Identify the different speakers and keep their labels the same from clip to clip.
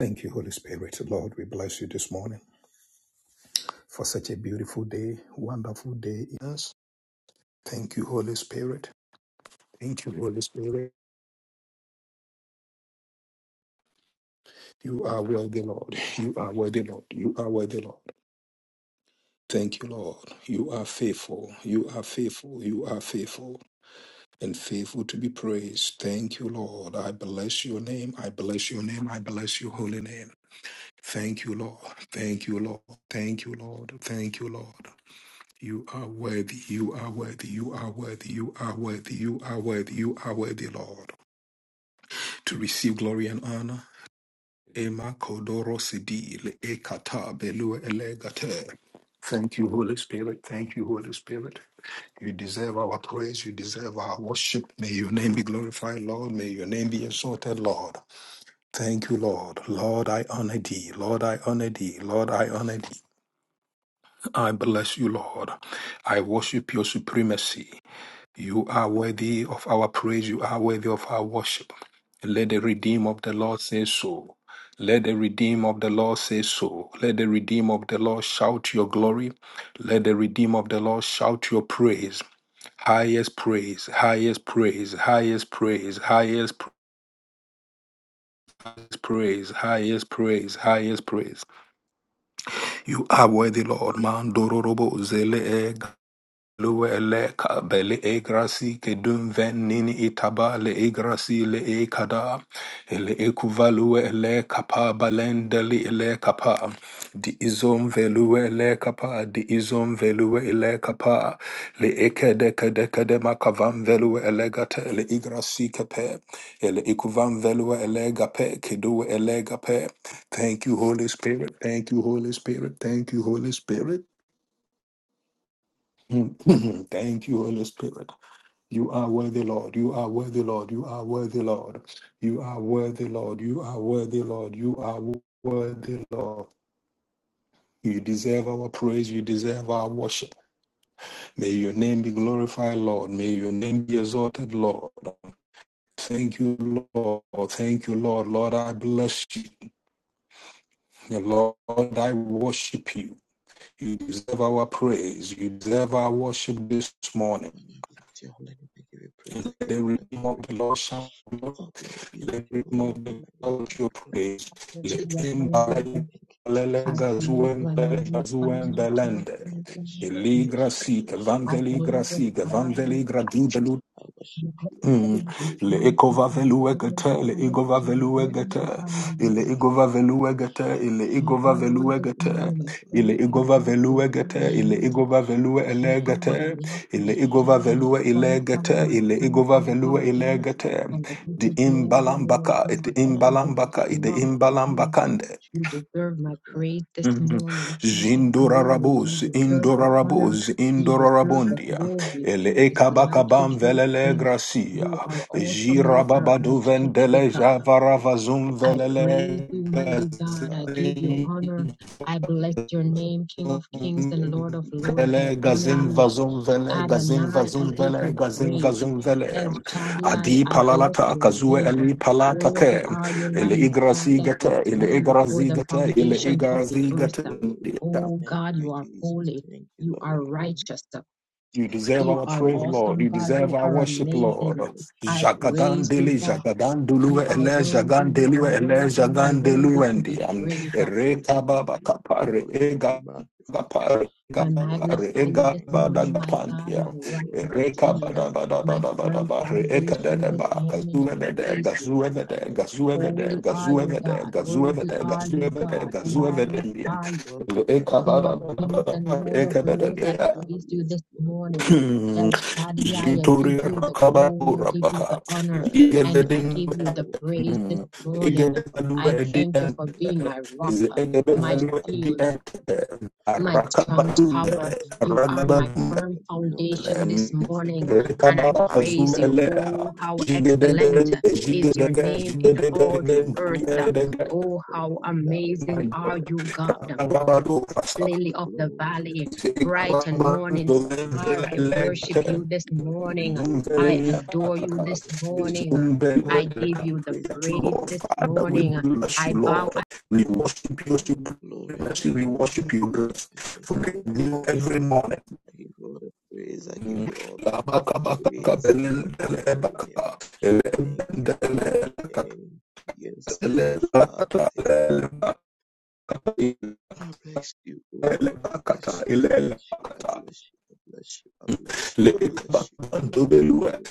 Speaker 1: Thank you, Holy Spirit. Lord, we bless you this morning for such a beautiful day, wonderful day in us. Thank you, Holy Spirit. Thank you, Holy Spirit. You are worthy, Lord. You are worthy, Lord. You are worthy, Lord. Thank you, Lord. You are faithful. You are faithful. You are faithful and faithful to be praised. Thank you, Lord. I bless your name. I bless your name. I bless your holy name. Thank you, Lord. Thank you, Lord. Thank you, Lord. Thank you, Lord. You are worthy, you are worthy, you are worthy, you are worthy, you are worthy, you are worthy, Lord, to receive glory and honor. Ema kodoro sidil, ekata belu elegate. Thank you, Holy Spirit. Thank you, Holy Spirit. You deserve our praise. You deserve our worship. May your name be glorified, Lord. May your name be exalted, Lord. Thank you, Lord. Lord, I honor thee. Lord, I honor thee. Lord, I honor thee. I bless you, Lord. I worship your supremacy. You are worthy of our praise. You are worthy of our worship. Let the redeemer of the Lord say so. Let the redeemer of the Lord say so. Let the redeemer of the Lord shout your glory. Let the redeemer of the Lord shout your praise. Highest praise, highest praise, highest praise, highest praise. Praise, highest praise, highest praise. You are worthy, Lord. Man dororobo zele Lue le ka le e ke dum ven nini itaba le e le e le e lue le kapa balende li le kapa di izom velue le kapa di izom velue le kapa le e kede kede makavam velue le gate le e grasi le e velue le gape kedue le gape thank you holy spirit thank you holy spirit thank you holy spirit Thank you, Holy Spirit. You are worthy, Lord. You are worthy, Lord. You are worthy, Lord. You are worthy, Lord. You are worthy, Lord. You are worthy, Lord. You deserve our praise. You deserve our worship. May your name be glorified, Lord. May your name be exalted, Lord. Thank you, Lord. Thank you, Lord. Lord, I bless you. Lord, I worship you. You deserve our praise. You deserve our worship this morning.
Speaker 2: Holy name be with your holy name. We give you praise. I
Speaker 1: Let
Speaker 2: give
Speaker 1: the
Speaker 2: you all the
Speaker 1: redeemed of
Speaker 2: glory.
Speaker 1: the Lord shout
Speaker 2: All glory be with
Speaker 1: let
Speaker 2: your
Speaker 1: me
Speaker 2: holy name.
Speaker 1: move
Speaker 2: Be
Speaker 1: the
Speaker 2: magnified.
Speaker 1: culture
Speaker 2: Be glorified.
Speaker 1: praise. Let
Speaker 3: Hallelujah,
Speaker 1: him
Speaker 3: hallelujah.
Speaker 2: Thank you,
Speaker 1: balele
Speaker 3: I
Speaker 2: Jesus. Thank
Speaker 3: praise
Speaker 2: you,
Speaker 3: you,
Speaker 1: gazuen
Speaker 3: I
Speaker 2: Lord.
Speaker 1: bele
Speaker 2: Thank
Speaker 3: magnify
Speaker 2: you. We
Speaker 1: gazuen
Speaker 3: finally
Speaker 2: still
Speaker 3: King
Speaker 2: come
Speaker 3: of
Speaker 1: belende.
Speaker 2: again. I
Speaker 3: kings and
Speaker 2: bless
Speaker 3: Lord
Speaker 2: you.
Speaker 3: of
Speaker 2: I
Speaker 3: lords.
Speaker 2: bless
Speaker 1: Eligra
Speaker 2: you. I
Speaker 1: sik,
Speaker 2: bless you. I
Speaker 3: I pray
Speaker 2: bless
Speaker 3: you,
Speaker 1: vandeligra
Speaker 2: you.
Speaker 1: sik,
Speaker 3: I bless
Speaker 1: vandeligra du belu
Speaker 2: I worship you. I give
Speaker 1: Mm.
Speaker 2: you
Speaker 3: you, I
Speaker 2: praise.
Speaker 1: Le
Speaker 2: I give
Speaker 3: pray
Speaker 2: you all
Speaker 3: to
Speaker 2: the
Speaker 1: ikova
Speaker 3: God.
Speaker 1: velue
Speaker 3: Lord,
Speaker 1: gete,
Speaker 3: the
Speaker 1: le
Speaker 2: glory.
Speaker 3: honor,
Speaker 2: Be
Speaker 1: igova
Speaker 2: unto your
Speaker 3: and
Speaker 2: holy
Speaker 1: velue
Speaker 2: name.
Speaker 3: Lord,
Speaker 2: Be
Speaker 1: gete,
Speaker 3: the honor,
Speaker 2: magnified.
Speaker 1: ile
Speaker 2: Be
Speaker 3: Lord.
Speaker 1: igova
Speaker 2: glorified.
Speaker 1: velue gete, ile
Speaker 3: I
Speaker 2: Thank
Speaker 1: igova
Speaker 2: you.
Speaker 3: honor you
Speaker 1: velue
Speaker 2: Thank
Speaker 3: this
Speaker 2: you,
Speaker 1: gete,
Speaker 2: Father.
Speaker 3: morning, I
Speaker 1: ile
Speaker 2: Thank
Speaker 3: praise you,
Speaker 2: you,
Speaker 3: I
Speaker 1: igova
Speaker 2: oh
Speaker 3: bless
Speaker 2: Lord.
Speaker 3: your
Speaker 1: velue
Speaker 2: I
Speaker 3: holy
Speaker 1: gete,
Speaker 2: bless you.
Speaker 1: ile
Speaker 2: I
Speaker 3: name.
Speaker 1: igova
Speaker 2: bless you. I
Speaker 1: velue
Speaker 2: bless
Speaker 1: ele
Speaker 3: You are
Speaker 2: you. I
Speaker 3: my
Speaker 1: gete,
Speaker 2: bless
Speaker 3: rock,
Speaker 2: you.
Speaker 3: my
Speaker 1: ile igova
Speaker 3: shield,
Speaker 2: I
Speaker 3: my
Speaker 2: give
Speaker 1: velue
Speaker 2: you
Speaker 1: ile
Speaker 3: strong
Speaker 2: praise and I
Speaker 3: tower,
Speaker 1: gete,
Speaker 2: give
Speaker 3: my
Speaker 2: you
Speaker 1: ile
Speaker 2: all the
Speaker 3: firm
Speaker 1: igova
Speaker 2: glory. I
Speaker 1: velue
Speaker 2: say,
Speaker 1: ile
Speaker 3: foundation.
Speaker 2: oh Lord, I
Speaker 1: gete.
Speaker 3: And I
Speaker 2: be
Speaker 3: give
Speaker 1: The
Speaker 3: you
Speaker 2: unto your holy name.
Speaker 3: glory, Lord
Speaker 1: imbalambaka, it
Speaker 3: God.
Speaker 2: be
Speaker 3: All of this
Speaker 2: magnified,
Speaker 1: imbalambaka, it
Speaker 2: be
Speaker 3: belongs to you.
Speaker 2: glorified. Thank
Speaker 1: the
Speaker 2: you,
Speaker 3: You
Speaker 2: Jesus. Thank
Speaker 3: deserve
Speaker 2: you,
Speaker 3: my
Speaker 2: Father.
Speaker 3: praise this
Speaker 2: Mm.
Speaker 1: Mhm.
Speaker 3: morning, King of glory.
Speaker 2: Unto
Speaker 3: You
Speaker 1: Zindorarabos,
Speaker 2: you alone the
Speaker 3: deserve the
Speaker 2: glory must
Speaker 3: honor.
Speaker 2: be.
Speaker 1: Indorarabos,
Speaker 2: I bless
Speaker 3: You
Speaker 2: your holy
Speaker 3: deserve
Speaker 2: name.
Speaker 3: the
Speaker 2: I
Speaker 1: Indorarabondia,
Speaker 2: give you
Speaker 3: glory.
Speaker 2: all the
Speaker 1: Ele
Speaker 3: Who is
Speaker 2: glory.
Speaker 3: like
Speaker 2: I
Speaker 3: you,
Speaker 1: Ekabakabam
Speaker 2: give you
Speaker 3: great
Speaker 2: all the
Speaker 1: Velele
Speaker 3: King?
Speaker 2: praise.
Speaker 1: Gracia,
Speaker 3: You
Speaker 2: All
Speaker 3: are
Speaker 2: praise be
Speaker 3: awesome. You
Speaker 2: unto your
Speaker 3: are
Speaker 2: holy
Speaker 1: Girababadu
Speaker 3: majestic.
Speaker 2: name.
Speaker 1: Vendele
Speaker 2: Be magnified,
Speaker 1: Javaravazum
Speaker 2: be
Speaker 3: I
Speaker 2: glorified.
Speaker 3: praise
Speaker 1: Velele
Speaker 3: you,
Speaker 2: Thank
Speaker 3: mighty
Speaker 2: you,
Speaker 3: God. I
Speaker 2: Father.
Speaker 3: give you
Speaker 2: Thank you,
Speaker 3: honor.
Speaker 1: Gazim
Speaker 2: Jesus.
Speaker 3: I bless
Speaker 2: Thank you,
Speaker 3: your
Speaker 2: Lord.
Speaker 3: name, King of
Speaker 2: You
Speaker 3: kings and
Speaker 2: deserve it.
Speaker 3: Lord of
Speaker 2: You
Speaker 3: lords.
Speaker 2: deserve
Speaker 3: I
Speaker 1: Vele
Speaker 2: it. Oh
Speaker 3: honor
Speaker 1: Gazim
Speaker 2: Lord, I
Speaker 3: you.
Speaker 2: bless
Speaker 1: Vazum
Speaker 2: you. I
Speaker 1: Vele
Speaker 2: bless
Speaker 1: Gazim
Speaker 2: you.
Speaker 3: Adonai,
Speaker 2: I
Speaker 3: I
Speaker 1: Vazum
Speaker 2: bless
Speaker 3: give
Speaker 2: you.
Speaker 1: Vele
Speaker 3: you
Speaker 2: I
Speaker 1: Gazim
Speaker 2: bless
Speaker 3: praise.
Speaker 2: you.
Speaker 1: Vazum Vele
Speaker 3: El
Speaker 2: Thank you, O Lord,
Speaker 3: Shaddai,
Speaker 2: that
Speaker 1: Adi
Speaker 2: I
Speaker 3: I
Speaker 2: am
Speaker 3: bless
Speaker 2: free,
Speaker 1: Palalata
Speaker 3: your
Speaker 1: Kazue
Speaker 3: name.
Speaker 1: Eli
Speaker 2: I give
Speaker 1: Palata
Speaker 2: you all
Speaker 3: Worthy
Speaker 1: Ke
Speaker 2: the
Speaker 3: are you,
Speaker 2: praise
Speaker 1: Ele
Speaker 2: and
Speaker 3: Lamb of
Speaker 2: all
Speaker 3: God,
Speaker 1: Igrasi
Speaker 3: that
Speaker 2: praise
Speaker 3: was
Speaker 2: be
Speaker 1: Gata
Speaker 2: to
Speaker 1: Ele
Speaker 2: your
Speaker 3: slain
Speaker 2: holy
Speaker 3: before
Speaker 2: name.
Speaker 1: Igrasi
Speaker 3: the
Speaker 1: Gata
Speaker 2: Be
Speaker 1: Ele
Speaker 3: foundations of the
Speaker 1: Igrasi
Speaker 2: magnified, be
Speaker 3: earth.
Speaker 1: Gata
Speaker 2: glorified.
Speaker 3: Oh
Speaker 2: Thank
Speaker 3: God,
Speaker 2: you,
Speaker 3: you are
Speaker 2: Jesus.
Speaker 3: holy.
Speaker 2: Thank you,
Speaker 3: You are
Speaker 2: Lord. Mm.
Speaker 3: righteous.
Speaker 1: You deserve
Speaker 3: You
Speaker 1: our
Speaker 2: Unto
Speaker 3: are
Speaker 2: you
Speaker 1: praise,
Speaker 2: alone.
Speaker 1: Lord.
Speaker 3: awesome,
Speaker 1: You
Speaker 2: we
Speaker 3: God.
Speaker 2: Thank
Speaker 1: deserve
Speaker 3: You
Speaker 1: our
Speaker 2: you,
Speaker 3: are
Speaker 2: and I
Speaker 1: worship,
Speaker 2: bless you.
Speaker 1: Lord.
Speaker 2: I
Speaker 3: amazing.
Speaker 2: bless you.
Speaker 3: I
Speaker 2: I bless you.
Speaker 1: Jagadan
Speaker 3: praise
Speaker 2: I
Speaker 3: you,
Speaker 1: deli,
Speaker 2: bless
Speaker 3: God.
Speaker 2: you. I
Speaker 1: jagadan
Speaker 2: bless
Speaker 3: You
Speaker 1: duluwe
Speaker 2: you.
Speaker 3: are
Speaker 1: ele,
Speaker 3: worthy.
Speaker 2: I
Speaker 1: jagan
Speaker 2: give
Speaker 3: You
Speaker 2: you
Speaker 3: are
Speaker 1: deliwe
Speaker 2: all the
Speaker 1: ele,
Speaker 3: worthy.
Speaker 2: praise.
Speaker 3: You
Speaker 2: I
Speaker 3: are
Speaker 1: jagan
Speaker 2: give you
Speaker 3: worthy
Speaker 2: all the
Speaker 3: to be
Speaker 1: deluwendi.
Speaker 2: honor.
Speaker 1: Am-
Speaker 3: praised.
Speaker 2: Praise and
Speaker 1: Ereka
Speaker 2: honor
Speaker 1: baba
Speaker 2: be unto your
Speaker 1: kapare,
Speaker 2: holy name. Be
Speaker 1: ega
Speaker 2: magnified.
Speaker 1: gapare, ega
Speaker 3: I
Speaker 2: Be glorified.
Speaker 1: gapare,
Speaker 3: magnify you
Speaker 1: ega
Speaker 3: this
Speaker 2: Thank you,
Speaker 1: bada
Speaker 3: morning, my
Speaker 2: Jesus.
Speaker 3: God,
Speaker 1: gapandia.
Speaker 3: my
Speaker 2: Thank you,
Speaker 3: rock,
Speaker 2: Lord.
Speaker 3: my
Speaker 2: I bless
Speaker 1: Ereka
Speaker 3: shield,
Speaker 2: your
Speaker 1: bada
Speaker 2: holy
Speaker 1: bada
Speaker 3: my
Speaker 2: name.
Speaker 1: bada
Speaker 2: I
Speaker 1: bada
Speaker 2: bless
Speaker 3: firm
Speaker 2: you.
Speaker 1: bare,
Speaker 2: I
Speaker 1: eka
Speaker 2: bless you.
Speaker 3: foundation.
Speaker 1: dede
Speaker 2: I
Speaker 3: This
Speaker 1: ba,
Speaker 2: worship
Speaker 3: morning I
Speaker 2: you
Speaker 1: gazuwe
Speaker 2: and I
Speaker 1: dede,
Speaker 2: give.
Speaker 3: praise you.
Speaker 1: gazuwe
Speaker 2: I
Speaker 1: dede,
Speaker 2: lift your
Speaker 1: gazuwe
Speaker 2: name
Speaker 1: dede,
Speaker 3: Holy
Speaker 2: up, O
Speaker 3: are
Speaker 1: gazuwe
Speaker 3: you,
Speaker 2: God.
Speaker 1: dede,
Speaker 3: God.
Speaker 1: gazuwe
Speaker 3: Worthy
Speaker 1: dede,
Speaker 3: are
Speaker 1: gazuwe
Speaker 2: It's
Speaker 3: you,
Speaker 2: the
Speaker 1: dede,
Speaker 3: God. I
Speaker 2: worthy
Speaker 1: gazuwe
Speaker 2: are thou.
Speaker 1: dede.
Speaker 3: magnify you.
Speaker 2: Worthy are
Speaker 1: Eka
Speaker 2: thou,
Speaker 3: King of
Speaker 1: bada
Speaker 2: King of
Speaker 1: bada
Speaker 3: kings
Speaker 1: bada
Speaker 2: Kings.
Speaker 3: and
Speaker 1: bare,
Speaker 3: Lord of
Speaker 1: eka
Speaker 3: lords,
Speaker 2: Worthy are
Speaker 1: dede.
Speaker 3: I
Speaker 2: thou,
Speaker 3: praise you
Speaker 2: yes,
Speaker 3: this
Speaker 2: Lord.
Speaker 3: morning.
Speaker 2: Worthy are
Speaker 1: Hmm.
Speaker 3: El
Speaker 2: thou. You
Speaker 3: Shaddai,
Speaker 2: deserve
Speaker 3: I
Speaker 2: it.
Speaker 3: give
Speaker 1: Yintore
Speaker 2: You
Speaker 3: you the
Speaker 2: deserve the
Speaker 1: rakabako
Speaker 3: glory, I give
Speaker 2: glory.
Speaker 3: you
Speaker 1: rabaha.
Speaker 3: the honor,
Speaker 2: Blessed
Speaker 3: and
Speaker 2: are
Speaker 3: I
Speaker 1: Igeleding.
Speaker 3: give
Speaker 2: thou,
Speaker 3: you the
Speaker 2: O
Speaker 3: praise
Speaker 2: God.
Speaker 3: this
Speaker 1: Hmm.
Speaker 2: I bless
Speaker 3: morning.
Speaker 2: you. I
Speaker 1: Igeledalua
Speaker 3: I
Speaker 2: bless you.
Speaker 3: thank
Speaker 2: I
Speaker 3: you for
Speaker 1: ediente.
Speaker 2: bless
Speaker 3: being my
Speaker 2: you.
Speaker 3: rock,
Speaker 1: Is
Speaker 3: my
Speaker 2: Father,
Speaker 1: egebevalua
Speaker 2: I
Speaker 3: shield
Speaker 2: bless
Speaker 1: ediente.
Speaker 3: my strong
Speaker 2: you.
Speaker 1: Arakabadungele.
Speaker 3: tower. You
Speaker 2: Lord,
Speaker 3: are
Speaker 2: we
Speaker 3: my
Speaker 2: pray
Speaker 1: Aragabadungele.
Speaker 3: firm
Speaker 2: that give you all the
Speaker 3: foundation this
Speaker 2: glory and
Speaker 3: morning,
Speaker 2: sacred and
Speaker 3: and I
Speaker 2: appeal
Speaker 1: Rekababa
Speaker 2: to your holy
Speaker 3: praise
Speaker 2: name
Speaker 3: you.
Speaker 2: be
Speaker 1: azueleha.
Speaker 3: Oh, how
Speaker 2: magnified. Be thou
Speaker 3: excellent
Speaker 1: Jigedegede,
Speaker 3: is your
Speaker 2: exalted, O
Speaker 1: jigedege,
Speaker 3: name
Speaker 2: God.
Speaker 3: in all the
Speaker 1: jigedegede,
Speaker 2: Be
Speaker 3: earth.
Speaker 2: thou
Speaker 1: jigedege.
Speaker 3: Oh,
Speaker 2: exalted,
Speaker 3: how
Speaker 2: be thou
Speaker 3: amazing
Speaker 1: My
Speaker 3: are
Speaker 1: God.
Speaker 2: exalted,
Speaker 3: you,
Speaker 2: be
Speaker 3: God,
Speaker 1: Rakababado
Speaker 2: magnified.
Speaker 1: rasa.
Speaker 3: lily
Speaker 2: Be
Speaker 3: of the
Speaker 2: glorified.
Speaker 3: valley,
Speaker 2: I
Speaker 3: bright and
Speaker 2: thank
Speaker 3: morning
Speaker 1: Jigababando
Speaker 2: you and I bless
Speaker 3: star. I
Speaker 2: you. I
Speaker 3: worship
Speaker 1: venzelelente.
Speaker 3: you
Speaker 2: worship
Speaker 3: this
Speaker 2: you. I give you
Speaker 3: morning.
Speaker 2: praise.
Speaker 3: I
Speaker 2: I
Speaker 3: adore
Speaker 2: give
Speaker 3: you
Speaker 2: you all
Speaker 3: this
Speaker 2: the glory. I
Speaker 3: morning.
Speaker 2: give you all
Speaker 3: I
Speaker 2: the
Speaker 3: give
Speaker 2: honor,
Speaker 3: you the
Speaker 2: praise, and
Speaker 1: Yes,
Speaker 2: honor
Speaker 3: praise
Speaker 2: be
Speaker 3: this
Speaker 2: unto your
Speaker 1: Father,
Speaker 2: holy
Speaker 1: we
Speaker 3: morning.
Speaker 2: name.
Speaker 1: bless
Speaker 3: I
Speaker 1: you,
Speaker 3: bow
Speaker 1: Lord. We worship you,
Speaker 2: Glory,
Speaker 1: we
Speaker 2: glory, hallelujah,
Speaker 1: worship you,
Speaker 2: Father.
Speaker 1: grace.
Speaker 2: I thank
Speaker 1: For
Speaker 2: you
Speaker 1: the
Speaker 2: and I
Speaker 1: new
Speaker 2: bless
Speaker 1: every
Speaker 2: you.
Speaker 1: morning.
Speaker 2: I give you all the praise. I give
Speaker 1: Mm.
Speaker 2: you all the honor. praise be unto your holy name. Thank you, Father. Thank you. Yes, Lord, Father. Thank you. I bless you, oh Lord. I bless you. I bless you. I bless you. I bless you. I bless you. I bless you. I worship you.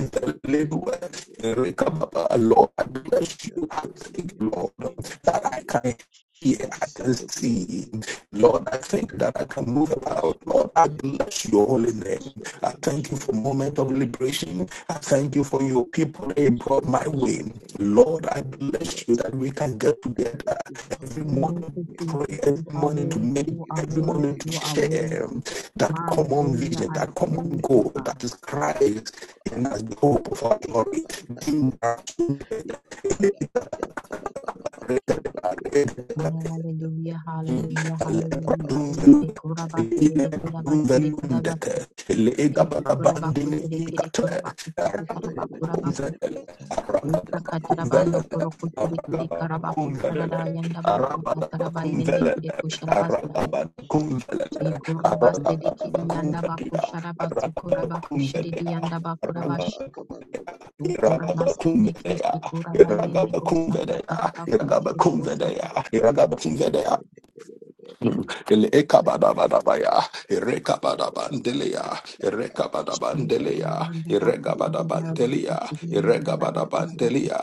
Speaker 2: I give you praise and I give you all the honor. I give you
Speaker 1: Lord, I
Speaker 2: praise and I
Speaker 1: bless
Speaker 2: give you
Speaker 1: you.
Speaker 2: unto
Speaker 1: I
Speaker 2: your holy
Speaker 1: thank you,
Speaker 2: name, my
Speaker 1: Lord,
Speaker 2: King and
Speaker 1: that I
Speaker 2: Savior.
Speaker 1: can hear,
Speaker 2: You
Speaker 1: I can
Speaker 2: deserve the glory. You
Speaker 1: see.
Speaker 2: deserve the
Speaker 1: Lord,
Speaker 2: honor,
Speaker 1: I think
Speaker 2: Father.
Speaker 1: that I can
Speaker 2: I
Speaker 1: move
Speaker 2: bless
Speaker 1: about.
Speaker 2: your
Speaker 1: Lord,
Speaker 2: holy
Speaker 1: I
Speaker 2: name.
Speaker 1: bless your holy
Speaker 2: I
Speaker 1: name.
Speaker 2: bless your
Speaker 1: I
Speaker 2: holy name.
Speaker 1: thank you
Speaker 2: I
Speaker 1: for a
Speaker 2: thank
Speaker 1: moment of
Speaker 2: you. Mm.
Speaker 1: liberation. I thank you for your
Speaker 2: I
Speaker 1: people that you
Speaker 2: bless your
Speaker 1: brought my
Speaker 2: holy name.
Speaker 1: way.
Speaker 2: I thank you for
Speaker 1: Lord,
Speaker 2: how
Speaker 1: I
Speaker 2: far you brought
Speaker 1: bless you
Speaker 2: us. oh
Speaker 1: that we
Speaker 2: God.
Speaker 1: can get
Speaker 2: I thank
Speaker 1: together
Speaker 2: you for how
Speaker 1: every
Speaker 2: far you
Speaker 3: Thank
Speaker 2: brought
Speaker 1: morning
Speaker 3: you,
Speaker 1: to
Speaker 2: me. oh
Speaker 1: pray,
Speaker 3: Jesus.
Speaker 2: God.
Speaker 1: every
Speaker 3: You are
Speaker 1: morning to
Speaker 2: I
Speaker 3: worthy.
Speaker 2: thank
Speaker 1: meditate,
Speaker 3: You
Speaker 2: you
Speaker 3: are
Speaker 2: for
Speaker 1: every
Speaker 2: how far
Speaker 3: worthy.
Speaker 1: morning
Speaker 2: you
Speaker 1: to
Speaker 3: You are
Speaker 2: brought my
Speaker 1: share
Speaker 3: worthy.
Speaker 2: family. I thank
Speaker 1: that
Speaker 2: you for how
Speaker 1: common
Speaker 2: far you
Speaker 3: Hallelujah.
Speaker 1: vision,
Speaker 3: I
Speaker 2: bring
Speaker 1: that
Speaker 2: my
Speaker 1: common
Speaker 3: praise
Speaker 2: friend.
Speaker 3: you,
Speaker 1: goal that
Speaker 3: God.
Speaker 1: is
Speaker 2: Man, so
Speaker 1: Christ
Speaker 2: to
Speaker 1: in
Speaker 2: God, I'm
Speaker 1: us, the
Speaker 2: looking
Speaker 1: hope of our
Speaker 2: be a
Speaker 1: glory.
Speaker 2: tada, I'm not gonna come by your body, I'm tada, come on, I'm so lucky, bele, bele, bele, bele, bele, bele.
Speaker 3: Hallelujah.
Speaker 2: I'm
Speaker 3: Hallelujah.
Speaker 2: tada,
Speaker 3: Hallelujah. Eke kurabasere de kurabasere
Speaker 2: I'm not
Speaker 3: kuraba.
Speaker 2: gonna lie.
Speaker 3: Eke kurabakusere kere kurabakusa kataraba
Speaker 2: yata
Speaker 3: kurabakuse.
Speaker 2: yata
Speaker 3: Usa
Speaker 2: kabandas diye yattı
Speaker 3: katarabando
Speaker 2: kabandan
Speaker 3: kurokusere
Speaker 2: rabu.
Speaker 3: kiri
Speaker 2: Eke, bere
Speaker 3: karabakusarada
Speaker 2: bere eke,
Speaker 3: yandabasa
Speaker 2: bere bere
Speaker 3: kataraba yende kere
Speaker 2: eke,
Speaker 3: kusharabasa.
Speaker 2: bere bere eke,
Speaker 3: Eke kurabasere kiri yandabakusarabasu kurabakusere de Ukura basende
Speaker 1: Iragabakumvedea,
Speaker 3: keshi kura bayende bosa
Speaker 1: Iragabakumvedea,
Speaker 3: katara bakura shede bosa
Speaker 1: Iragabakumvedea, Iragabakumvedea, Eleka bada bada baya, Ereka
Speaker 2: Yakaba,
Speaker 1: bada
Speaker 2: yakaba, yakaba,
Speaker 1: bandelia,
Speaker 2: yakaba,
Speaker 1: Ereka bada
Speaker 3: I praise
Speaker 2: yakaba,
Speaker 3: you,
Speaker 1: bandelia, Ereka
Speaker 2: Bless
Speaker 1: bada
Speaker 3: Lord God.
Speaker 1: bandelia, Ereka bada bandelia,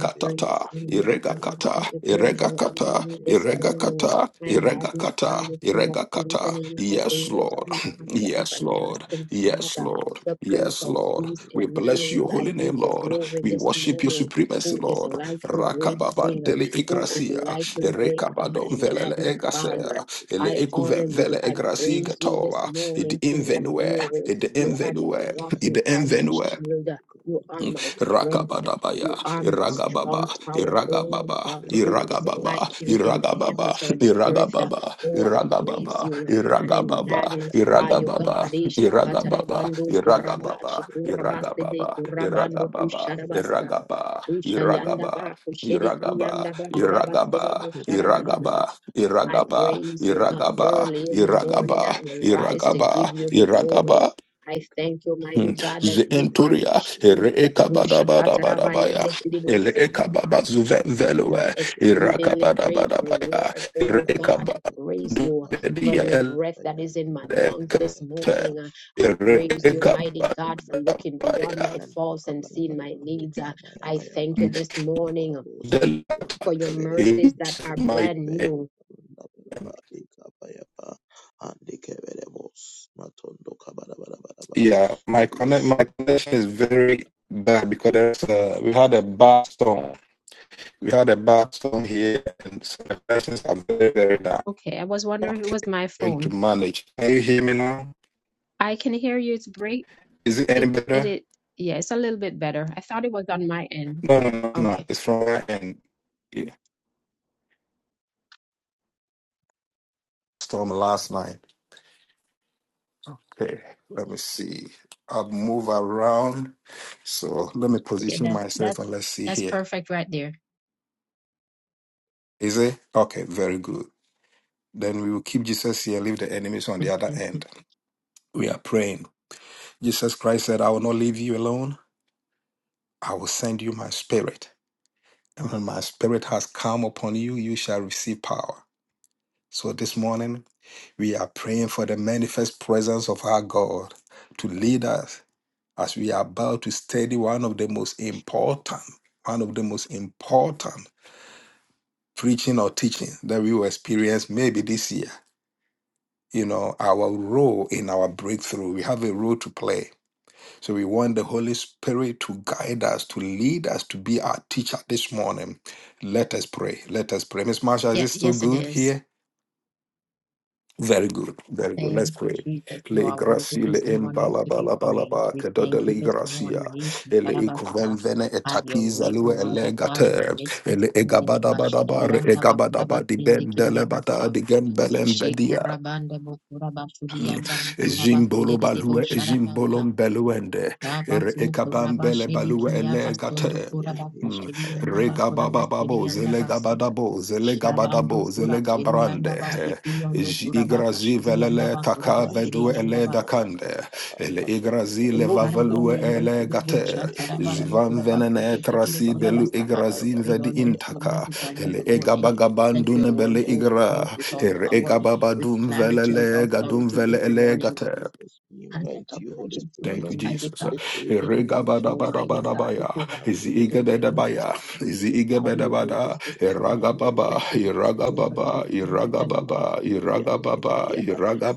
Speaker 3: I
Speaker 1: ekabadabadabaya,
Speaker 3: give you glory
Speaker 1: Ereka
Speaker 3: and
Speaker 1: kata, Ereka
Speaker 3: honor
Speaker 1: kata,
Speaker 3: you this
Speaker 1: Ereka
Speaker 3: morning.
Speaker 1: kata,
Speaker 3: I
Speaker 1: Ereka
Speaker 3: magnify
Speaker 1: kata,
Speaker 3: the King of
Speaker 1: Ereka
Speaker 3: Kings
Speaker 1: kata.
Speaker 3: and remember
Speaker 2: your
Speaker 3: the
Speaker 1: Yes,
Speaker 2: name. I
Speaker 3: Lord
Speaker 1: Lord.
Speaker 3: who
Speaker 2: lift you
Speaker 3: are
Speaker 2: up
Speaker 3: the
Speaker 2: this
Speaker 1: Yes,
Speaker 2: morning, oh
Speaker 1: Lord.
Speaker 2: God.
Speaker 3: everlasting
Speaker 1: Yes,
Speaker 3: Father,
Speaker 1: Lord.
Speaker 3: the Prince
Speaker 1: Yes,
Speaker 2: You
Speaker 3: of
Speaker 1: Lord.
Speaker 2: deserve
Speaker 3: Peace,
Speaker 2: it.
Speaker 1: We
Speaker 2: You
Speaker 1: bless
Speaker 3: Emmanuel.
Speaker 1: your
Speaker 2: deserve it.
Speaker 3: I
Speaker 1: holy
Speaker 2: You
Speaker 3: give
Speaker 1: name,
Speaker 3: you
Speaker 2: deserve
Speaker 1: Lord.
Speaker 2: it,
Speaker 3: glory
Speaker 1: We
Speaker 2: oh
Speaker 3: this
Speaker 2: God.
Speaker 1: worship your
Speaker 3: morning.
Speaker 2: You deserve
Speaker 1: supremacy,
Speaker 3: Who
Speaker 2: it,
Speaker 3: is
Speaker 1: Lord.
Speaker 2: Father.
Speaker 3: like your
Speaker 2: You
Speaker 3: great
Speaker 2: deserve
Speaker 3: King?
Speaker 2: it,
Speaker 1: Rakababandele
Speaker 3: Who
Speaker 2: Father.
Speaker 3: is
Speaker 2: Oh,
Speaker 1: igracia,
Speaker 3: like
Speaker 2: You
Speaker 3: your
Speaker 2: are the
Speaker 3: great God? I
Speaker 1: Rekabadon velele
Speaker 3: magnify
Speaker 2: Father.
Speaker 3: you.
Speaker 1: egasera,
Speaker 2: Bless
Speaker 1: ele
Speaker 3: I
Speaker 2: you,
Speaker 3: honor
Speaker 1: ekuven
Speaker 2: Father.
Speaker 3: you.
Speaker 1: vele
Speaker 3: I
Speaker 2: I Bless
Speaker 1: egrasiga
Speaker 3: praise you
Speaker 2: you.
Speaker 3: this
Speaker 1: towa, id
Speaker 3: morning, King
Speaker 2: Thank
Speaker 3: of
Speaker 1: invenue,
Speaker 3: Glory.
Speaker 1: id
Speaker 3: You are my
Speaker 1: invenue,
Speaker 3: rock. You
Speaker 1: id
Speaker 3: are my
Speaker 1: invenue.
Speaker 3: shield. You are my strength.
Speaker 1: Rakabadabaya,
Speaker 3: You are my
Speaker 1: Iragababa,
Speaker 3: strong tower. Oh
Speaker 1: Iragababa,
Speaker 3: God, who is
Speaker 1: Iragababa,
Speaker 3: like you in the
Speaker 1: Iragababa,
Speaker 3: heavens or the earth?
Speaker 1: Iragababa,
Speaker 3: Oh, I praise
Speaker 1: Iragababa,
Speaker 3: you. I
Speaker 1: Iragababa, Iragababa,
Speaker 3: magnify you, God.
Speaker 1: Iragababa,
Speaker 3: Isha
Speaker 1: Iragababa,
Speaker 3: katarabando kurabashi kurabaste de
Speaker 1: Iragababa, Iragababa,
Speaker 3: kusharabasa.
Speaker 1: Iragaba,
Speaker 3: Usha yanda
Speaker 1: Iragaba,
Speaker 3: kushedeki
Speaker 1: Iragaba,
Speaker 3: yanda ba
Speaker 1: Iragaba, Iragaba,
Speaker 3: I
Speaker 1: Iragaba,
Speaker 3: praise you, God.
Speaker 1: Iragaba,
Speaker 3: Early in the morning, I
Speaker 1: Iragaba,
Speaker 3: will rise to give
Speaker 1: Iragaba,
Speaker 3: you the
Speaker 2: you.
Speaker 1: Iragaba,
Speaker 3: glory. I
Speaker 2: Thank
Speaker 3: thank you, mighty
Speaker 1: Hmm.
Speaker 3: God, that you are my
Speaker 1: Zenturia,
Speaker 3: shield, O
Speaker 1: Erekabadabadabadabaya,
Speaker 3: Shakatarabayandekidibus,
Speaker 1: Elekababazuvemvelue,
Speaker 3: my exceedingly great
Speaker 1: Irakabadabadabaya,
Speaker 3: reward. Oh God,
Speaker 2: Kabalayan
Speaker 3: I praise
Speaker 2: Takaya,
Speaker 3: you for
Speaker 1: Erekabandubedia,
Speaker 3: your
Speaker 2: Kabalayan
Speaker 3: breath that
Speaker 2: Takaya,
Speaker 3: is in my lungs
Speaker 2: Kabalayan
Speaker 3: this
Speaker 1: Elekete,
Speaker 2: Takaya,
Speaker 3: morning. Uh, I praise
Speaker 2: Ikamaya
Speaker 3: you, mighty
Speaker 1: Erekabadabaya.
Speaker 3: God,
Speaker 2: Matunda
Speaker 3: for looking
Speaker 2: Borobo,
Speaker 3: beyond my
Speaker 2: Lanta
Speaker 3: faults and seeing my
Speaker 2: Kabalabalaba,
Speaker 3: needs. Uh,
Speaker 2: Ikamaya
Speaker 3: I thank
Speaker 2: Mayama
Speaker 3: you
Speaker 1: Hmm.
Speaker 3: this
Speaker 2: Matunda
Speaker 3: morning
Speaker 2: borobos.
Speaker 1: The latter
Speaker 3: for your
Speaker 2: Indikebelebe,
Speaker 3: mercies that
Speaker 1: is
Speaker 3: are
Speaker 1: my
Speaker 3: brand
Speaker 2: Indikebelebe,
Speaker 3: new.
Speaker 2: Matunda Boroba, Ikapayapa, Andikebelebos, Matondo Kabalabalabalaba.
Speaker 1: yeah,
Speaker 2: I
Speaker 1: my connect
Speaker 2: bless
Speaker 1: my
Speaker 2: you.
Speaker 1: connection is very bad because there's a, we had a bad storm. We had a bad storm here, and so the connections are very very down.
Speaker 3: Okay, I was wondering if it was my
Speaker 1: trying to
Speaker 3: phone.
Speaker 1: manage. Can you hear me now?
Speaker 3: I can hear you. It's break.
Speaker 1: Is it any
Speaker 3: It it
Speaker 1: better?
Speaker 3: it. Yeah, it's a little bit better. I thought it was on my end.
Speaker 1: No, no, no, it's not.
Speaker 3: Okay.
Speaker 1: It's from my end. Yeah. it's from last night. Okay, let me see. I'll move around. So let me
Speaker 3: Yeah,
Speaker 1: position
Speaker 3: that
Speaker 1: myself
Speaker 3: that's
Speaker 1: and let's see
Speaker 3: that's
Speaker 1: here.
Speaker 3: perfect right there.
Speaker 1: Is it? Okay, very good. Then we will keep Jesus here, leave the enemies on the other end. We are praying. Jesus Christ said, I will not leave you alone. I will send you my spirit. And when my spirit has come upon you, you shall receive power. So this morning, we are praying for the manifest presence of our God to lead us as we are about to study one of the most important, one of the most important preaching or teaching that we will experience maybe this year. You know, our role in our breakthrough. We have a role to play. So we want the Holy Spirit to guide us, to lead us, to be our teacher this morning. Let us pray. Let us pray. Miss Marsha, is
Speaker 3: yeah,
Speaker 1: it still
Speaker 3: yes, it
Speaker 1: good here?
Speaker 3: is.
Speaker 1: Very good, very good. Let's
Speaker 3: Thank you,
Speaker 1: pray.
Speaker 3: Jesus. You
Speaker 1: Le
Speaker 3: are worthy
Speaker 1: gracia, le
Speaker 3: this morning
Speaker 1: embala,
Speaker 3: to be
Speaker 1: bala bala
Speaker 3: praised.
Speaker 1: ba
Speaker 3: We
Speaker 1: kedoda
Speaker 3: thank you
Speaker 1: le
Speaker 3: this
Speaker 1: gracia
Speaker 3: morning, Yeshu
Speaker 1: ele
Speaker 3: Karabasa.
Speaker 1: ikuvemvene
Speaker 3: Have your
Speaker 1: etakiza
Speaker 3: way,
Speaker 1: lue ele
Speaker 3: Almighty God, in the
Speaker 1: gater
Speaker 3: midst this
Speaker 1: ele
Speaker 3: morning.
Speaker 1: egabada bada bar
Speaker 3: Ashadayanda
Speaker 1: egabada badi
Speaker 3: bakurabasinde
Speaker 1: bendele bata
Speaker 3: kiriyabasha.
Speaker 1: di gembelem bedia
Speaker 3: Shekurabanda bakurabasudiyanda
Speaker 1: Ejimbolo
Speaker 3: bakurabasidididibo
Speaker 1: balue,
Speaker 3: sharabasa.
Speaker 1: ejimbolom beluende, ere
Speaker 3: Yabatsu
Speaker 1: ekabam
Speaker 3: kuraba
Speaker 1: bele
Speaker 2: Borobo,
Speaker 1: balue
Speaker 3: shiriki
Speaker 2: Yatam
Speaker 3: yabasundu
Speaker 1: elegate.
Speaker 2: Kabalabalaba,
Speaker 3: kuraba
Speaker 1: Mm.
Speaker 3: kashiri yanda
Speaker 2: Ikapayapa,
Speaker 3: bakura basiri
Speaker 1: Regabababo,
Speaker 2: Andikebelebe,
Speaker 3: yanda basi.
Speaker 1: zelegabadabo,
Speaker 3: Shabando
Speaker 1: zelegabadabo,
Speaker 3: kura shiri yanda
Speaker 1: zelegabrande.
Speaker 2: Yatakabalabalaba.
Speaker 3: basiki yondo
Speaker 1: Ej-
Speaker 3: kuraba
Speaker 1: Igrazi
Speaker 3: kashiri yanda
Speaker 1: velele
Speaker 3: bakura
Speaker 1: taka
Speaker 2: Barabaraba
Speaker 3: basiri
Speaker 1: vedue
Speaker 2: hikapa
Speaker 3: yanda
Speaker 2: ya
Speaker 1: ele
Speaker 3: ba.
Speaker 2: kalanda
Speaker 1: dakande.
Speaker 2: kaya tapa
Speaker 1: Ele
Speaker 2: matundu
Speaker 1: igrazi
Speaker 2: barabus ya
Speaker 3: Ikaraba
Speaker 1: levavelue
Speaker 3: yende
Speaker 1: ele
Speaker 3: kebe
Speaker 2: handi
Speaker 3: bucha
Speaker 2: kibirebe
Speaker 1: gate.
Speaker 3: tarabando
Speaker 2: ikapa
Speaker 1: Jivan
Speaker 2: ya
Speaker 3: kuraba
Speaker 2: para
Speaker 1: venene
Speaker 3: seke tekele
Speaker 1: trasi
Speaker 2: ika
Speaker 3: kuraba
Speaker 1: belu
Speaker 2: yanta
Speaker 3: sahabyo.
Speaker 2: kabanda
Speaker 1: igrazin
Speaker 3: We
Speaker 1: vedi
Speaker 3: on
Speaker 2: baraba
Speaker 3: this
Speaker 1: intaka.
Speaker 3: mighty
Speaker 2: kabanda
Speaker 3: God this
Speaker 1: Ele
Speaker 2: baraba iki
Speaker 3: morning.
Speaker 2: birebe
Speaker 3: Let your
Speaker 1: egabagabandune bele
Speaker 3: word
Speaker 2: ike
Speaker 3: go
Speaker 1: igra.
Speaker 3: forth
Speaker 2: birebe
Speaker 3: with all
Speaker 1: Here
Speaker 2: yanta
Speaker 1: ega
Speaker 3: power,
Speaker 1: baba
Speaker 3: with
Speaker 1: dum vele
Speaker 3: clarity,
Speaker 2: Father,
Speaker 1: le
Speaker 3: with
Speaker 2: we pray
Speaker 1: dum
Speaker 2: in
Speaker 3: authority
Speaker 2: the
Speaker 1: vele
Speaker 3: this
Speaker 2: mighty
Speaker 1: ele
Speaker 2: name of
Speaker 3: morning
Speaker 2: Jesus. We
Speaker 3: and that
Speaker 2: invite
Speaker 3: of
Speaker 2: you, Holy
Speaker 3: legend through the
Speaker 1: Thank
Speaker 2: Spirit.
Speaker 1: you,
Speaker 3: Almighty
Speaker 1: Jesus.
Speaker 2: Holy
Speaker 3: God.
Speaker 2: Spirit, we
Speaker 3: In
Speaker 2: invite you. We
Speaker 3: Almighty God, we
Speaker 1: Eregabadabadabadabaya.
Speaker 3: could
Speaker 2: dominion.
Speaker 3: have
Speaker 2: Have your way this
Speaker 3: appreciated for the
Speaker 2: morning, O
Speaker 3: first
Speaker 1: Izigabedabaya.
Speaker 3: time
Speaker 2: God.
Speaker 3: we the five
Speaker 2: Have
Speaker 3: in
Speaker 2: your
Speaker 3: the
Speaker 2: way
Speaker 1: Izigabedabada.
Speaker 3: moment
Speaker 2: this
Speaker 3: this
Speaker 2: morning.
Speaker 3: day.
Speaker 2: Have your way
Speaker 3: Let
Speaker 1: Eragababa.
Speaker 2: this
Speaker 3: the light
Speaker 2: morning. Have
Speaker 3: give
Speaker 2: your
Speaker 3: unto
Speaker 1: Iragababa.
Speaker 2: way this
Speaker 3: Almighty God
Speaker 2: morning.
Speaker 3: as it
Speaker 1: Iragababa.
Speaker 3: brings forward
Speaker 2: Masutuya
Speaker 3: this one.
Speaker 1: Iragababa.
Speaker 2: Kabaya.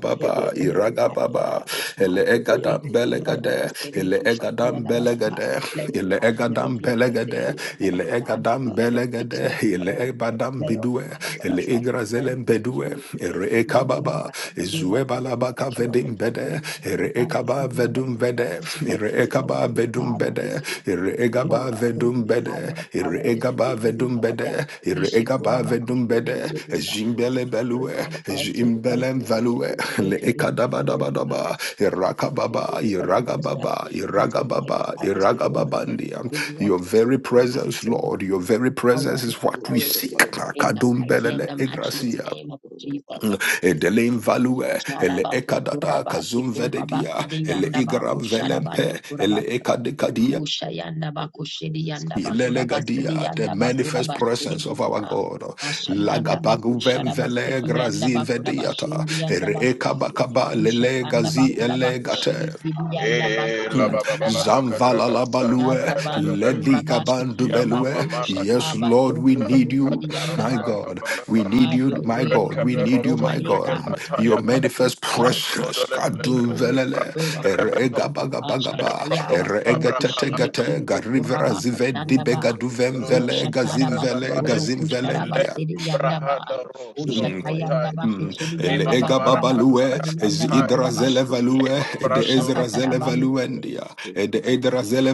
Speaker 3: Almighty God, From
Speaker 2: Kebereya
Speaker 3: our life,
Speaker 1: Iragababa.
Speaker 2: Kabaya.
Speaker 3: Almighty God.
Speaker 2: Kebereya
Speaker 3: If
Speaker 1: Eleegadam
Speaker 3: you could have
Speaker 2: Kabaya.
Speaker 1: belegade.
Speaker 3: appreciated it,
Speaker 2: Matondo
Speaker 3: you should be an
Speaker 1: Eleegadam
Speaker 2: Kabadabadaba.
Speaker 3: ambassador.
Speaker 1: belegade.
Speaker 3: Let
Speaker 2: Hikeberebe.
Speaker 3: our lives never
Speaker 1: Eleegadam
Speaker 3: be the
Speaker 1: belegade.
Speaker 3: same,
Speaker 2: Hikebereya
Speaker 3: Almighty God, but
Speaker 1: Eleegadam
Speaker 2: Takapara.
Speaker 3: let us be
Speaker 1: belegade.
Speaker 2: Hikapaya. Yam
Speaker 3: transformed.
Speaker 1: Eleebadam
Speaker 3: Let
Speaker 2: Tarakaya.
Speaker 3: our
Speaker 1: bidue.
Speaker 3: minds be
Speaker 2: and
Speaker 3: transformed.
Speaker 1: Eleigrazelem
Speaker 3: with the
Speaker 1: bedue.
Speaker 3: glory.
Speaker 2: Yendereke ende kabala
Speaker 1: Ereekababa.
Speaker 2: kabala
Speaker 3: Give
Speaker 2: bala
Speaker 3: us a
Speaker 2: bala bala bala
Speaker 1: Izuebalabaka
Speaker 3: reflection
Speaker 2: bala
Speaker 3: of the
Speaker 1: vedum
Speaker 2: yatanda
Speaker 3: Holy
Speaker 1: vede,
Speaker 2: kabala
Speaker 3: mighty
Speaker 1: ere
Speaker 3: God,
Speaker 2: siya
Speaker 3: this
Speaker 1: ekaba
Speaker 2: yanta
Speaker 3: morning,
Speaker 1: vedum
Speaker 3: God,
Speaker 2: kabala ba
Speaker 1: vede,
Speaker 3: answers us for
Speaker 1: ere
Speaker 2: hikende
Speaker 3: so
Speaker 1: ekaba
Speaker 3: mighty
Speaker 1: vedum
Speaker 3: God.
Speaker 2: kebala
Speaker 1: vede,
Speaker 2: hikende
Speaker 1: ere
Speaker 2: kebala
Speaker 3: Holy
Speaker 1: egaba
Speaker 2: yata
Speaker 3: Spirit
Speaker 1: vedum
Speaker 3: with
Speaker 2: hende
Speaker 3: fire
Speaker 1: vede,
Speaker 3: and
Speaker 1: ere
Speaker 2: yakabala
Speaker 3: power this
Speaker 1: egaba
Speaker 2: hende
Speaker 3: morning,
Speaker 1: vedum
Speaker 3: God.
Speaker 2: kabala
Speaker 1: vede,
Speaker 2: ba
Speaker 3: We
Speaker 1: ere
Speaker 2: siya
Speaker 3: shikura
Speaker 1: egaba
Speaker 2: tata
Speaker 1: vedum
Speaker 2: hande
Speaker 3: bakushu
Speaker 1: bede.
Speaker 2: kebu
Speaker 3: nikidibusa, Holy
Speaker 1: ejimbele
Speaker 2: matondo
Speaker 3: Spirit,
Speaker 1: belue,
Speaker 2: kaba
Speaker 3: manifest
Speaker 2: ande bele
Speaker 3: yourself
Speaker 2: be
Speaker 1: ejimbele
Speaker 3: in our midst
Speaker 2: kebele
Speaker 1: value,
Speaker 3: this
Speaker 2: bele be
Speaker 1: le
Speaker 3: morning.
Speaker 2: kebele
Speaker 1: ekadaba
Speaker 2: bele be
Speaker 1: daba
Speaker 3: Lord
Speaker 2: kebele bele
Speaker 3: God,
Speaker 1: daba,
Speaker 3: we
Speaker 2: be
Speaker 3: send you
Speaker 2: kebele bele be
Speaker 1: irakababa,
Speaker 3: presence,
Speaker 2: kebele
Speaker 3: follow
Speaker 2: bele
Speaker 3: those
Speaker 2: be
Speaker 3: that
Speaker 1: iragababa,
Speaker 3: believe,
Speaker 2: ikapa
Speaker 3: Almighty
Speaker 1: iragababa,
Speaker 2: yapa
Speaker 3: God, this
Speaker 2: hende
Speaker 3: morning.
Speaker 1: iragababandia.
Speaker 2: kabala
Speaker 3: We want
Speaker 1: Your
Speaker 3: to
Speaker 1: very presence,
Speaker 3: exercise,
Speaker 1: Lord,
Speaker 3: Almighty
Speaker 1: your
Speaker 3: God,
Speaker 1: very
Speaker 3: power
Speaker 1: presence
Speaker 3: and
Speaker 1: is what we seek.
Speaker 3: authority in the mighty and
Speaker 1: Kadumbelele
Speaker 3: the matchless
Speaker 1: egracia.
Speaker 3: name of Jesus.
Speaker 1: Edelim value,
Speaker 2: Yes,
Speaker 1: ele
Speaker 3: Karabato
Speaker 1: ekadata
Speaker 3: kurabaki
Speaker 1: kazum
Speaker 3: kurabaki
Speaker 1: vededia,
Speaker 3: de
Speaker 2: we
Speaker 1: ele
Speaker 3: yanda
Speaker 2: pray for your
Speaker 1: igram
Speaker 3: baku
Speaker 2: presence, O
Speaker 1: velempe,
Speaker 3: sharabando
Speaker 2: God.
Speaker 1: ele
Speaker 2: Yes,
Speaker 3: kurabasa.
Speaker 2: Lord, we pray
Speaker 1: ekadekadia.
Speaker 2: for your
Speaker 3: Usha
Speaker 2: presence.
Speaker 3: yanda
Speaker 2: Let
Speaker 3: baku
Speaker 2: your
Speaker 3: shedi
Speaker 2: presence
Speaker 3: yanda
Speaker 2: come
Speaker 3: baku
Speaker 2: alive, O
Speaker 3: rabase de
Speaker 2: God.
Speaker 1: Ilelegadia, The
Speaker 3: yanda
Speaker 2: Let
Speaker 3: baku
Speaker 2: your
Speaker 1: manifest
Speaker 3: rabashi
Speaker 2: presence
Speaker 3: de
Speaker 1: presence of
Speaker 2: be in
Speaker 1: our
Speaker 2: our
Speaker 3: bosta.
Speaker 1: God.
Speaker 2: midst. and
Speaker 3: Asha
Speaker 2: Let your
Speaker 3: yanda
Speaker 2: presence
Speaker 3: baku
Speaker 2: be in
Speaker 1: Lagabaguvem
Speaker 2: our
Speaker 3: sharabase
Speaker 2: midst.
Speaker 1: vele
Speaker 2: and
Speaker 3: ki yanda
Speaker 1: grazi
Speaker 2: In
Speaker 3: baku
Speaker 2: the mighty
Speaker 1: vediata.
Speaker 2: name of
Speaker 3: rabashindi
Speaker 2: King
Speaker 3: yanda
Speaker 1: Ere
Speaker 2: Jesus,
Speaker 3: basi.
Speaker 2: we ask for
Speaker 1: ekabakaba
Speaker 3: Usha
Speaker 2: nothing but
Speaker 3: tanda
Speaker 2: your
Speaker 3: baku
Speaker 2: presence, O
Speaker 3: rabaku
Speaker 2: God.
Speaker 1: elegate.
Speaker 3: shedi kidi
Speaker 2: We ask
Speaker 3: yanda
Speaker 2: for your
Speaker 4: Eh,
Speaker 3: basa
Speaker 4: la
Speaker 2: presence.
Speaker 4: ba ba
Speaker 2: We
Speaker 4: ba
Speaker 2: ask
Speaker 4: la
Speaker 2: for
Speaker 4: ta
Speaker 2: your
Speaker 4: ka
Speaker 3: katarabasi.
Speaker 4: kra ba
Speaker 2: presence, O
Speaker 4: san
Speaker 2: God.
Speaker 4: da
Speaker 2: We
Speaker 1: Zamvalalabalue,
Speaker 3: Yasa
Speaker 4: ra
Speaker 2: ask
Speaker 4: ba
Speaker 2: for
Speaker 4: ba
Speaker 3: bado
Speaker 2: your
Speaker 4: ba.
Speaker 2: presence, O God.
Speaker 3: kurabashi ki
Speaker 4: Ya
Speaker 2: We
Speaker 4: ma ma
Speaker 1: Ledikabandubelue.
Speaker 2: give
Speaker 3: yabaku
Speaker 4: ma
Speaker 2: it a
Speaker 3: usha
Speaker 4: la do
Speaker 1: Yes,
Speaker 2: young
Speaker 3: taba
Speaker 1: Lord,
Speaker 3: do
Speaker 2: time
Speaker 1: we
Speaker 2: for
Speaker 4: ta
Speaker 2: your
Speaker 1: need
Speaker 3: kurubu
Speaker 4: ka
Speaker 2: brand.
Speaker 1: you,
Speaker 3: sedi
Speaker 4: ra
Speaker 3: yanda
Speaker 4: ra
Speaker 1: my
Speaker 3: ba.
Speaker 4: ba
Speaker 2: Yes,
Speaker 4: ba
Speaker 1: God.
Speaker 4: ba ra
Speaker 1: We
Speaker 4: ba.
Speaker 1: need
Speaker 3: Have
Speaker 1: you,
Speaker 3: your
Speaker 1: my
Speaker 3: way
Speaker 4: Re
Speaker 3: in our
Speaker 1: God.
Speaker 4: ka
Speaker 1: We
Speaker 4: be
Speaker 3: midst,
Speaker 4: ro
Speaker 1: need you, my
Speaker 4: som bre
Speaker 3: Almighty
Speaker 4: he la
Speaker 3: God.
Speaker 1: God.
Speaker 4: ta
Speaker 2: and
Speaker 1: Your
Speaker 4: ya ta.
Speaker 2: that's
Speaker 3: Manifest
Speaker 2: the
Speaker 1: manifest
Speaker 4: Ma
Speaker 3: yourself
Speaker 4: to
Speaker 3: this
Speaker 2: outcome.
Speaker 1: presence.
Speaker 4: do le le le
Speaker 3: morning,
Speaker 1: kadu
Speaker 4: le le
Speaker 3: Holy
Speaker 4: le bra
Speaker 1: velele,
Speaker 3: Spirit
Speaker 4: do ne
Speaker 3: of
Speaker 4: re be
Speaker 3: God.
Speaker 4: to.
Speaker 1: erega baga baga
Speaker 4: Le
Speaker 1: ba,
Speaker 4: bra do
Speaker 3: Ashatayaba
Speaker 4: ta
Speaker 1: erega
Speaker 4: bra ha
Speaker 1: tete
Speaker 4: la
Speaker 3: sukushini
Speaker 4: ta
Speaker 1: Eregetetegete,
Speaker 3: kido
Speaker 1: Garivera
Speaker 3: kuraba
Speaker 1: Zive
Speaker 3: katandaba.
Speaker 4: do ro bo
Speaker 1: Dibegaduvemvele,
Speaker 4: ta la
Speaker 3: Rushataraba
Speaker 4: ta za
Speaker 1: Gazimvele,
Speaker 4: e.
Speaker 3: sukuru kusharaba
Speaker 4: Le
Speaker 1: Gazimvelendia.
Speaker 3: sidi
Speaker 4: bra
Speaker 3: yandaba.
Speaker 4: ha da ro sto
Speaker 1: Hmm.
Speaker 4: ko tai.
Speaker 3: Ushatayandaba
Speaker 1: Mm.
Speaker 3: kushili
Speaker 4: Le
Speaker 1: Ele
Speaker 4: ma ma
Speaker 3: yandaba
Speaker 1: ega
Speaker 4: ma ra
Speaker 3: kuraba
Speaker 4: ka ta
Speaker 1: babalue,
Speaker 4: ya
Speaker 3: kusidi
Speaker 4: ka
Speaker 1: ez
Speaker 3: yandaba
Speaker 4: tai.
Speaker 1: idra
Speaker 3: kuraba
Speaker 1: zele
Speaker 3: shi.
Speaker 4: Le
Speaker 1: value,
Speaker 4: ma bra
Speaker 1: ede
Speaker 4: ndo ro.
Speaker 1: ezra zele valuendia, ede edra zele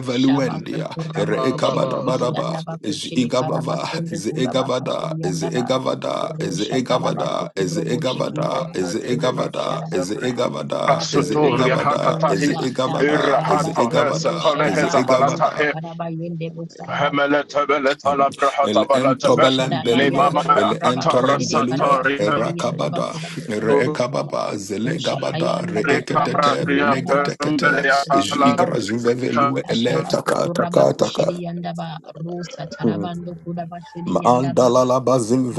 Speaker 4: Le
Speaker 3: Shabasu
Speaker 1: valuendia,
Speaker 4: ma la
Speaker 3: Kuraba
Speaker 1: ere
Speaker 4: ba ba
Speaker 3: Kushidi
Speaker 4: ba.
Speaker 3: Kiri
Speaker 1: ekabadabaraba,
Speaker 3: Yandaba
Speaker 1: ez
Speaker 3: Kushidi
Speaker 1: igabava,
Speaker 3: Karabastundu
Speaker 1: ez
Speaker 3: Kudaba
Speaker 1: egavada,
Speaker 3: Kashidi
Speaker 1: ez
Speaker 3: Yandaba
Speaker 1: egavada, ez
Speaker 3: Rusha Tarabasu
Speaker 1: egavada, ez
Speaker 3: Kurobo Shiki
Speaker 4: On
Speaker 1: egavada,
Speaker 3: Yandaba
Speaker 4: onda
Speaker 1: ez
Speaker 3: Sedebu
Speaker 4: deviato
Speaker 1: egavada, ez
Speaker 3: Shadabasa.
Speaker 4: zambri
Speaker 1: egavada,
Speaker 3: Have
Speaker 1: ez
Speaker 3: your way
Speaker 4: asuturia
Speaker 3: this
Speaker 1: egavada,
Speaker 3: morning,
Speaker 1: ez
Speaker 4: hakatahi
Speaker 3: God. Daba
Speaker 2: Thank
Speaker 1: egavada, ez
Speaker 4: irahata
Speaker 3: Shadabasu
Speaker 4: he
Speaker 3: Kuru
Speaker 1: egavada,
Speaker 4: setole he
Speaker 1: ez
Speaker 3: Shadaba
Speaker 4: zabalata
Speaker 1: egavada,
Speaker 3: Rusha
Speaker 4: he
Speaker 3: Taraba Yendebu Sarabas.
Speaker 4: hemelete beleta la brahata
Speaker 1: El
Speaker 4: balatebe
Speaker 1: entobelem
Speaker 3: Ushadaba
Speaker 1: belue,
Speaker 4: limama
Speaker 3: Yandebu
Speaker 1: el
Speaker 3: Kuraba
Speaker 4: akata
Speaker 1: entolem
Speaker 3: Kushidi
Speaker 1: belue,
Speaker 4: rasata
Speaker 3: Karabasa
Speaker 4: rita
Speaker 3: Kiri Yandaba
Speaker 1: rakabada,
Speaker 3: Kurabu Shidi
Speaker 4: uri
Speaker 3: Busa.
Speaker 1: reekababa, zelegabada,
Speaker 3: Ushatayan Daba Kuraba
Speaker 1: reeketete,
Speaker 4: kabra
Speaker 3: Shidi
Speaker 4: ria
Speaker 3: Yandaba
Speaker 1: belegetekete,
Speaker 4: pembele
Speaker 3: Kuraba Kushidi
Speaker 4: atala
Speaker 1: jigra
Speaker 3: Busa.
Speaker 1: zuvevelue, ele
Speaker 3: Ashabasto
Speaker 1: taka
Speaker 3: kuraba
Speaker 1: taka taka.
Speaker 3: kushiri yandaba rusa
Speaker 1: Mm.
Speaker 3: tarabando
Speaker 2: you.
Speaker 3: kuraba shiri yandaba
Speaker 1: Mandalala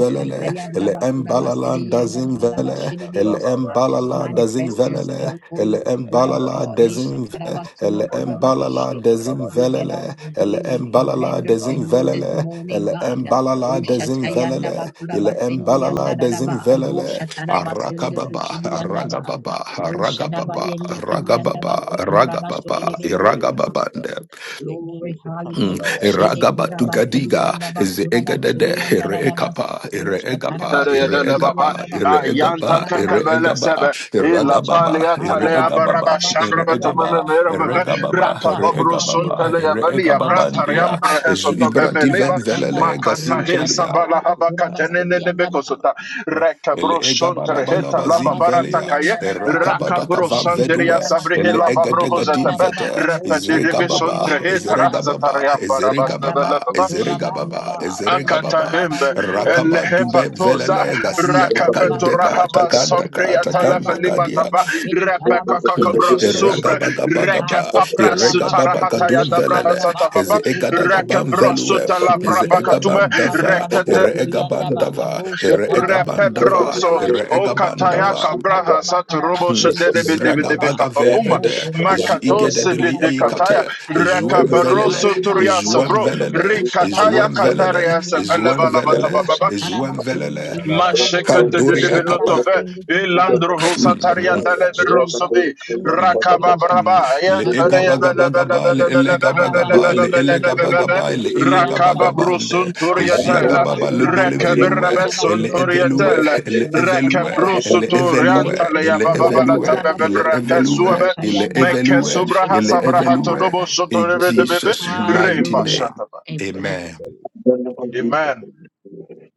Speaker 2: Kebele bele
Speaker 1: ele
Speaker 2: bele
Speaker 3: yandaba
Speaker 2: bele be
Speaker 3: kuraba
Speaker 5: Thank
Speaker 1: embalala
Speaker 3: shiri
Speaker 2: yatanda kabara ba
Speaker 3: yandaba
Speaker 2: e
Speaker 1: dazimvele,
Speaker 3: shiri
Speaker 2: kapa
Speaker 1: ele
Speaker 2: ya
Speaker 3: devosa.
Speaker 2: kama
Speaker 1: embalala
Speaker 2: tondo bala
Speaker 3: Manifest
Speaker 2: bo
Speaker 1: dazimvelele,
Speaker 3: yourself,
Speaker 2: e
Speaker 3: Holy
Speaker 1: ele
Speaker 2: de
Speaker 3: Spirit
Speaker 2: kaila
Speaker 3: of
Speaker 2: ka
Speaker 1: embalala
Speaker 3: God. Isha
Speaker 2: branda bala
Speaker 1: dazimve,
Speaker 2: ba
Speaker 3: tarabasundu
Speaker 1: ele
Speaker 2: branda
Speaker 3: kuraba
Speaker 2: bala
Speaker 1: embalala
Speaker 3: kushiri. We get out
Speaker 1: dazimvelele,
Speaker 3: of the way.
Speaker 1: ele
Speaker 2: e
Speaker 3: We
Speaker 1: embalala
Speaker 3: surrender to you this
Speaker 1: dazimvelele,
Speaker 3: morning,
Speaker 1: ele
Speaker 3: God.
Speaker 2: kabanda
Speaker 1: embalala
Speaker 2: bele be ya
Speaker 3: Oshatayanda
Speaker 2: e
Speaker 1: dazimvelele,
Speaker 3: bakura
Speaker 1: ele
Speaker 2: kaya ka
Speaker 3: basendi
Speaker 1: embalala
Speaker 3: yanda
Speaker 2: hande kele
Speaker 3: dadaba.
Speaker 2: kele
Speaker 1: dazimvelele,
Speaker 3: Roshatara
Speaker 2: kabanda ya
Speaker 3: basundu
Speaker 1: arakababa,
Speaker 3: kushiri
Speaker 2: Father, I
Speaker 3: yandaba.
Speaker 1: aragababa,
Speaker 2: thank you. I
Speaker 3: Roshadaba
Speaker 2: bless
Speaker 1: aragababa,
Speaker 3: yende
Speaker 2: you.
Speaker 3: kiri
Speaker 2: Yes,
Speaker 1: ragababa,
Speaker 3: yandaba
Speaker 2: Lord. Thank
Speaker 3: sukura
Speaker 2: you for your
Speaker 1: ragababa,
Speaker 2: spirit, oh
Speaker 1: iragababande.
Speaker 2: God. Thank you
Speaker 3: Glory,
Speaker 2: for coming
Speaker 1: Mm.
Speaker 2: in
Speaker 3: hallelujah.
Speaker 2: our midst,
Speaker 3: Shede
Speaker 2: oh
Speaker 1: Ragaba to
Speaker 2: God.
Speaker 3: kurabasedi
Speaker 1: Gadiga,
Speaker 2: Master, to
Speaker 3: yandaba
Speaker 2: quiet about.
Speaker 1: Zeegadede,
Speaker 3: kurabashedi
Speaker 2: mm.
Speaker 3: yandarabas.
Speaker 1: Ereekapa,
Speaker 3: Rosha
Speaker 1: Ereegapa,
Speaker 3: karabasedi
Speaker 4: Tarayadalababa,
Speaker 1: Ereegapa,
Speaker 3: kiyandaba. Rosha
Speaker 4: Ayanta
Speaker 1: Ereegapa,
Speaker 3: darabas.
Speaker 4: Kakabala
Speaker 1: Ereegaba,
Speaker 4: Sebe, Ila
Speaker 3: Asha
Speaker 1: Eragababa,
Speaker 4: Palia Talea
Speaker 3: basadaba
Speaker 4: Baraba
Speaker 1: Ereegababa,
Speaker 3: kurabashedi
Speaker 4: Shandraba to
Speaker 1: Ereegaba,
Speaker 3: yandaba.
Speaker 4: Memerava,
Speaker 3: Have your way,
Speaker 1: Ereegababa,
Speaker 4: Rata
Speaker 3: God.
Speaker 4: Babru
Speaker 3: Have your
Speaker 1: Ereegababa,
Speaker 3: way.
Speaker 4: Suntalea Valia
Speaker 3: Asha
Speaker 4: Brantariam
Speaker 1: Ereegababandia,
Speaker 3: taraba
Speaker 4: Brehesota
Speaker 3: kushede
Speaker 1: Ibrativem
Speaker 4: Bebeleba,
Speaker 3: kiriyabasandaba.
Speaker 1: Velele,
Speaker 4: Makata
Speaker 3: Rosha
Speaker 1: Gazintelia,
Speaker 4: Sabala
Speaker 3: tarabando
Speaker 4: Haba Katenene
Speaker 3: kurabasedi yandaba.
Speaker 4: Nebekosota, Reka
Speaker 1: Ele
Speaker 4: Bro son
Speaker 1: egabala
Speaker 4: terheta la
Speaker 3: Shatarabas
Speaker 1: balabazin
Speaker 4: babarata
Speaker 1: velia,
Speaker 4: Baratakaye, Raka
Speaker 1: rakabadaka
Speaker 4: Bro
Speaker 1: van
Speaker 4: Sanderia
Speaker 1: vedue, ele
Speaker 4: Sabrihela Fabro
Speaker 1: egadegadim
Speaker 4: Hosetabe,
Speaker 1: vete,
Speaker 4: Repe de Debi
Speaker 1: izregababa,
Speaker 4: Suntreheta
Speaker 1: izregababa,
Speaker 4: Razatariam
Speaker 1: izregababa,
Speaker 4: Baraba
Speaker 1: izregababa, izregababa,
Speaker 4: Akatahembe
Speaker 2: Thank you.
Speaker 1: rakabadube
Speaker 4: elhepatoza
Speaker 1: velele gazia
Speaker 6: Thank
Speaker 4: rakapeto
Speaker 1: takandeka,
Speaker 4: rahaba sompre
Speaker 1: takandaka,
Speaker 4: atalafa
Speaker 2: Hikaya
Speaker 3: Ayabando
Speaker 4: lima
Speaker 1: takandaka
Speaker 4: kapa
Speaker 3: kunabafidi
Speaker 4: repeka kakabra
Speaker 3: karabasendilebosha.
Speaker 4: sumbre reke
Speaker 1: Ragabagabagaba,
Speaker 3: Asta
Speaker 4: papra
Speaker 3: tayabaku
Speaker 4: sutarahata
Speaker 1: Iregababagadum
Speaker 3: kusha
Speaker 4: yadabraha
Speaker 1: velele,
Speaker 3: tandababo
Speaker 4: satapapa
Speaker 1: Eze
Speaker 3: kusta
Speaker 4: reke
Speaker 1: egadagabam
Speaker 3: tayandaba.
Speaker 1: velue,
Speaker 4: brosuta lavra
Speaker 1: Eze
Speaker 3: Ikididi
Speaker 4: bakatume
Speaker 3: yandaba
Speaker 1: egabandava,
Speaker 4: rekete
Speaker 1: Ere
Speaker 3: kurabakatiri yandaba.
Speaker 1: egabandava,
Speaker 3: Rusha
Speaker 1: Ere
Speaker 3: tarabati
Speaker 4: repebro
Speaker 1: egabandava,
Speaker 4: so
Speaker 1: Ere
Speaker 3: yandanadabashi.
Speaker 4: o katayaka
Speaker 3: Rusha
Speaker 1: egabandava,
Speaker 4: braha
Speaker 3: tandaba
Speaker 4: saturobo shedebe
Speaker 3: karabasendikiri
Speaker 4: debe
Speaker 3: yandaba.
Speaker 4: debe kapapuma
Speaker 3: O
Speaker 1: Zragabagavevede,
Speaker 3: kurabashidi
Speaker 4: makatose
Speaker 1: Zigededeli
Speaker 4: bede
Speaker 3: yandabasa.
Speaker 4: kataya
Speaker 1: eikate,
Speaker 3: I
Speaker 1: Zuem
Speaker 3: glorify
Speaker 1: velele,
Speaker 4: rekaparoso
Speaker 3: you, God.
Speaker 4: turiasa
Speaker 1: Zuem
Speaker 4: bro
Speaker 3: Abasundu
Speaker 1: velele,
Speaker 3: kusha
Speaker 4: rikataya
Speaker 1: Zuem velele,
Speaker 4: kataria
Speaker 3: rabasendikiri
Speaker 4: se
Speaker 3: yaba.
Speaker 4: bele
Speaker 1: Zuem velele,
Speaker 4: bala
Speaker 3: Rosha
Speaker 1: Zuem
Speaker 3: Tarabasende
Speaker 1: velele,
Speaker 3: Kiriandaba,
Speaker 4: Mashekete de de
Speaker 3: Rosha
Speaker 1: Kandoria kapa.
Speaker 4: belotove,
Speaker 3: Tarabasende
Speaker 4: elandro
Speaker 3: Kiriabasi,
Speaker 1: Hmm.
Speaker 4: hosataria
Speaker 2: Thank
Speaker 4: tale
Speaker 2: you, Lord.
Speaker 3: Jesus,
Speaker 4: berosobi,
Speaker 1: Mm.
Speaker 3: Jesus, Jesus,
Speaker 1: Mm.
Speaker 4: rakababraba,
Speaker 3: Jesus,
Speaker 1: Le ega
Speaker 4: yantare
Speaker 1: baga
Speaker 3: Tatarabasa,
Speaker 4: bele
Speaker 1: baga
Speaker 4: bele
Speaker 1: ba, le
Speaker 4: bele
Speaker 3: Rosha
Speaker 4: bele
Speaker 1: elega baga
Speaker 4: bele bele
Speaker 1: ba, le
Speaker 4: bele
Speaker 3: Tarabasende
Speaker 4: bele
Speaker 1: elega
Speaker 4: bele
Speaker 1: baga
Speaker 4: bele.
Speaker 1: ba,
Speaker 3: Kirikurabaka,
Speaker 1: le elega baga
Speaker 4: Rakababru
Speaker 3: Shiriandabasa,
Speaker 6: you.
Speaker 1: bande.
Speaker 3: Asha
Speaker 6: I'm to
Speaker 1: Ezia
Speaker 4: sunturiatela,
Speaker 1: gaba
Speaker 6: to
Speaker 1: ba le
Speaker 6: to to to
Speaker 1: bele
Speaker 3: Tarabakurabaka,
Speaker 6: find out
Speaker 1: velue,
Speaker 4: rekeberebe
Speaker 6: that the
Speaker 1: ele evelue,
Speaker 3: Shiriandabakurubusu,
Speaker 6: product
Speaker 4: sunturiatela,
Speaker 6: of the
Speaker 1: ele
Speaker 3: Yasha
Speaker 1: evelue,
Speaker 6: and I
Speaker 4: rekebru
Speaker 6: was
Speaker 3: Tarabasa
Speaker 1: ele
Speaker 6: used to
Speaker 3: Turuku
Speaker 6: find
Speaker 1: evelue,
Speaker 6: out
Speaker 4: suturiantale
Speaker 3: Shirikiri
Speaker 4: ya
Speaker 1: ele
Speaker 6: that the product
Speaker 1: evelue,
Speaker 4: bababalata
Speaker 6: of
Speaker 1: ele
Speaker 6: the
Speaker 3: Kurabasarabasu,
Speaker 4: bebebreke
Speaker 6: new
Speaker 1: evelue,
Speaker 6: and the
Speaker 4: suebe,
Speaker 3: Asha
Speaker 6: system
Speaker 1: ele
Speaker 4: meke
Speaker 1: evelue,
Speaker 3: Yandabakuruku
Speaker 4: subraha
Speaker 1: ele
Speaker 6: is
Speaker 4: sabraha
Speaker 1: evelue.
Speaker 4: todobo
Speaker 3: Shiriasanabasa.
Speaker 6: the same
Speaker 1: In
Speaker 4: sotorebe de bebe,
Speaker 1: Jesus'
Speaker 6: as the
Speaker 1: mighty
Speaker 4: reimba
Speaker 6: system.
Speaker 3: Hallelujah.
Speaker 1: name,
Speaker 4: shataba.
Speaker 2: We
Speaker 3: Amen.
Speaker 2: give
Speaker 1: Amen.
Speaker 2: it to
Speaker 6: Then I was
Speaker 2: Amen.
Speaker 6: used
Speaker 4: Amen,
Speaker 6: to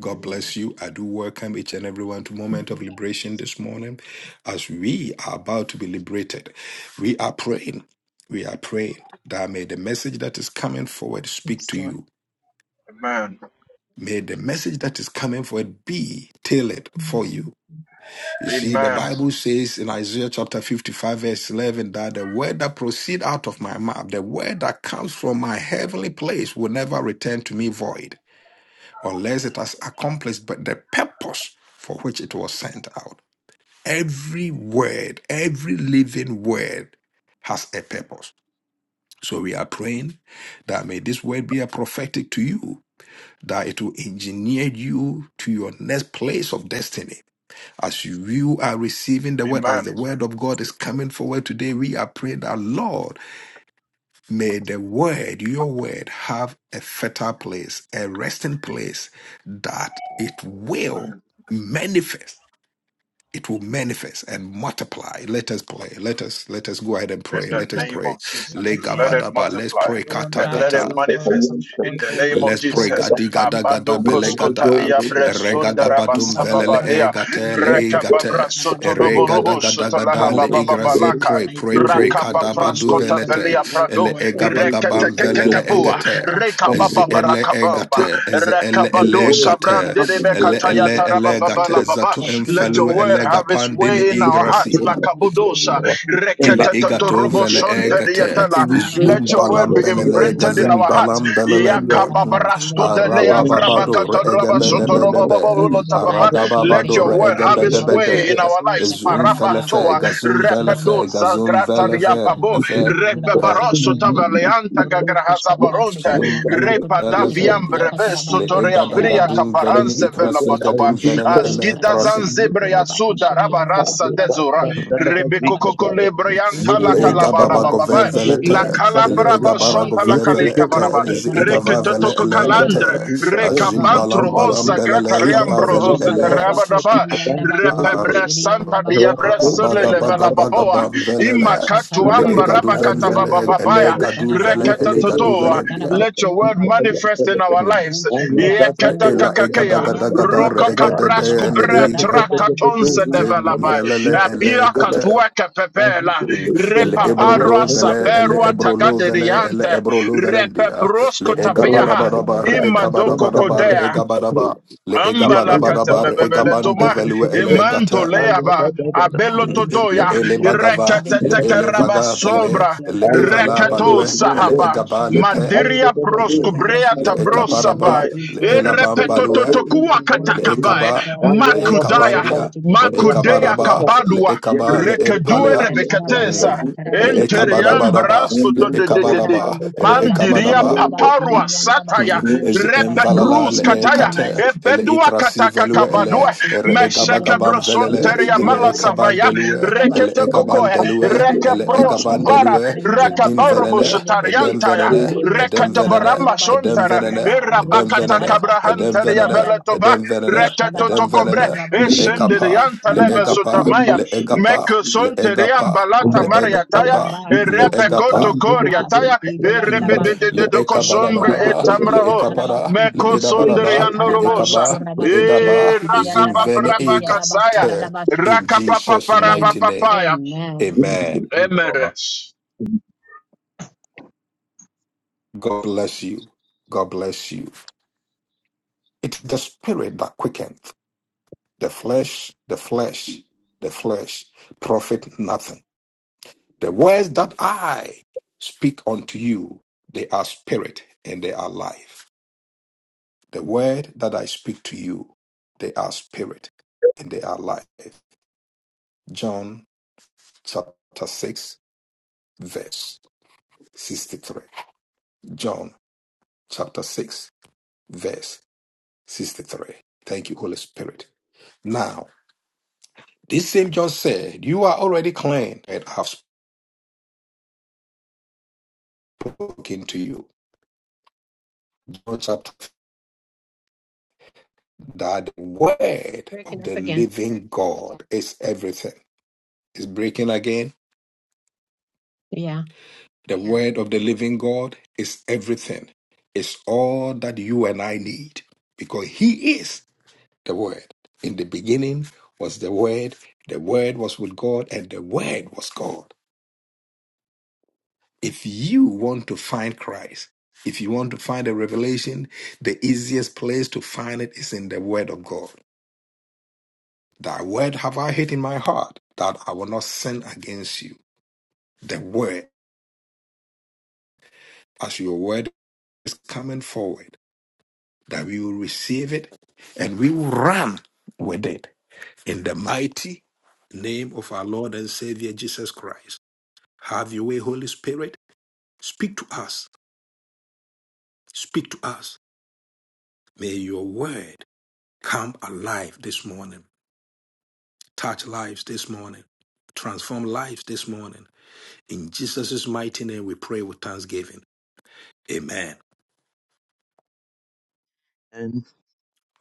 Speaker 1: God bless you. I do welcome each and everyone to Moment of
Speaker 3: Thank you,
Speaker 1: Liberation
Speaker 3: Jesus.
Speaker 1: this morning as we are about to be liberated. We are praying. We are praying that may the message that is coming forward speak
Speaker 3: Yes,
Speaker 1: to
Speaker 3: Lord.
Speaker 1: you.
Speaker 4: amen,
Speaker 1: May the message that is coming forward be tailored for you. You see, the
Speaker 4: amen,
Speaker 1: Bible says in Isaiah chapter 55, verse 11, that the word that proceed out of my mouth, the word that comes from my heavenly place, will never return to me void unless it has accomplished but the purpose for which it was sent out. Every word, every living word has a purpose. So we are praying that may this word be a prophetic to you, that it will engineer you to your next place of destiny. As you are receiving the word, as the word of God is coming forward today, we are praying that Lord. May the word, your word, have a fertile place, a resting place that it
Speaker 4: amen.
Speaker 1: will manifest. It will manifest and multiply. Let us pray. Let us let us go ahead and
Speaker 4: in
Speaker 1: pray.
Speaker 4: the
Speaker 3: Thank
Speaker 1: Let us
Speaker 3: you,
Speaker 4: name
Speaker 3: thank
Speaker 1: pray.
Speaker 4: of
Speaker 3: you.
Speaker 4: Jesus. Let it
Speaker 1: Legabadaba.
Speaker 3: Kakarabasa.
Speaker 1: Let's
Speaker 4: multiply
Speaker 1: pray.
Speaker 3: Lord
Speaker 1: Kata
Speaker 6: not
Speaker 4: and
Speaker 6: the
Speaker 3: God,
Speaker 4: let
Speaker 3: as
Speaker 4: it
Speaker 1: kata.
Speaker 3: your
Speaker 6: same as the
Speaker 3: word
Speaker 4: manifest
Speaker 6: new
Speaker 3: comes
Speaker 4: in
Speaker 3: forth,
Speaker 4: the
Speaker 6: system.
Speaker 4: name of
Speaker 1: Let's
Speaker 3: Almighty God,
Speaker 1: pray.
Speaker 3: let
Speaker 4: Jesus.
Speaker 6: But
Speaker 3: it
Speaker 1: Gadi
Speaker 3: be,
Speaker 1: gada gada
Speaker 4: Abado
Speaker 3: Almighty
Speaker 6: you
Speaker 1: bele
Speaker 3: God,
Speaker 6: can
Speaker 4: koskota
Speaker 6: go
Speaker 1: gada.
Speaker 6: with
Speaker 3: effective.
Speaker 6: it
Speaker 4: diabre
Speaker 6: and
Speaker 1: Erega
Speaker 6: I
Speaker 3: Lord,
Speaker 6: was
Speaker 4: sundara
Speaker 6: used
Speaker 1: gabadum
Speaker 6: to
Speaker 1: velele
Speaker 6: have
Speaker 4: basababalea
Speaker 3: Shakarabakurabasa,
Speaker 1: egate le
Speaker 6: the product
Speaker 4: rekababra
Speaker 1: egate.
Speaker 6: of
Speaker 3: Sendekidibisakarabasa.
Speaker 1: Erega
Speaker 6: the
Speaker 1: da
Speaker 4: sotodoborobo
Speaker 1: gada
Speaker 3: And
Speaker 4: sotolaha
Speaker 1: gada le
Speaker 6: Thank
Speaker 3: lightning
Speaker 1: igrazi.
Speaker 3: in the
Speaker 4: bababalaka
Speaker 1: Pray,
Speaker 3: mighty
Speaker 1: pray,
Speaker 6: you.
Speaker 3: and the
Speaker 1: pray.
Speaker 6: work
Speaker 3: matchless
Speaker 6: with you
Speaker 3: name of
Speaker 1: Kadabadu
Speaker 6: work
Speaker 4: praskota
Speaker 3: Jesus,
Speaker 6: with
Speaker 1: velete.
Speaker 3: let
Speaker 4: velia
Speaker 6: you.
Speaker 3: go
Speaker 1: Ele
Speaker 4: prado
Speaker 3: forth. uh,
Speaker 6: Every
Speaker 3: in
Speaker 1: egabagabam
Speaker 6: day, your
Speaker 3: Shataya
Speaker 1: velele
Speaker 4: reketekekekabua
Speaker 3: Bando
Speaker 6: prayer
Speaker 1: egate.
Speaker 3: Kuraba
Speaker 6: comes
Speaker 3: Sikiri
Speaker 1: Ez
Speaker 3: Dede
Speaker 6: with
Speaker 1: ele
Speaker 3: Bosa.
Speaker 6: you.
Speaker 4: rekabababarakabamba
Speaker 1: egate. Ez ele
Speaker 6: the
Speaker 4: rekabado
Speaker 1: ele
Speaker 6: word will
Speaker 1: gate.
Speaker 6: come before
Speaker 1: Ele
Speaker 3: For
Speaker 6: them.
Speaker 1: ele
Speaker 3: this
Speaker 6: Jesus.
Speaker 1: ele
Speaker 3: morning.
Speaker 1: gate.
Speaker 6: So
Speaker 4: sabrandedebekatayatarabababalababa
Speaker 1: Zatu
Speaker 3: Thank you,
Speaker 4: let your
Speaker 1: emfelu
Speaker 3: Almighty
Speaker 4: word
Speaker 1: ele
Speaker 3: God.
Speaker 4: have its
Speaker 3: You
Speaker 1: gapandin
Speaker 3: mean
Speaker 4: way in
Speaker 6: we
Speaker 4: our
Speaker 6: can
Speaker 3: Almighty
Speaker 4: hearts.
Speaker 1: igrasi.
Speaker 6: give
Speaker 3: God,
Speaker 6: that
Speaker 3: help
Speaker 6: to
Speaker 3: us,
Speaker 6: God in
Speaker 4: Lakabudosa.
Speaker 3: Almighty
Speaker 6: our
Speaker 3: God, to
Speaker 6: Christian
Speaker 3: find
Speaker 1: Ile
Speaker 3: this
Speaker 6: life.
Speaker 3: word
Speaker 1: igato
Speaker 3: in
Speaker 6: May
Speaker 3: the
Speaker 1: vele
Speaker 6: your
Speaker 3: hearts uh,
Speaker 6: word come
Speaker 1: egate
Speaker 3: that
Speaker 6: to
Speaker 3: we
Speaker 4: Reketetetoroboshontediatala.
Speaker 3: might
Speaker 6: rebuke
Speaker 1: zum
Speaker 3: not
Speaker 4: Let
Speaker 6: us,
Speaker 4: your
Speaker 6: O
Speaker 3: sin
Speaker 4: word
Speaker 1: balam
Speaker 4: be
Speaker 6: God,
Speaker 3: against
Speaker 6: where
Speaker 1: belele
Speaker 3: you,
Speaker 4: imprinted
Speaker 6: we
Speaker 4: in
Speaker 6: are
Speaker 1: gazim
Speaker 4: our
Speaker 3: Almighty
Speaker 6: weak
Speaker 4: hearts.
Speaker 3: God.
Speaker 1: balam
Speaker 6: and where we
Speaker 3: And
Speaker 1: belelende
Speaker 6: are
Speaker 3: God of us,
Speaker 1: Hmm.
Speaker 3: and let it be
Speaker 1: araba
Speaker 6: fallen short.
Speaker 1: babado re
Speaker 3: transformational this
Speaker 6: In the
Speaker 1: egebede
Speaker 3: morning.
Speaker 6: name of
Speaker 1: bedebe
Speaker 3: And Let it be
Speaker 6: Jesus,
Speaker 4: Yakababrastoteneavrabakatorabasotorobababolotababa.
Speaker 3: life
Speaker 1: araga
Speaker 6: help me
Speaker 4: Let
Speaker 1: babado
Speaker 6: to
Speaker 3: saving
Speaker 1: re
Speaker 4: your
Speaker 6: walk
Speaker 3: in
Speaker 4: word
Speaker 6: with
Speaker 3: the
Speaker 6: the
Speaker 4: have
Speaker 1: egebede
Speaker 3: name
Speaker 4: its
Speaker 3: of
Speaker 6: word
Speaker 1: bede
Speaker 6: of
Speaker 4: way in
Speaker 6: God.
Speaker 3: Jesus.
Speaker 4: our
Speaker 3: We
Speaker 4: lives.
Speaker 3: shall
Speaker 1: zum
Speaker 3: find the
Speaker 6: In
Speaker 3: bar, we
Speaker 1: felefe
Speaker 4: Marabatoa.
Speaker 3: go the
Speaker 1: gazum
Speaker 3: Kitty and
Speaker 1: velefe
Speaker 3: the bar.
Speaker 1: gazum
Speaker 3: Ruth, the
Speaker 1: velefe
Speaker 4: Repedozalgratariapabo.
Speaker 3: Tarabas,
Speaker 1: vefe
Speaker 6: the
Speaker 3: and the Kurabas, city and the bar.
Speaker 6: name of Jesus,
Speaker 3: Ruth,
Speaker 6: let
Speaker 3: Kushtarabas,
Speaker 6: the
Speaker 3: the
Speaker 4: Repebarosotavaleantagagrahazabaronte.
Speaker 1: gazum
Speaker 3: Kitty
Speaker 6: word
Speaker 3: and the bar,
Speaker 6: direct
Speaker 4: Repa
Speaker 3: Kurakush,
Speaker 6: me, O
Speaker 3: the
Speaker 4: daviam
Speaker 1: velefendia
Speaker 4: breve
Speaker 3: Tarabas,
Speaker 1: le
Speaker 3: and the
Speaker 4: sotoria
Speaker 1: egada
Speaker 6: God,
Speaker 4: viria
Speaker 1: gadim
Speaker 3: Sharabasa.
Speaker 6: for
Speaker 1: venini
Speaker 4: cabaranse
Speaker 6: which, O
Speaker 4: vela
Speaker 1: itrasi
Speaker 6: God, I
Speaker 1: gadim
Speaker 6: am being
Speaker 3: Usha
Speaker 1: venene
Speaker 6: called.
Speaker 1: ele
Speaker 4: Azgida
Speaker 6: In the
Speaker 1: trasi
Speaker 4: zanzebre
Speaker 6: name of Jesus.
Speaker 4: yasuda
Speaker 6: Thank
Speaker 4: rabarasa
Speaker 6: you.
Speaker 4: dezura.
Speaker 1: Hmm.
Speaker 4: Rebeko kokolebrian kala
Speaker 1: Le
Speaker 4: kalabara
Speaker 1: gababa gove
Speaker 4: bababa.
Speaker 1: vele te,
Speaker 4: La
Speaker 1: ele
Speaker 4: kalabra
Speaker 1: egabara
Speaker 4: basonta
Speaker 1: gove
Speaker 4: la
Speaker 1: vele
Speaker 4: kaleka
Speaker 1: ete,
Speaker 4: baraba.
Speaker 1: ezi igava vele
Speaker 4: Reketotoko
Speaker 1: ele ete,
Speaker 4: kalandre.
Speaker 1: ajim
Speaker 4: Rekabantro
Speaker 1: balam balam
Speaker 4: osa grata
Speaker 1: belele gapa
Speaker 4: riambro
Speaker 1: velu
Speaker 4: hose
Speaker 1: ele,
Speaker 4: terabadaba. Repebresanta diabresole
Speaker 1: baga baga
Speaker 4: levela
Speaker 1: baga
Speaker 4: baboa.
Speaker 1: bam velele,
Speaker 4: Imakatu
Speaker 3: Ashatanda
Speaker 1: le
Speaker 3: bakura
Speaker 4: ambara.
Speaker 1: egadu ven
Speaker 3: kushiri
Speaker 4: Rabakata
Speaker 3: yanda
Speaker 1: vele,
Speaker 3: bakura
Speaker 1: ele
Speaker 4: babababaya.
Speaker 3: kusana
Speaker 1: gadu vele,
Speaker 3: rabasa
Speaker 1: ele gadu
Speaker 3: rusha
Speaker 1: vele
Speaker 4: Rekatatotoa.
Speaker 1: india.
Speaker 4: Let
Speaker 3: tarabastu
Speaker 4: your word
Speaker 3: kurabakatsi
Speaker 4: manifest in our
Speaker 1: Mm.
Speaker 4: lives.
Speaker 3: rusha
Speaker 6: Thank
Speaker 1: Mm.
Speaker 3: tarabastu
Speaker 1: Le
Speaker 6: you.
Speaker 1: ela
Speaker 3: kuru
Speaker 1: egada
Speaker 4: Yekatakakakea.
Speaker 1: gada
Speaker 3: kurabanda
Speaker 1: gada re
Speaker 3: rusha
Speaker 1: egada
Speaker 3: tanda
Speaker 1: de
Speaker 3: ba
Speaker 4: Rokakabrasku
Speaker 1: ele
Speaker 3: rusha
Speaker 1: igre
Speaker 3: tabandu
Speaker 4: bratrakatonse
Speaker 1: zim
Speaker 3: kurabasuli
Speaker 4: develaba.
Speaker 1: velele ele gate
Speaker 4: Abiakatueke pepela.
Speaker 3: mighty
Speaker 1: ele
Speaker 3: God
Speaker 1: ebro lo
Speaker 4: Repaparwa
Speaker 3: ashabastu
Speaker 1: vele ele
Speaker 4: saberwa
Speaker 1: ebro
Speaker 3: kurabakushiri
Speaker 1: vele ele
Speaker 4: tagaderiante.
Speaker 1: ebro velendia le
Speaker 4: Repeprosko
Speaker 3: Have your
Speaker 1: egabada
Speaker 4: taveaha.
Speaker 3: way,
Speaker 1: badabar ekabada
Speaker 4: Imadoko
Speaker 1: badabar
Speaker 4: kodea.
Speaker 1: egabadaba le egabada
Speaker 4: Ambala
Speaker 1: badabar
Speaker 4: bebele
Speaker 1: egabande
Speaker 4: toma
Speaker 1: velue ele
Speaker 4: imanto
Speaker 1: gata
Speaker 4: leaba
Speaker 3: Almighty God,
Speaker 4: abelo
Speaker 3: in this
Speaker 1: le
Speaker 3: earth.
Speaker 4: todoya
Speaker 3: You
Speaker 1: ele
Speaker 3: be the teacher
Speaker 1: bagava
Speaker 3: this
Speaker 4: irekata
Speaker 1: le
Speaker 6: Thank
Speaker 3: morning,
Speaker 1: ele
Speaker 4: takaraba
Speaker 3: God.
Speaker 1: vaga
Speaker 3: And
Speaker 1: bele
Speaker 3: let
Speaker 4: sobra
Speaker 3: your
Speaker 1: le
Speaker 3: word this
Speaker 1: evala
Speaker 3: word
Speaker 4: rekato
Speaker 3: be
Speaker 1: balue ele
Speaker 3: effective,
Speaker 4: sahaba
Speaker 1: egaba le
Speaker 3: effective,
Speaker 1: pe
Speaker 4: madiria
Speaker 3: anointing, and servant that
Speaker 4: proskubrea
Speaker 3: you
Speaker 1: le
Speaker 3: decrease and you
Speaker 1: ekaparaba
Speaker 4: tabrosabai
Speaker 3: increase,
Speaker 1: le
Speaker 3: Almighty
Speaker 1: elabam
Speaker 3: God.
Speaker 1: balue
Speaker 3: Let
Speaker 4: irepetototokuwa
Speaker 3: your word
Speaker 1: Le
Speaker 3: go
Speaker 1: le
Speaker 3: forth
Speaker 4: katakabai
Speaker 1: ekaba
Speaker 3: to God with
Speaker 1: de
Speaker 3: authority,
Speaker 1: Leekaba,
Speaker 4: makudaya
Speaker 1: Leekabandia,
Speaker 3: clarity this morning. Let
Speaker 4: makudea
Speaker 3: us
Speaker 1: Leekabaraba,
Speaker 3: never be
Speaker 1: le
Speaker 3: the
Speaker 4: kabadua
Speaker 3: same. We
Speaker 4: rekedue
Speaker 1: Leepalea.
Speaker 3: shall
Speaker 1: Mm.
Speaker 4: rebekatesa
Speaker 3: tarabayanda,
Speaker 4: Enteriam
Speaker 1: Leekabadabadaba,
Speaker 3: tarabasende,
Speaker 4: brasto to de de de
Speaker 1: Leekabadaba,
Speaker 4: de.
Speaker 3: Tarabandu kurabashiri
Speaker 4: Mandiria
Speaker 1: Reekabadaba,
Speaker 3: yandaba
Speaker 4: paparua
Speaker 3: sendi yandaba
Speaker 4: sataya
Speaker 1: is
Speaker 3: rosha
Speaker 1: envalala
Speaker 3: karabayende
Speaker 4: repedrus
Speaker 1: le e
Speaker 3: kiribos
Speaker 4: kataya
Speaker 1: kate
Speaker 3: yandaba
Speaker 1: ele
Speaker 4: ebedua
Speaker 1: itrasi
Speaker 4: kataka
Speaker 1: velue ele
Speaker 3: ekuraba
Speaker 4: kabadua
Speaker 1: ere
Speaker 3: kusende kiri
Speaker 4: mesheke
Speaker 1: egabagabam
Speaker 3: yandaba
Speaker 4: broson
Speaker 1: velele
Speaker 3: rosha
Speaker 4: teria
Speaker 1: ele ekaban
Speaker 3: karabayende
Speaker 4: malasavaya
Speaker 1: delue
Speaker 3: kiribundaba
Speaker 1: ele
Speaker 4: rekete
Speaker 3: robo
Speaker 1: egaban
Speaker 4: kokoe
Speaker 3: sata
Speaker 1: delue
Speaker 3: chara
Speaker 4: reke
Speaker 1: ele
Speaker 3: yandaba
Speaker 4: pros
Speaker 1: egaban
Speaker 3: rosha
Speaker 4: kubara
Speaker 1: delue
Speaker 3: chara yandaba
Speaker 1: edim venene
Speaker 3: kurabasende bo
Speaker 4: reke
Speaker 1: edem
Speaker 4: Taya,
Speaker 1: venene
Speaker 3: rebo
Speaker 1: edem
Speaker 4: Rekata
Speaker 3: sandaba
Speaker 1: venene
Speaker 4: Baramba
Speaker 3: kurabashiri
Speaker 1: edem
Speaker 4: Sontara,
Speaker 3: yandaba
Speaker 1: venene edem
Speaker 3: rosha
Speaker 4: Erabakata
Speaker 1: venene
Speaker 3: karabasende
Speaker 1: edem
Speaker 3: kiri
Speaker 4: Cabrahantaria
Speaker 1: venene
Speaker 3: yandaba
Speaker 4: Belatoba,
Speaker 1: edem venene
Speaker 4: Rekato
Speaker 1: edem
Speaker 3: ushadabando
Speaker 4: Tocobre,
Speaker 1: venene le
Speaker 6: you.
Speaker 3: kurabasende
Speaker 1: ekapa
Speaker 3: kiribos
Speaker 4: Esendrianta
Speaker 1: le
Speaker 6: And
Speaker 4: Leve
Speaker 1: egapa le egapa
Speaker 6: hallelujah,
Speaker 4: Meko
Speaker 1: le
Speaker 4: Sonterian
Speaker 1: egapa
Speaker 4: Balata
Speaker 1: le
Speaker 4: Maria Taya,
Speaker 1: egapa
Speaker 3: Abasukuraba,
Speaker 1: le egapa
Speaker 4: Erepecoto
Speaker 3: Abashuku,
Speaker 4: Coria
Speaker 3: Abasa,
Speaker 4: Taya,
Speaker 1: Mm.
Speaker 3: Kiriandaba,
Speaker 4: Erebede
Speaker 1: Le
Speaker 4: de
Speaker 3: Kurobo,
Speaker 4: Cosombre et
Speaker 1: ekabarabadaba,
Speaker 3: Cheriandaba,
Speaker 1: le
Speaker 3: Rosha
Speaker 4: Tamraho,
Speaker 1: ekabara,
Speaker 3: Tarabasa,
Speaker 1: le
Speaker 4: Meko
Speaker 3: Rusha
Speaker 1: edabaraba,
Speaker 4: Sondrian
Speaker 1: le
Speaker 3: Tarabando,
Speaker 4: Norobosa,
Speaker 1: ekaba, le
Speaker 3: Kurabako, Chendi,
Speaker 1: edaba,
Speaker 3: Kiriandaba,
Speaker 4: Erakapa
Speaker 1: zimvene
Speaker 3: Sekiriadaba,
Speaker 4: Rabakasaya,
Speaker 1: egate. In
Speaker 3: Sadabashu.
Speaker 4: Rakapa
Speaker 1: Jesus'
Speaker 3: And
Speaker 1: mighty name,
Speaker 4: Parapapaya,
Speaker 3: Amen.
Speaker 1: amen.
Speaker 5: you.
Speaker 4: Emeres.
Speaker 1: God bless you. God bless you. It's the spirit that quickens. The flesh, the flesh, the flesh profit nothing. The words that I speak unto you, they are spirit and they are life. The word that I speak to you, they are spirit and they are life. John chapter 6, verse 63. John chapter 6, verse 63. Thank you, Holy Spirit. Now, this same John said, You are already clean, and I've spoken to you. John chapter that the word
Speaker 3: Breaking
Speaker 1: of the
Speaker 3: up again.
Speaker 1: living God is everything. It's breaking again
Speaker 3: Yeah.
Speaker 1: The word of the living God is everything. It's all that you and I need because He is the Word. In the beginning was the Word, the Word was with God, and the Word was God. If you want to find Christ, if you want to find a revelation, the easiest place to find it is in the Word of God. Thy Word have I hid in my heart that I will not sin against you. The Word, as your Word is coming forward. that we will receive it and we will run with it. In the mighty name of our Lord and Savior Jesus Christ, have your way, Holy Spirit. Speak to us. Speak to us. May your word come alive this morning. Touch lives this morning. Transform lives this morning. In Jesus' mighty name, we pray with thanksgiving. Amen.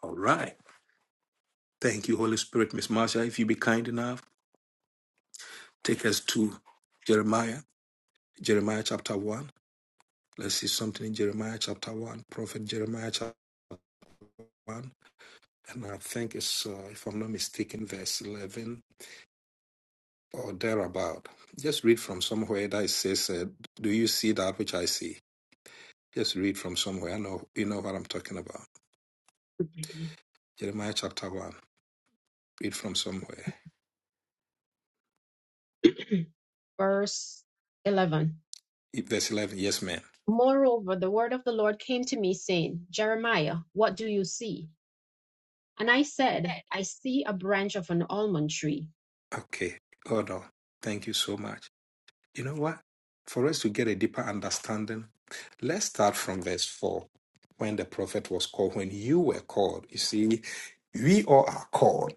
Speaker 1: All right. Thank you, Holy Spirit. Miss Marsha, if you be kind enough, take us to Jeremiah, Jeremiah chapter 1. Let's see something in Jeremiah chapter 1, Prophet Jeremiah chapter 1. And I think it's, uh, if I'm not mistaken, verse 11 or thereabout. Just read from somewhere that it says, uh, Do you see that which I see? Just read from somewhere. I know you know what I'm talking about. Jeremiah chapter 1. Read from somewhere.
Speaker 3: Verse 11.
Speaker 1: Verse 11. Yes, ma'am.
Speaker 3: Moreover, the word of the Lord came to me, saying, Jeremiah, what do you see? And I said, I see a branch of an almond tree.
Speaker 1: Okay. Hold on. Thank you so much. You know what? For us to get a deeper understanding, let's start from verse 4 when the prophet was called, when you were called. You see, we all are called.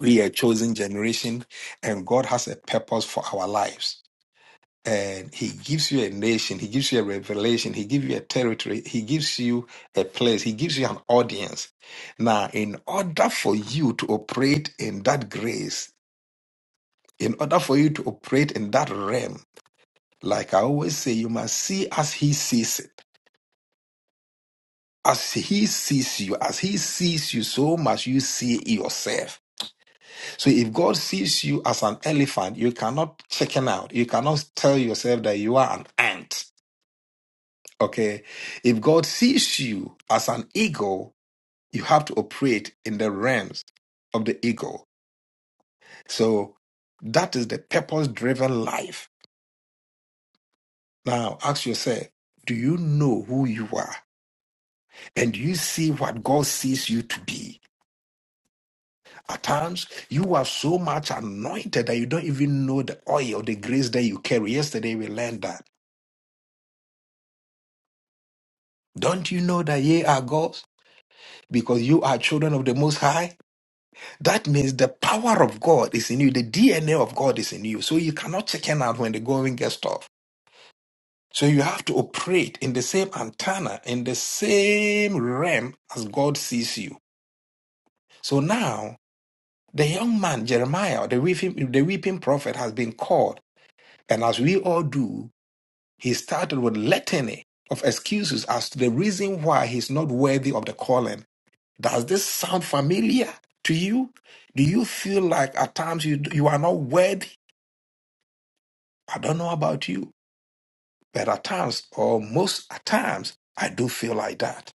Speaker 1: We are a chosen generation, and God has a purpose for our lives. And He gives you a nation, He gives you a revelation, He gives you a territory, He gives you a place, He gives you an audience. Now, in order for you to operate in that grace, in order for you to operate in that realm, Like I always say, you must see as he sees it. As he sees you, as he sees you, so must you see yourself. So if God sees you as an elephant, you cannot chicken out. You cannot tell yourself that you are an ant. Okay. If God sees you as an eagle, you have to operate in the realms of the eagle. So that is the purpose driven life. Now ask yourself, do you know who you are? and you see what God sees you to be. At times, you are so much anointed that you don't even know the oil, the grace that you carry. Yesterday, we learned that. Don't you know that ye are God's? Because you are children of the Most High. That means the power of God is in you, the DNA of God is in you. So you cannot chicken out when the going gets tough. So you have to operate in the same antenna, in the same realm as God sees you. So now The young man, Jeremiah, the weeping, the weeping prophet, has been called, and as we all do, he started with litany of excuses as to the reason why he's not worthy of the calling. Does this sound familiar to you? Do you feel like at times you, you are not worthy? I don't know about you, but at times, or most at times, I do feel like that.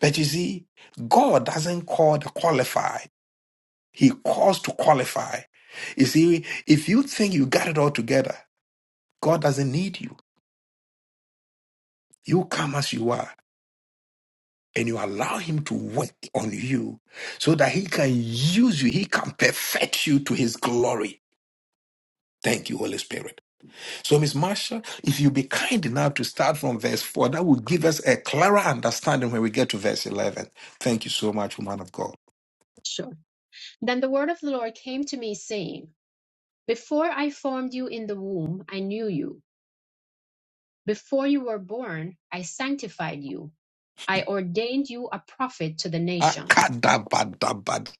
Speaker 1: But you see, God doesn't call the qualified, He calls to qualify. You see, if you think you got it all together, God doesn't need you. You come as you are and you allow Him to work on you so that He can use you, He can perfect you to His glory. Thank you, Holy Spirit. So, Miss Marsha, if you be kind enough to start from verse 4, that will give us a clearer understanding when we get to verse 11. Thank you so much, woman of God.
Speaker 3: Sure. Then the word of the Lord came to me, saying, Before I formed you in the womb, I knew you. Before you were born, I sanctified you. I ordained you a prophet to the nations.
Speaker 1: Akadabadabad.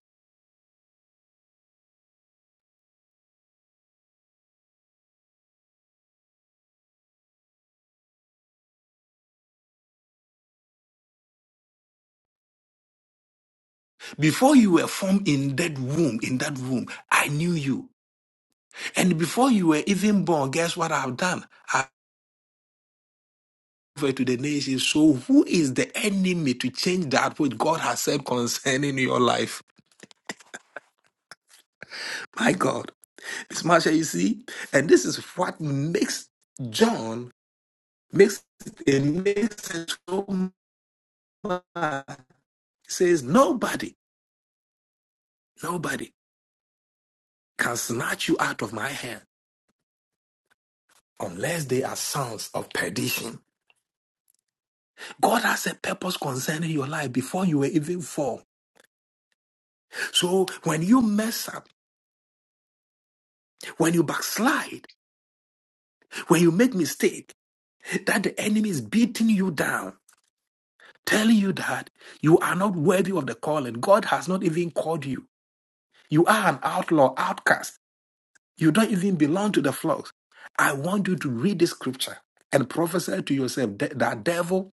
Speaker 1: Before you were formed in that womb, in that womb, I knew you. And before you were even born, guess what I've done? to the nations. So, who is the enemy to change that which God has said concerning your life? My God. Miss Marsha, you see? And this is what makes John makes it makes it so much. He says, Nobody, nobody can snatch you out of my hand unless they are sons of perdition. God has a purpose concerning your life before you were even formed. So when you mess up, when you backslide, when you make mistake, that the enemy is beating you down, telling you that you are not worthy of the calling. God has not even called you. You are an outlaw, outcast. You don't even belong to the flocks. I want you to read this scripture and prophesy to yourself that that devil,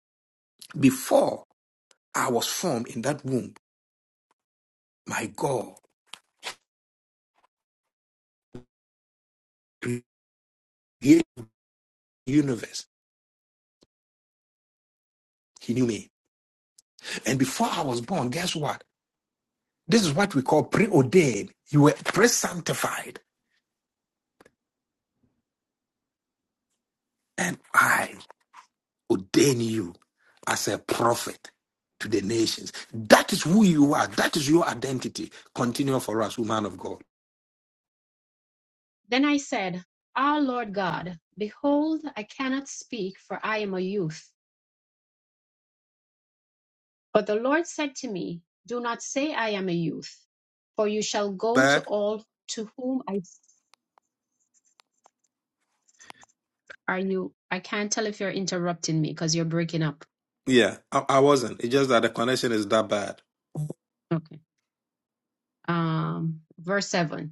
Speaker 1: before I was formed in that womb, my God, created the universe, he knew me. And before I was born, guess what? This is what we call preordained. You were pre sanctified. And I ordain you as a prophet to the nations. That is who you are. That is your identity. Continue for us, woman of God.
Speaker 3: Then I said, Ah, Lord God, behold, I cannot speak, for I am a youth. But the Lord said to me, Do not say I am a youth, for you shall go to
Speaker 1: But
Speaker 3: all to whom I are you. I can't tell if you're interrupting me because you're breaking up.
Speaker 1: yeah, I, I wasn't. It's just that the connection is that bad.
Speaker 3: Okay. Um, verse 7.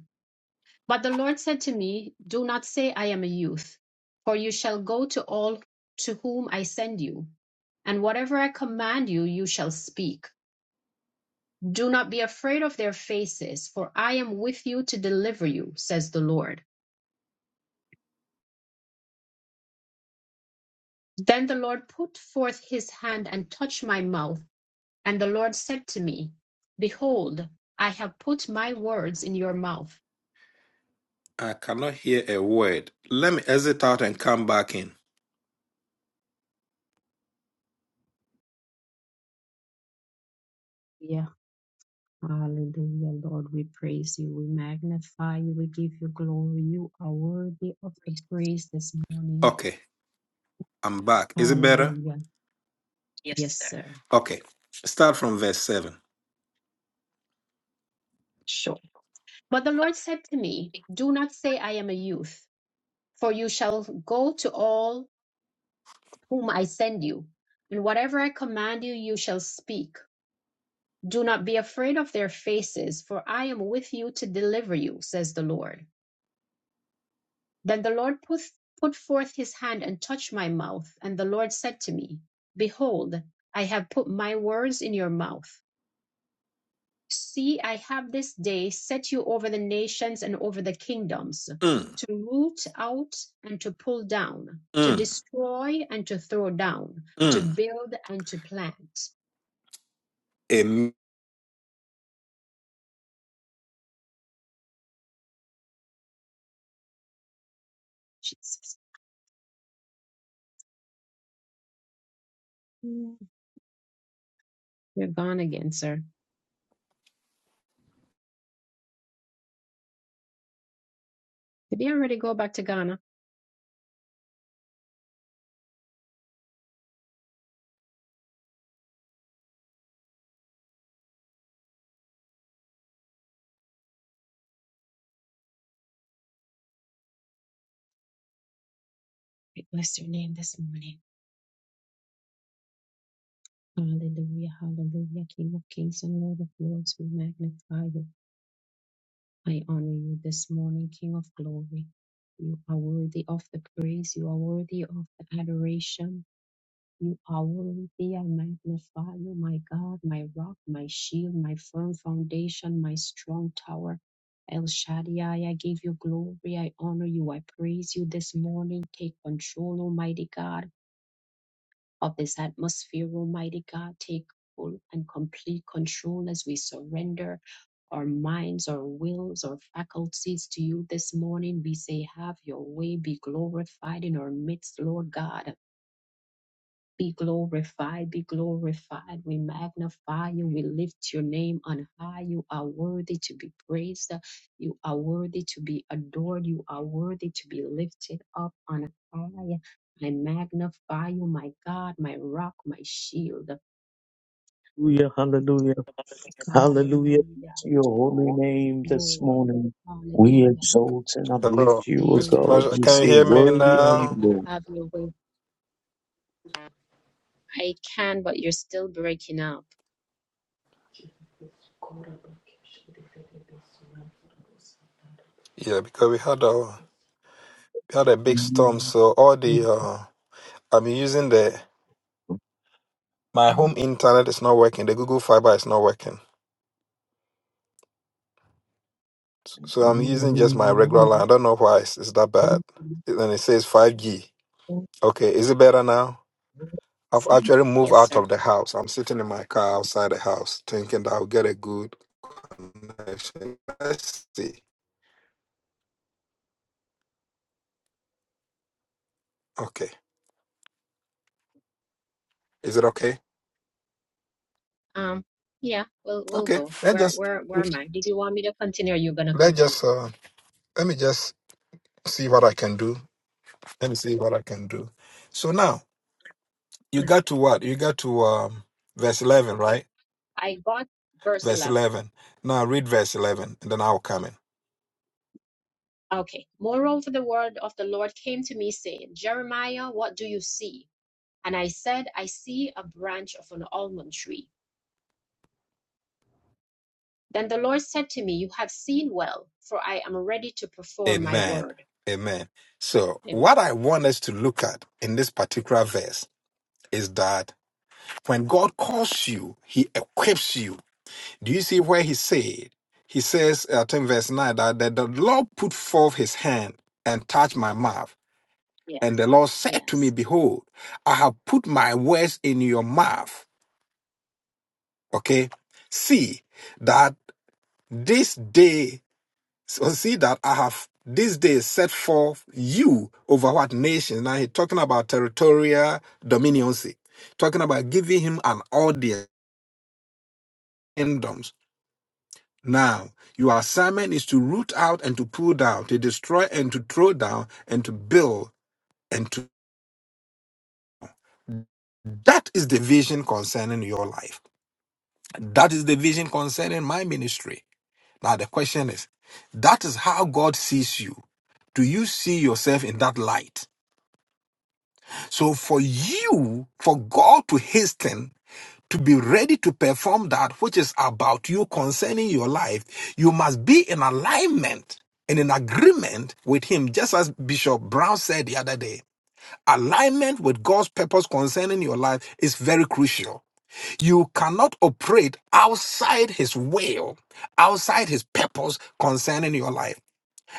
Speaker 3: But the Lord said to me, Do not say, I am a youth, for you shall go to all to whom I send you, and whatever I command you, you shall speak. Do not be afraid of their faces, for I am with you to deliver you, says the Lord. Then the Lord put forth his hand and touched my mouth, and the Lord said to me, Behold, I have put my words in your mouth.
Speaker 1: I cannot hear a word. Let me exit out and come back in.
Speaker 3: Yeah. Hallelujah, Lord. We praise you. We magnify you. We give you glory. You are worthy of the praise this morning.
Speaker 1: Okay, I'm back. Is it better?
Speaker 3: Hallelujah. Yes, sir.
Speaker 1: Okay. Start from verse 7.
Speaker 3: Sure. But the Lord said to me, Do not say I am a youth, for you shall go to all whom I send you, and whatever I command you, you shall speak. Do not be afraid of their faces, for I am with you to deliver you, says the Lord. Then the Lord put, put forth his hand and touched my mouth. And the Lord said to me, Behold, I have put my words in your mouth. See, I have this day set you over the nations and over the kingdoms,
Speaker 1: Mm,
Speaker 3: to root out and to pull down, to
Speaker 1: mm,
Speaker 3: destroy and to throw down, to
Speaker 1: mm.
Speaker 3: build and to plant.
Speaker 1: Amen.
Speaker 3: Jesus. Mm. You're gone again, sir. Did he already go back to Ghana? I Bless your name this morning. Hallelujah, hallelujah, King of kings and Lord of lords, we magnify you. I honor you this morning, King of glory. You are worthy of the praise, you are worthy of the adoration. You are worthy, I magnify you, my God, my rock, my shield, my firm foundation, my strong tower. El Shaddai, I give you glory, I honor you, I praise you this morning. Take control, Almighty God of this atmosphere, Almighty God. Take full and complete control as we surrender our minds, our wills, our faculties to you this morning. We say, Have your way, be glorified in our midst, Lord God. Be glorified, be glorified. We magnify you, we lift your name on high. You are worthy to be praised, you are worthy to be adored, you are worthy to be lifted up on high. I magnify you, my God, my rock, my shield.
Speaker 6: hallelujah, hallelujah
Speaker 3: Hallelujah,
Speaker 6: to your holy
Speaker 3: Yes,
Speaker 6: name this
Speaker 3: Lord.
Speaker 6: morning. We
Speaker 3: Hallelujah.
Speaker 6: exalt and
Speaker 1: Hello,
Speaker 6: uplift you, O
Speaker 3: Thank
Speaker 1: Mr.
Speaker 6: God.
Speaker 3: you,
Speaker 1: Marshall,
Speaker 6: We
Speaker 1: can you
Speaker 6: say,
Speaker 1: hear
Speaker 3: Jesus.
Speaker 1: me
Speaker 6: Worthy
Speaker 3: Have
Speaker 6: are
Speaker 3: your
Speaker 6: you,
Speaker 1: now?
Speaker 3: way.
Speaker 6: Lord.
Speaker 3: Have your way. I can, but you're still breaking up.
Speaker 1: Yeah, because we had a we had a big storm,
Speaker 6: Amen.
Speaker 1: so all the uh, I'm using the my home internet is not working. The Google Fiber is not working, so I'm using just my regular line. I don't know why it's, it's that bad. And it says 5G. Okay, is it better now? I've actually moved
Speaker 3: Yes,
Speaker 1: out
Speaker 3: sir.
Speaker 1: of the house. I'm sitting in my car outside the house, thinking that I'll get a good connection. Let's see. Okay, is it okay?
Speaker 3: Um, yeah, we'll we'll
Speaker 1: Okay,
Speaker 3: go.
Speaker 1: let
Speaker 3: Where
Speaker 1: just
Speaker 3: where where am I? Did you want me to continue? Or you're gonna
Speaker 1: let
Speaker 3: continue?
Speaker 1: just uh, let me just see what I can do. Let me see what I can do. So now you
Speaker 3: Okay.
Speaker 1: got to what? You got to um, verse eleven, right?
Speaker 3: I got verse
Speaker 1: verse
Speaker 3: eleven.
Speaker 1: 11. Now read verse 11 and then I'll come in.
Speaker 3: Okay. Moreover, the word of the Lord came to me, saying, Jeremiah, what do you see? And I said, I see a branch of an almond tree. Then the Lord said to me, You have seen well, for I am ready to perform my
Speaker 1: Amen.
Speaker 3: word.
Speaker 1: Amen. So,
Speaker 3: Amen.
Speaker 1: what I want us to look at in this particular verse is that when God calls you, he equips you. Do you see where he said? He says, uh, I think verse 9, that, that the Lord put forth his hand and touched my mouth. And the Lord said to me,
Speaker 3: Yes.
Speaker 1: Behold, I have put my words in your mouth. Okay? See that this day So see that I have this day set forth you over what nations. Now he's talking about territorial dominioncy, talking about giving him an audience, kingdoms. Now, your assignment is to root out and to pull down, to destroy and to throw down, and to build and to that is the vision concerning your life. That is the vision concerning my ministry. Now the question is, that is how God sees you. Do you see yourself in that light? So for you, for God to hasten to be ready to perform that which is about you concerning your life, you must be in alignment and in agreement with Him, just as Bishop Brown said the other day. Alignment with God's purpose concerning your life is very crucial. You cannot operate outside His will, outside His purpose concerning your life.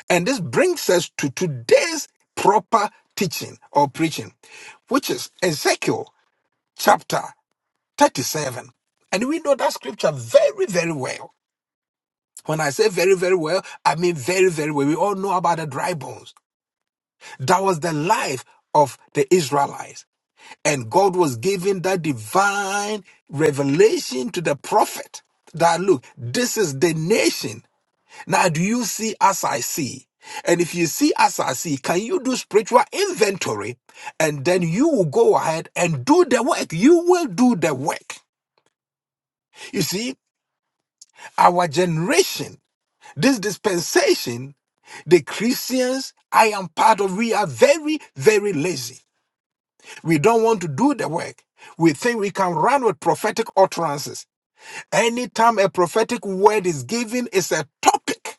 Speaker 1: And this brings us to today's proper teaching or preaching, which is Ezekiel chapter 37. And we know that scripture very, very well. When I say very, very well, I mean very, very well. We all know about the dry bones. That was the life of the Israelites. And God was giving that divine revelation to the prophet that look, this is the nation Now, do you see as I see? And if you see as I see, can you do spiritual inventory? And then you will go ahead and do the work. You will do the work. You see, our generation, this dispensation, the Christians I am part of, we are very, very lazy. We don't want to do the work. We think we can run with prophetic utterances. Anytime a prophetic word is given, it's a topic.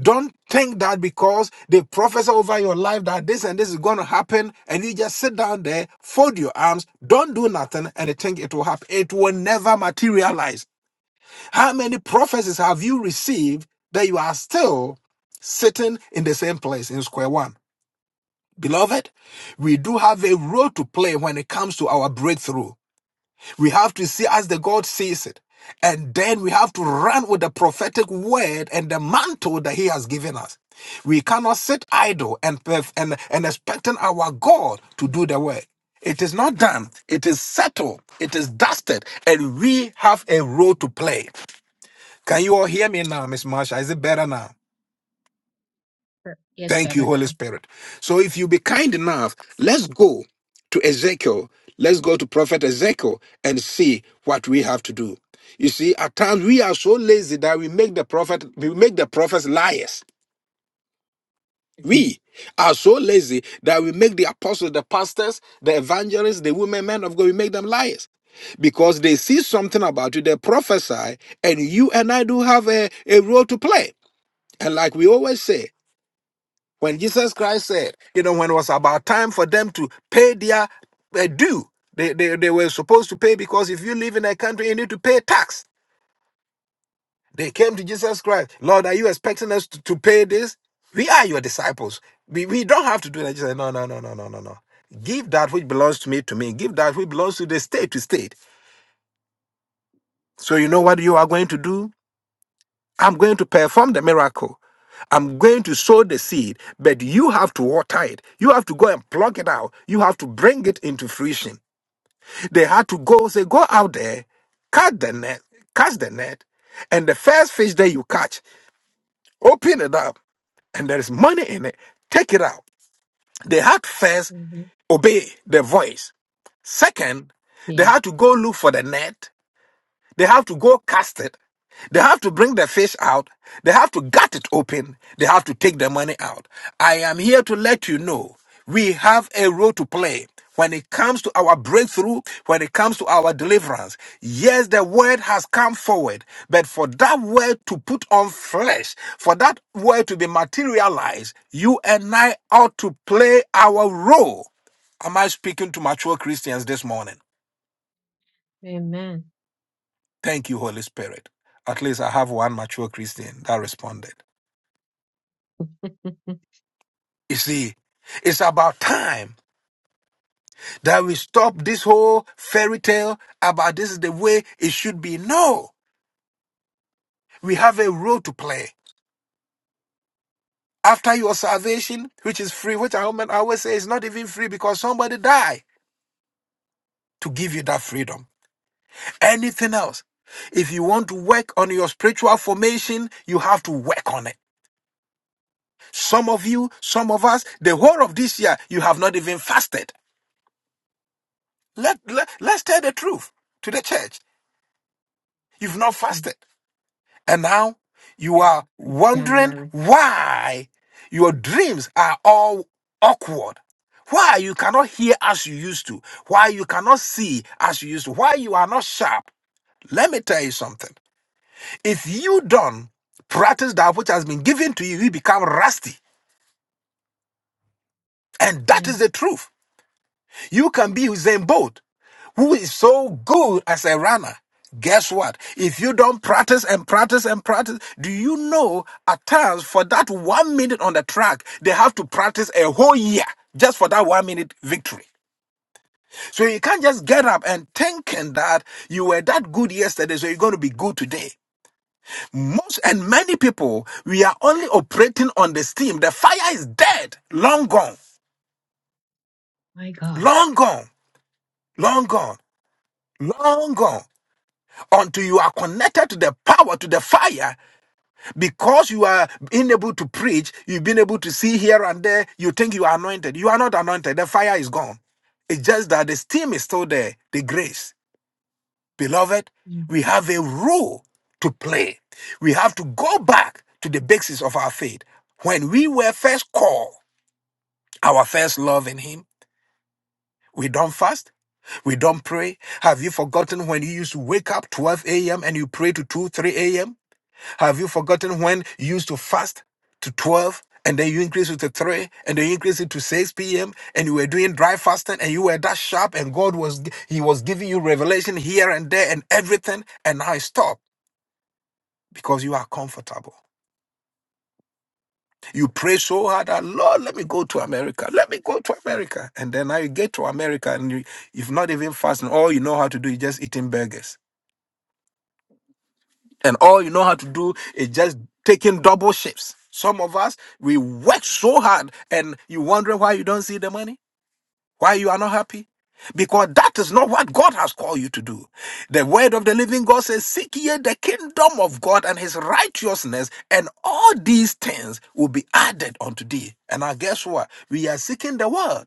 Speaker 1: Don't think that because they prophesy over your life that this and this is going to happen, and you just sit down there, fold your arms, don't do nothing, and you think it will happen. It will never materialize. How many prophecies have you received that you are still sitting in the same place in square one? Beloved, we do have a role to play when it comes to our breakthrough. We have to see as the God sees it. And then we have to run with the prophetic word and the mantle that He has given us. We cannot sit idle and, and, and expecting our God to do the work. It is not done. It is settled. It is dusted. And we have a role to play. Can you all hear me now, Miss Marsha? Is it better now?
Speaker 3: Per- Yes,
Speaker 1: Thank
Speaker 3: better
Speaker 1: you, Holy
Speaker 3: now.
Speaker 1: Spirit. So if you be kind enough, let's go to Ezekiel. Let's go to Prophet Ezekiel and see what we have to do. You see, at times we are so lazy that we make the prophet, we make the prophets liars. We are so lazy that we make the apostles, the pastors, the evangelists, the women, men of God, we make them liars because they see something about you, they prophesy, and you and I do have a, a role to play. And like we always say, when Jesus Christ said, you know, when it was about time for them to pay their uh, due, they, they, they were supposed to pay because if you live in a country, you need to pay tax. They came to Jesus Christ, Lord, are you expecting us to, to pay this? We are your disciples. We, we don't have to do that. He said, no, no, no, no, no, no, no. Give that which belongs to me to me. Give that which belongs to the state to state. So you know what you are going to do? I'm going to perform the miracle. I'm going to sow the seed, but you have to water it. You have to go and pluck it out. You have to bring it into fruition. They had to go say, go out there, cast the net, cast the net, and the first fish that you catch, open it up, and there is money in it. Take it out. They had first
Speaker 3: Mm-hmm.
Speaker 1: obey the voice. Second, they
Speaker 3: Yes.
Speaker 1: had to go look for the net. They have to go cast it. They have to bring the fish out. They have to gut it open. They have to take the money out. I am here to let you know we have a role to play when it comes to our breakthrough, when it comes to our deliverance. Yes, the word has come forward, but for that word to put on flesh, for that word to be materialized, you and I ought to play our role. Am I speaking to mature Christians this morning?
Speaker 3: Amen.
Speaker 1: Thank you, Holy Spirit. At least I have one mature Christian that responded. You see, it's about time that we stop this whole fairy tale about this is the way it should be. No, we have a role to play. After your salvation, which is free, which I always say is not even free because somebody died to give you that freedom. Anything else, if you want to work on your spiritual formation, you have to work on it. Some of you, some of us, the whole of this year, you have not even fasted. Let, let let's tell the truth to the church. You've not fasted, and now you are wondering
Speaker 3: January.
Speaker 1: why your dreams are all awkward. Why you cannot hear as you used to. Why you cannot see as you used to. Why you are not sharp. Let me tell you something. If you don't practice that which has been given to you, you become rusty, and that is the
Speaker 3: Yes.
Speaker 1: truth. You can be Usain Bolt. who is so good as a runner. Guess what? If you don't practice and practice and practice, do you know at times for that one minute on the track, they have to practice a whole year just for that one minute victory? So you can't just get up and thinking that you were that good yesterday, so you're going to be good today. Most and many people, we are only operating on the steam. The fire is dead, long gone,
Speaker 3: My God.
Speaker 1: long gone, long gone, long gone. until you are connected to the power, to the fire, because you are being able to preach, you've been able to see here and there, you think you are anointed. You are not anointed. The fire is gone. It's just that the steam is still there, the grace. Beloved, we have a role to play. We have to go back to the basis of our faith. When we were first called, our first love in Him, we don't fast. We don't pray. Have you forgotten when you used to wake up 12 a.m. and you pray to 2, 3 a.m.? Have you forgotten when you used to fast to 12 and then you increased it to 3 and then you increased it to 6 p.m. and you were doing dry fasting and you were that sharp and God was he was giving you revelation here and there and everything and now it stopped because you are comfortable. You pray so hard that Lord, let me go to America. Let me go to America. And then now you get to America and you, you've not even fasting. All you know how to do is just eating burgers. and all you know how to do is just taking double shifts. Some of us we work so hard, and you wondering why you don't see the money, why you are not happy, because that is not what God has called you to do. The word of the living God says, "Seek ye the kingdom of God and His righteousness, and all these things will be added unto thee." And I guess what? We are seeking the word,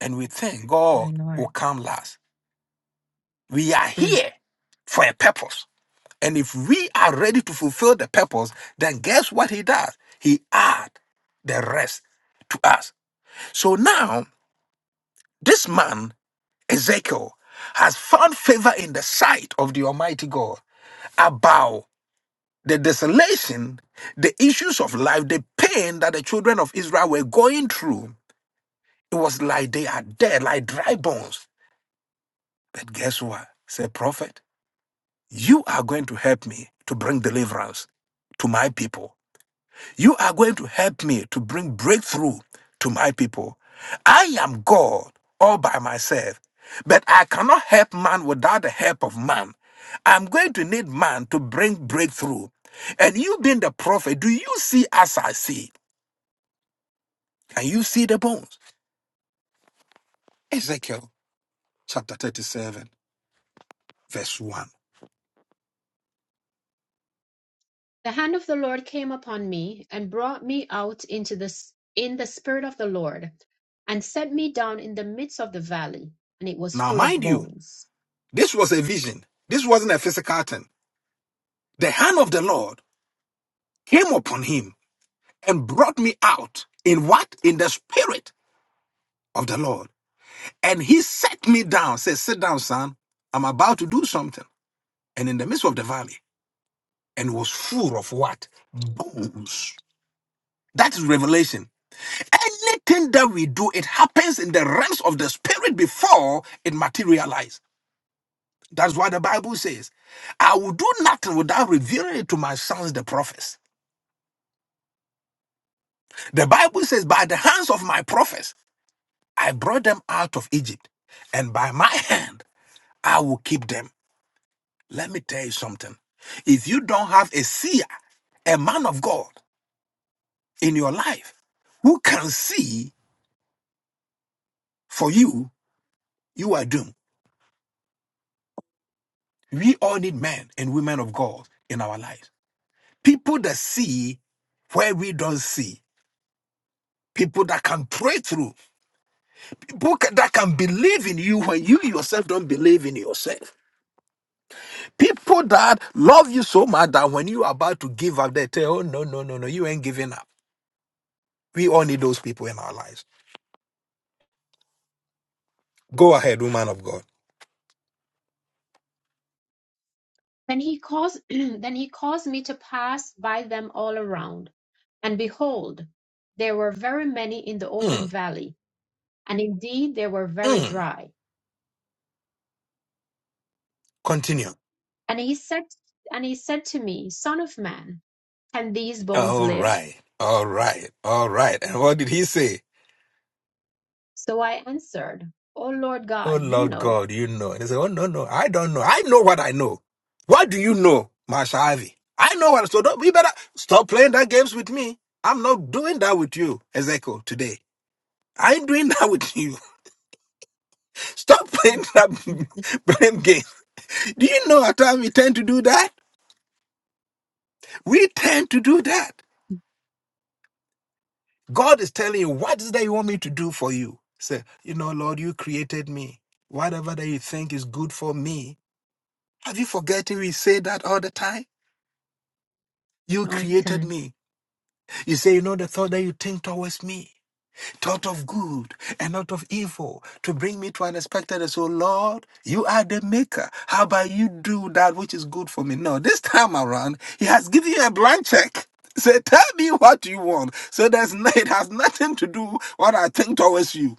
Speaker 1: and we think
Speaker 3: My
Speaker 1: God will
Speaker 3: Lord.
Speaker 1: come last. We are
Speaker 3: Mm.
Speaker 1: here for a purpose. And if we are ready to fulfill the purpose, then guess what he does? He adds the rest to us. So now, this man, Ezekiel, has found favor in the sight of the Almighty God about the desolation, the issues of life, the pain that the children of Israel were going through. It was like they are dead, like dry bones. But guess what? Say, prophet, you are going to help me to bring deliverance to my people You are going to help me to bring breakthrough to my people. I am God all by myself, but I cannot help man without the help of man. I'm going to need man to bring breakthrough. And you being the prophet, do you see as I see? Can you see the bones? Ezekiel chapter 37, verse 1.
Speaker 3: The hand of the Lord came upon me and brought me out into this in the spirit of the Lord and set me down in the midst of the valley and it was
Speaker 1: Now,
Speaker 3: full of
Speaker 1: mind you,
Speaker 3: bones.
Speaker 1: this was a vision. This wasn't a physical thing. The hand of the Lord came upon him and brought me out in what? In the spirit of the Lord. And he set me down, said, Sit down, son. I'm about to do something. And in the midst of the valley, and was full of what? Bones. That is revelation. Anything that we do, it happens in the realms of the spirit before it materializes. That's why the Bible says, I will do nothing without revealing it to my sons, the prophets. The Bible says, By the hands of my prophets, I brought them out of Egypt, and by my hand, I will keep them. Let me tell you something. If you don't have a seer, a man of God in your life who can see for you, you are doomed. We all need men and women of God in our lives. People that see where we don't see. People that can pray through. People that can believe in you when you yourself don't believe in yourself. People that love you so much that when you are about to give up, they tell, oh, no, no, no, no, you ain't giving up. We all need those people in our lives. Go ahead, woman of God.
Speaker 3: Then he caused then he caused me to pass by them all around and behold there were very many in the open
Speaker 1: Mm,
Speaker 3: valley and indeed they were very
Speaker 1: mm.
Speaker 3: dry.
Speaker 1: Continue.
Speaker 3: And he said and he said to me, son of man, can these bones
Speaker 1: All
Speaker 3: live?
Speaker 1: right. All right. All right. And what did he say?
Speaker 3: So I answered, O Lord
Speaker 1: Oh,
Speaker 3: God, you
Speaker 1: Lord
Speaker 3: know.
Speaker 1: God, you know. And he said, Oh, no, no. I don't know. I know what I know. What do you know, Marsha Ivy? I know what. So don't, you better stop playing that games with me. I'm not doing that with you, Ezekiel, today. I ain't doing that with you. Stop playing that
Speaker 3: Mhm.
Speaker 1: blame game. Do you know how time we tend to do that? We tend to do that. God is telling you, what is that you want me to do for you? Say, you know, Lord, you created me. Whatever that you think is good for me. Have you forgotten we say that all the time? You
Speaker 3: All the
Speaker 1: created
Speaker 3: time.
Speaker 1: me. You say, you know, the thought that you think towards me, thought of good and not of evil, to bring me to an expected. end." So, Lord, you are the maker. How about you do that which is good for me? No, this time around, He has given you a blank check. Say, tell me what you want. So there's no, it has nothing to do what I think towards you.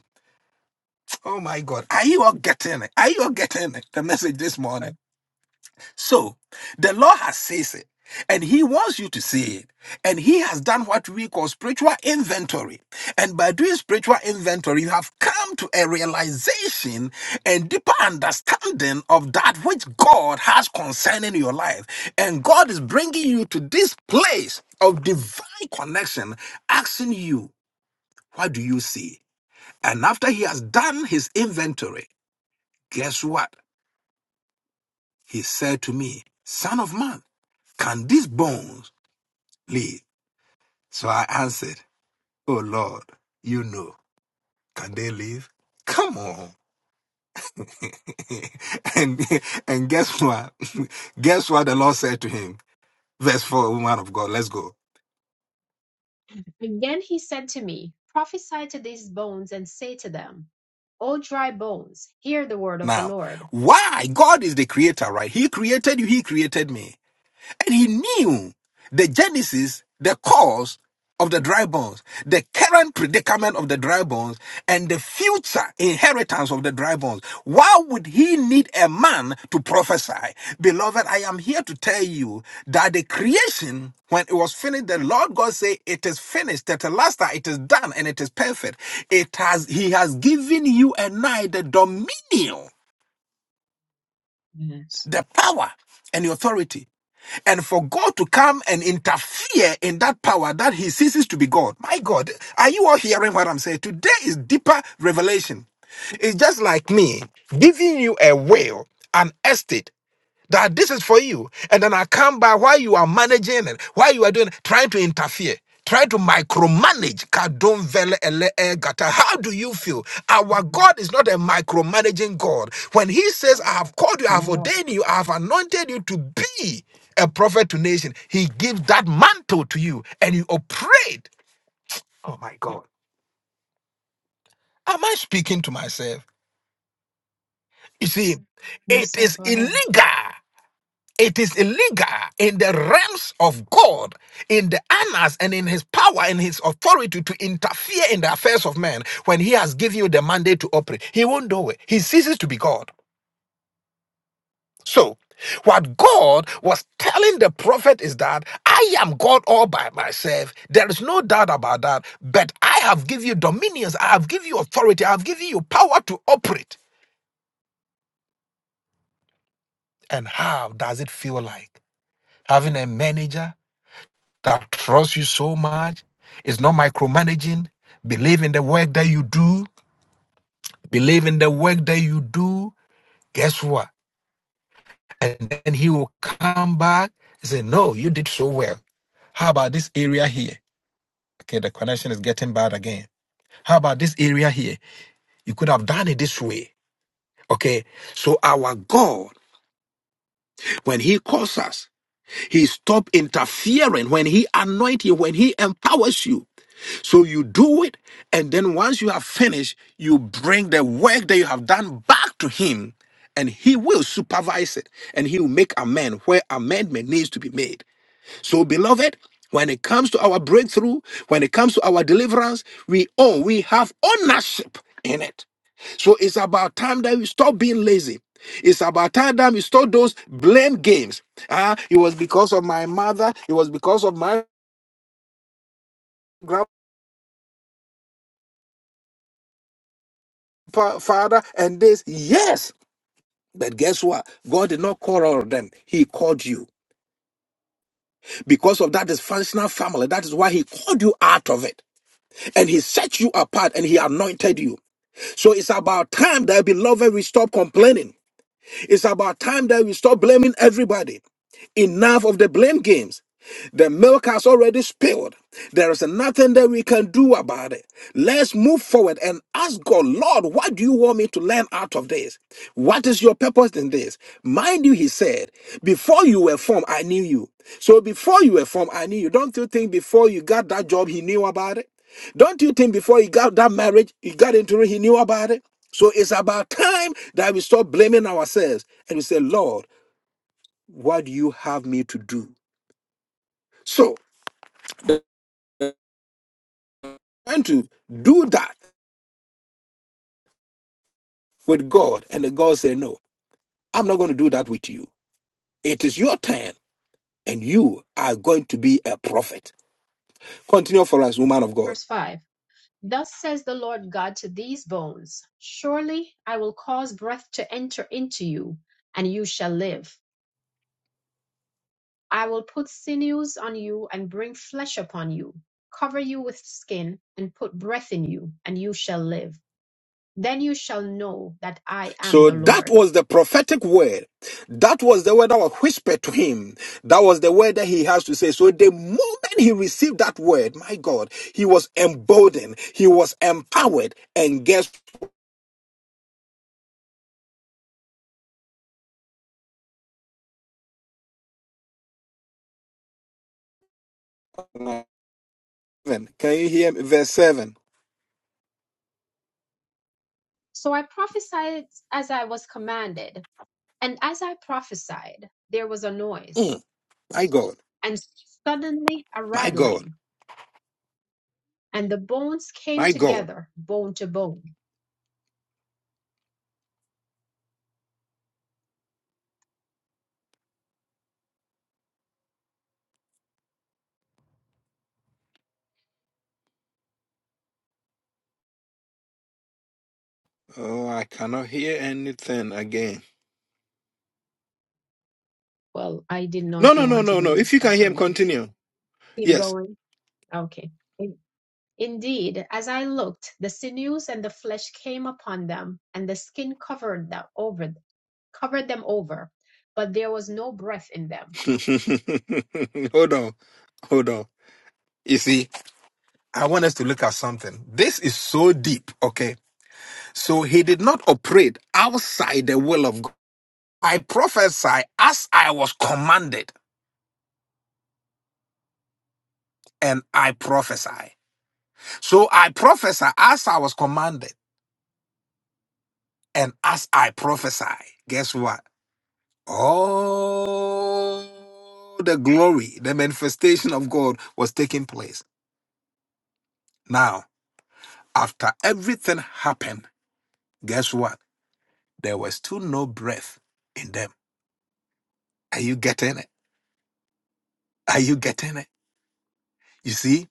Speaker 1: Oh my God. Are you all getting it? Are you all getting it? The message this morning.
Speaker 3: Right.
Speaker 1: So, the Lord has says it, and He wants you to say it. And He has done what we call spiritual inventory. And by doing spiritual inventory, you have come to a realization and deeper understanding of that which God has concerning your life. And God is bringing you to this place of divine connection, asking you, What do you see? And after he has done his inventory, Guess what? He said to me, Son of man, can these bones live? So I answered, Oh Lord, you know, can they live? Come on. and and guess what? guess what the Lord said to him? Verse 4, woman of God, let's go.
Speaker 3: Again he said to me, Prophesy to these bones and say to them, O dry bones, hear the word of the
Speaker 1: Now,
Speaker 3: Lord.
Speaker 1: why? God is the creator, right? He created you, he created me. And he knew the genesis, the cause of the dry bones, the current predicament of the dry bones, and the future inheritance of the dry bones. Why would he need a man to prophesy? Beloved, I am here to tell you that the creation, when it was finished, the Lord God said, It is finished, tetelasta, it is done, and it is perfect. It has He has given you and I the dominion,
Speaker 3: Yes.
Speaker 1: the power, and the authority and for God to come and interfere in that power that he ceases to be God. My God, are you all hearing what I'm saying? Today is deeper revelation. It's just like me giving you a will, an estate that this is for you. And then I come by while you are managing and while you are doing, trying to interfere, trying to micromanage. Kadon vele ele e gata. How do you feel? Our
Speaker 3: Mhm.
Speaker 1: God is not a micromanaging God. When He says, I have called you, I
Speaker 3: My
Speaker 1: have
Speaker 3: Lord.
Speaker 1: ordained you, I have anointed you to be a prophet to nation, He gives that mantle to you and you operate. Oh my God. Am I speaking to myself? You see,
Speaker 3: No,
Speaker 1: it
Speaker 3: sir.
Speaker 1: is
Speaker 3: Go ahead.
Speaker 1: illegal It is illegal in the realms of God, in the honors and in his power and his authority to interfere in the affairs of men when he has given you the mandate to operate. He won't do it. He ceases to be God. So, what God was telling the prophet is that I am God all by myself. There is no doubt about that. But I have given you dominions, I have given you authority, I have given you power to operate. And how does it feel like having a manager? that trusts you so much. It's not micromanaging. Believe in the work that you do. Believe in the work that you do. Guess what? And then he will come back and say, No, you did so well. How about this area here? Okay, the connection is getting bad again. How about this area here? You could have done it this way. Okay, so our God, when He calls us, He stop interfering. When He anoints you, when He empowers you, So you do it, and then once you have finished, you bring the work that you have done back to him, and he will supervise it, and he will make amend where amendment needs to be made. So, beloved, when it comes to our breakthrough, when it comes to our deliverance, we own, we have ownership in it. So it's about time that we stop being lazy. It's about time that we stop those blame games. Ah, it was because of my mother, it was because of my grandfather, and this. Yes, But guess what? God did not call all of them. He called you. Because of that dysfunctional family, that is why He called you out of it. And He set you apart and He anointed you. So it's about time that, beloved, we stop complaining. It's about time that we stop blaming everybody. Enough of the blame games. The milk has already spilled. There is nothing that we can do about it. Let's move forward and ask God, Lord, what do you want me to learn out of this? What is your purpose in this? Mind you, he said, before you were formed, I knew you. So before you were formed, I knew you. Don't you think before you got that job, he knew about it? Don't you think before you got that marriage, you got into it, he knew about it? So it's about time that we stop blaming ourselves and we say, Lord, what do you have me to do? So, trying to do that with God, and the God said, No, I'm not going to do that with you. It is your turn, and you are going to be a prophet. Continue for us, woman of God.
Speaker 3: Verse 5 Thus says the Lord God to these bones, Surely I will cause breath to enter into you, and you shall live. I will put sinews on you and bring flesh upon you, cover you with skin, and put breath in you, and you shall live. then you shall know that I am
Speaker 1: So
Speaker 3: the
Speaker 1: that
Speaker 3: Lord.
Speaker 1: was the prophetic word. That was the word that was whispered to him. That was the word that he has to say. So the moment he received that word, my God, he was emboldened, he was empowered. And guess what? Can you hear me? Verse 7.
Speaker 3: So I prophesied as I was commanded, and as I prophesied, there was a noise,
Speaker 1: Mm, my God.
Speaker 3: and suddenly a
Speaker 1: My God,
Speaker 3: rattling, and the bones came
Speaker 1: my God.
Speaker 3: together, bone to bone.
Speaker 1: Oh, I cannot hear anything again.
Speaker 3: Well, I didn't know
Speaker 1: No,
Speaker 3: if
Speaker 1: no,
Speaker 3: you
Speaker 1: no,
Speaker 3: wanted
Speaker 1: no,
Speaker 3: me
Speaker 1: no.
Speaker 3: to
Speaker 1: If you can
Speaker 3: stop
Speaker 1: hear
Speaker 3: or
Speaker 1: him,
Speaker 3: not.
Speaker 1: continue.
Speaker 3: Keep
Speaker 1: Yes.
Speaker 3: going. Okay. In- Indeed, as I looked, the sinews and the flesh came upon them, and the skin covered them over, covered them over, but there was no breath in them.
Speaker 1: hold on, hold on. You see, I want us to look at something. This is so deep, okay? So he did not operate outside the will of God. I prophesy as I was commanded, and I prophesy. So I prophesy as I was commanded, and as I prophesy, guess what? all the glory, the manifestation of God was taking place. Now, after everything happened, guess what? There was still no breath in them. Are you getting it? Are you getting it? You see,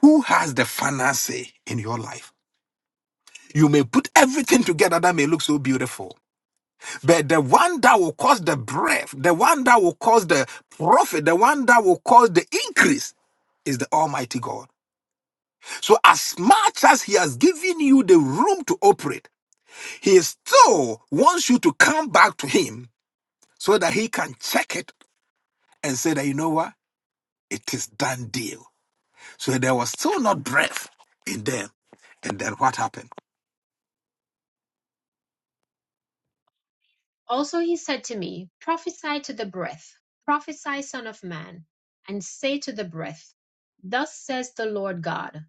Speaker 1: who has the final say in your life? You may put everything together that may look so beautiful, but the one that will cause the breath, the one that will cause the profit, the one that will cause the increase is the Almighty God. So, as much as He has given you the room to operate, He still wants you to come back to Him so that He can check it and say that, you know what, it is done deal. So, there was still not breath in them. And then what happened?
Speaker 3: Also he said to me, Prophesy to the breath, prophesy, Son of Man, and say to the breath, Thus says the Lord God,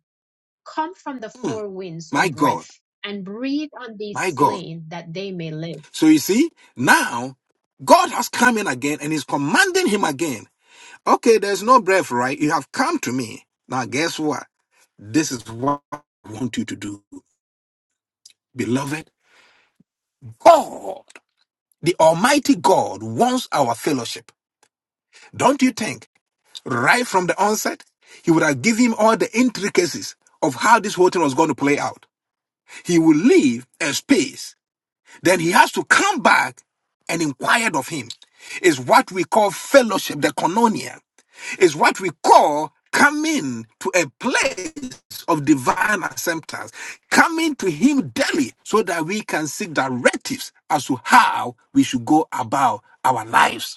Speaker 3: Come from the
Speaker 1: Hmm,
Speaker 3: four winds, O
Speaker 1: my God,
Speaker 3: breath, and breathe on these
Speaker 1: my God.
Speaker 3: slain, that they may live.
Speaker 1: So, you see, now God has come in again and He's commanding Him again. Okay, there's no breath, right? You have come to me. Now, guess what? This is what I want you to do, beloved. God, the Almighty God, wants our fellowship. Don't you think? Right from the onset, He would have given him all the intricacies of how this whole thing was going to play out. He will leave a space. Then he has to come back and inquired of him. Is what we call fellowship, the koinonia is what we call coming to a place of divine acceptance, coming to Him daily so that we can seek directives as to how we should go about our lives.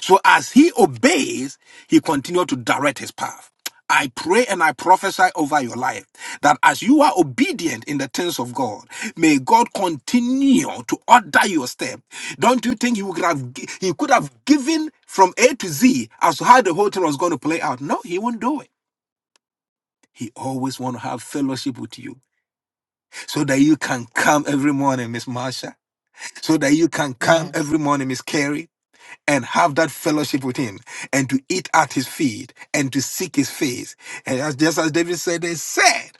Speaker 1: So as he obeys, he continues to direct his path. I pray and I prophesy over your life that as you are obedient in the things of God, may God continue to order your step. Don't you think he would have gi- he could have given from A to Z as to how the whole thing was going to play out? No, he won't do it. He always want to have fellowship with you so that you can come every morning, Miss Marsha. So that you can come
Speaker 3: Yes.
Speaker 1: every morning, Miss Carrie and have that fellowship with him and to eat at his feet and to seek his face. And as just as David said, they said,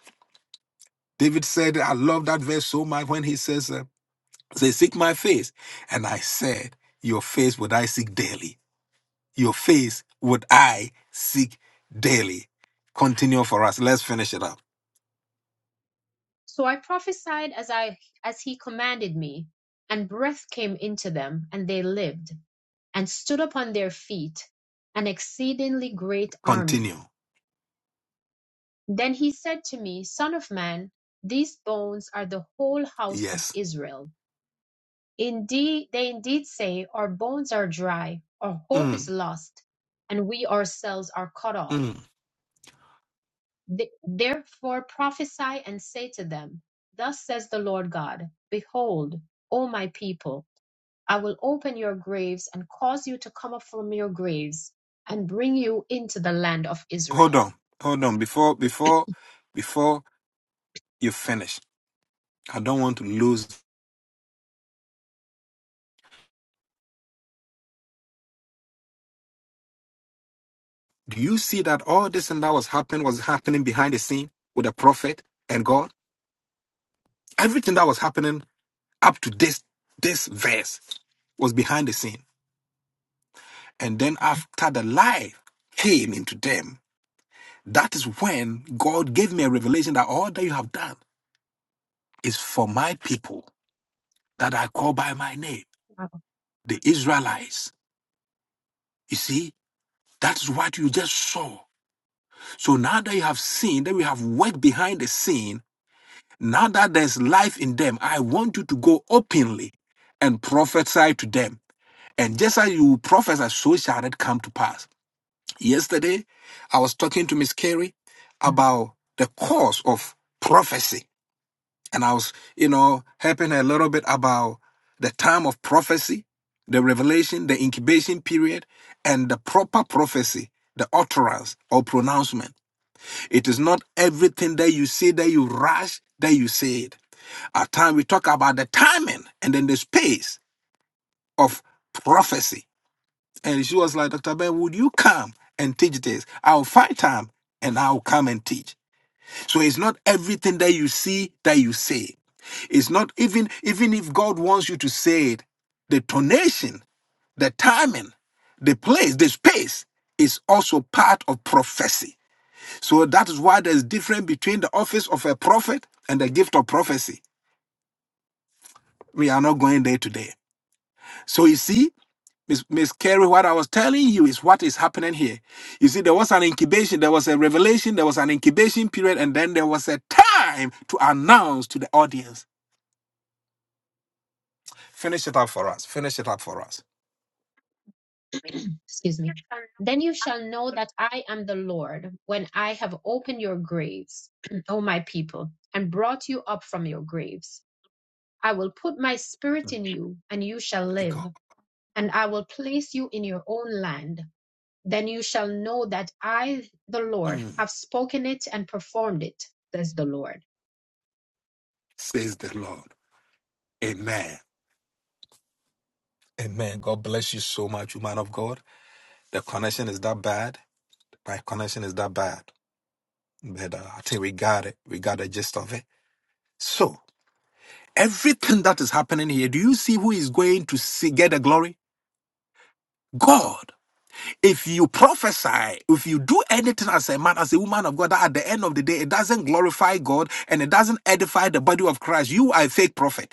Speaker 1: David said, I love that verse so much when he says, uh, They seek my face. And I said, Your face would I seek daily. Your face would I seek daily. Continue for us. Let's finish it up.
Speaker 3: So I prophesied as I as he commanded me, and breath came into them, and they lived, and stood upon their feet, an exceedingly great army.
Speaker 1: Continue.
Speaker 3: Then he said to me, Son of man, these bones are the whole house of
Speaker 1: Yes.
Speaker 3: Israel. Indeed, they indeed say, Our bones are dry, our hope is
Speaker 1: Mm,
Speaker 3: lost, and we ourselves are cut off.
Speaker 1: mm.
Speaker 3: Th- Therefore prophesy and say to them, Thus says the Lord God, Behold, O my people, I will open your graves and cause you to come up from your graves and bring you into the land of
Speaker 1: Hold
Speaker 3: Israel.
Speaker 1: on. Hold on. Before, before, before you finish, I don't want to lose Do you see that all this thing that was happening was happening behind the scene with the prophet and God? Everything that was happening up to this this verse was behind the scene. And then after the light came into them, that is when God gave me a revelation that all that you have done is for my people that I call by my name,
Speaker 3: Wow.
Speaker 1: the Israelites. You see, that is what you just saw. So now that you have seen that we have worked behind the scene Now that there's life in them, I want you to go openly and prophesy to them. And just as you prophesy, so shall it come to pass. Yesterday, I was talking to Miss Carey about the course of prophecy. And I was, you know, helping her a little bit about the time of prophecy, the revelation, the incubation period, and the proper prophecy, the utterance or pronouncement. It is not everything that you say that you rush, that you say it at time we talk about the timing and then the space of prophecy. And she was like, Dr. Ben, would you come and teach this? I'll find time and I'll come and teach. So it's not everything that you see that you say. It's not even even if God wants you to say it, the tonation, the timing, the place, the space is also part of prophecy. So that is why there's difference between the office of a prophet and the gift of prophecy. We are not going there today. So you see, Miss, Miss Carey, what I was telling you is what is happening here. You see, there was an incubation, there was a revelation, there was an incubation period, and then there was a time to announce to the audience. Finish it up for us. Finish it up for us.
Speaker 3: excuse me. Then you shall know that I am the Lord when I have opened your graves, O my people, and brought you up from your graves. I will put my spirit in
Speaker 1: My
Speaker 3: you, and you shall live,
Speaker 1: God,
Speaker 3: and I will place you in your own land. Then you shall know that I, the Lord,
Speaker 1: Mm.
Speaker 3: have spoken it and performed it, says the Lord.
Speaker 1: says the Lord. Amen. Amen. God bless you so much, woman of God. The connection is that bad. My connection is that bad. But uh, I think we got it. We got the gist of it. So, everything that is happening here, do you see who is going to see, get the glory? God. If you prophesy, if you do anything as a man, as a woman of God, that at the end of the day, it doesn't glorify God and it doesn't edify the body of Christ, you are a fake prophet.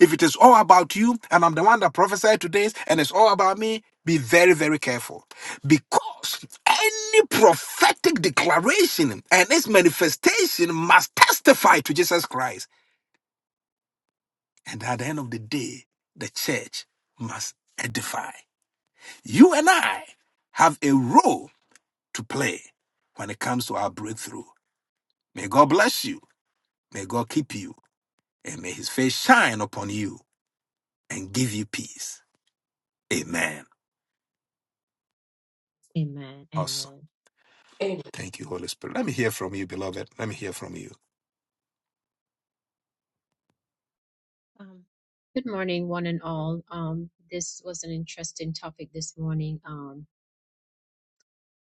Speaker 1: If it is all about you and I'm the one that prophesied today and it's all about me, be very, very careful. Because any prophetic declaration and its manifestation must testify to Jesus Christ. And at the end of the day, the church must edify. You and I have a role to play when it comes to our breakthrough. May God bless you. May God keep you. And may his face shine upon you and give you peace. Amen.
Speaker 3: Amen.
Speaker 1: Awesome.
Speaker 3: Amen.
Speaker 7: Amen.
Speaker 1: Thank you, Holy Spirit. Let me hear from you, beloved. Let me hear from you.
Speaker 3: Um, good morning, one and all. Um, this was an interesting topic this morning. Um,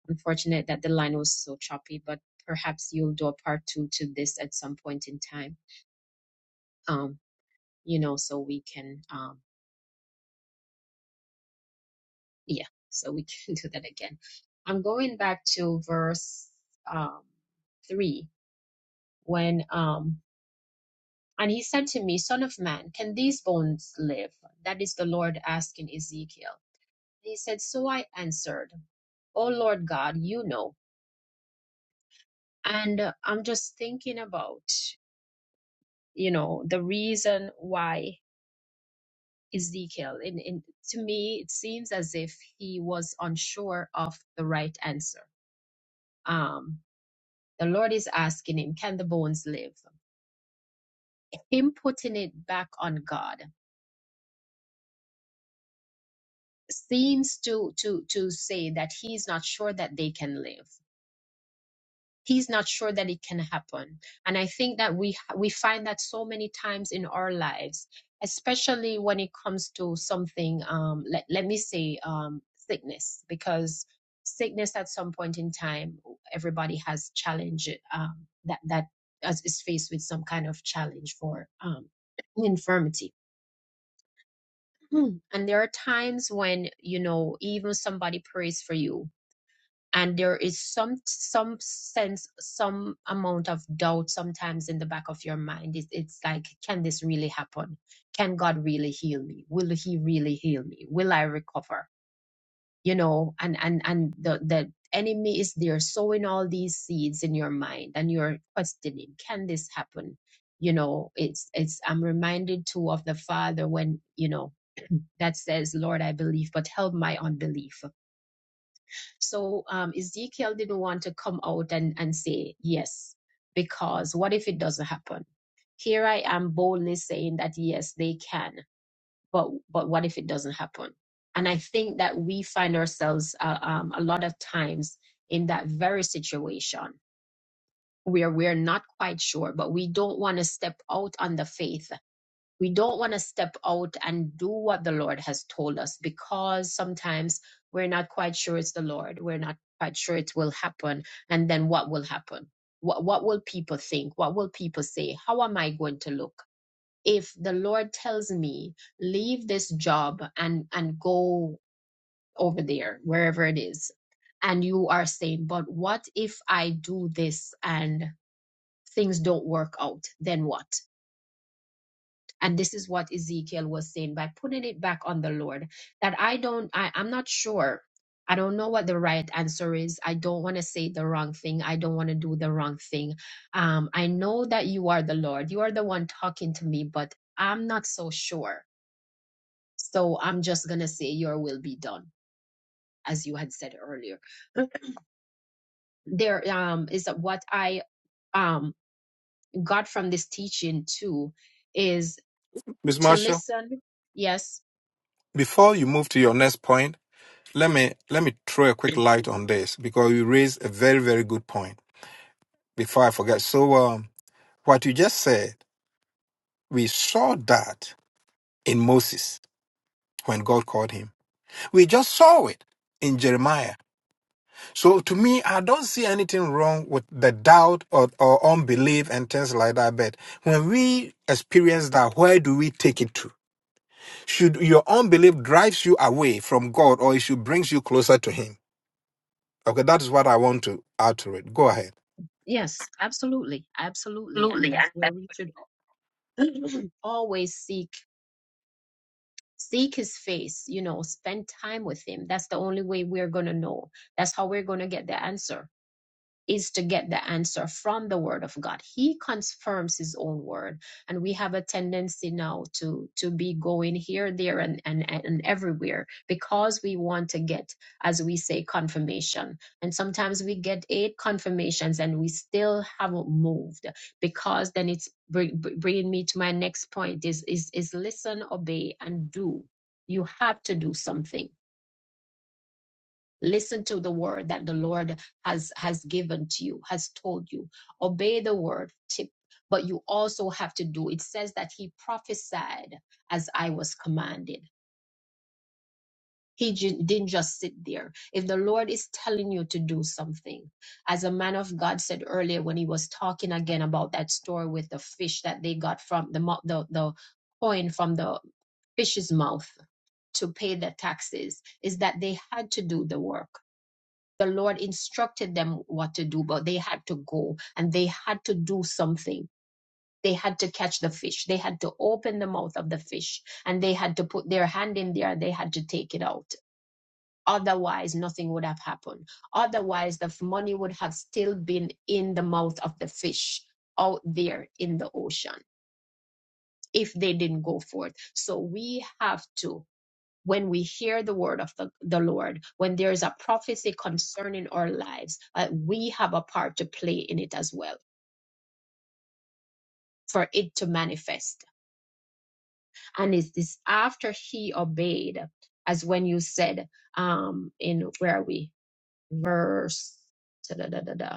Speaker 3: Unfortunate that the line was so choppy, but perhaps you'll do a part two to this at some point in time. Um, you know, so we can, um, yeah, so we can do that again. I'm going back to verse um, three when, um, and he said to me, Son of man, can these bones live? That is the Lord asking Ezekiel. He said, So I answered, oh lord god you know and uh, i'm just thinking about you know the reason why Ezekiel. In, in, to me, it seems as if he was unsure of the right answer. Um, the Lord is asking him, can the bones live? Him putting it back on God seems to, to, to say that he's not sure that they can live. he's not sure that it can happen and i think that we we find that so many times in our lives especially when it comes to something um let, let me say um sickness because sickness at some point in time everybody has challenge um that that is faced with some kind of challenge for um infirmity and there are times when you know even somebody prays for you and there is some some sense some amount of doubt sometimes in the back of your mind it's, it's like can this really happen can god really heal me will he really heal me will i recover you know and and and the the enemy is there sowing all these seeds in your mind and you're questioning can this happen you know it's it's i'm reminded too of the father when you know that says lord i believe but help my unbelief so um, Ezekiel didn't want to come out and, and say yes, because what if it doesn't happen? Here I am boldly saying that yes, they can, but but what if it doesn't happen? And I think that we find ourselves uh, um, a lot of times in that very situation where we're not quite sure, but we don't want to step out on the faith we don't want to step out and do what the Lord has told us because sometimes we're not quite sure it's the Lord. We're not quite sure it will happen. And then what will happen? What, what will people think? What will people say? How am I going to look? If the Lord tells me, leave this job and, and go over there, wherever it is, and you are saying, but what if I do this and things don't work out? Then what? and this is what ezekiel was saying by putting it back on the lord that i don't I, i'm not sure i don't know what the right answer is i don't want to say the wrong thing i don't want to do the wrong thing um i know that you are the lord you are the one talking to me but i'm not so sure so i'm just gonna say your will be done as you had said earlier there um is what i um got from this teaching too is
Speaker 1: Miss
Speaker 3: to
Speaker 1: Marshall,
Speaker 3: listen yes
Speaker 1: before you move to your next point, let me let me throw a quick light on this because you raised a very, very good point before I forget. So um, what you just said, we saw that in Moses when God called him. We just saw it in Jeremiah. So to me, I don't see anything wrong with the doubt or, or unbelief and things like that. But when we experience that, where do we take it to? should your unbelief drives you away from God or it should brings you closer to Him. Okay, that is what I want to add to it. Go ahead.
Speaker 3: Yes, absolutely, absolutely, and that's where we should always seek seek his face, you know, spend time with him. That's the only way we're going to know. That's how we're going to get the answer is to get the answer from the word of god he confirms his own word and we have a tendency now to to be going here there and and, and everywhere because we want to get as we say confirmation and sometimes we get eight confirmations and we still haven't moved because then it's bring, bringing me to my next point is is is listen obey and do you have to do something listen to the word that the lord has has given to you has told you obey the word tip but you also have to do it says that he prophesied as i was commanded he ju- didn't just sit there if the lord is telling you to do something as a man of god said earlier when he was talking again about that story with the fish that they got from the mo- the, the coin from the fish's mouth to pay the taxes is that they had to do the work the Lord instructed them what to do, but they had to go and they had to do something. They had to catch the fish. They had to open the mouth of the fish and they had to put their hand in there. They had to take it out. Otherwise, nothing would have happened. Otherwise, the money would have still been in the mouth of the fish out there in the ocean if they didn't go forth. So we have to when we hear the word of the, the Lord, when there is a prophecy concerning our lives, uh, we have a part to play in it as well for it to manifest. And it's this after he obeyed, as when you said, um, in where are we? Verse. Da, da, da, da, da.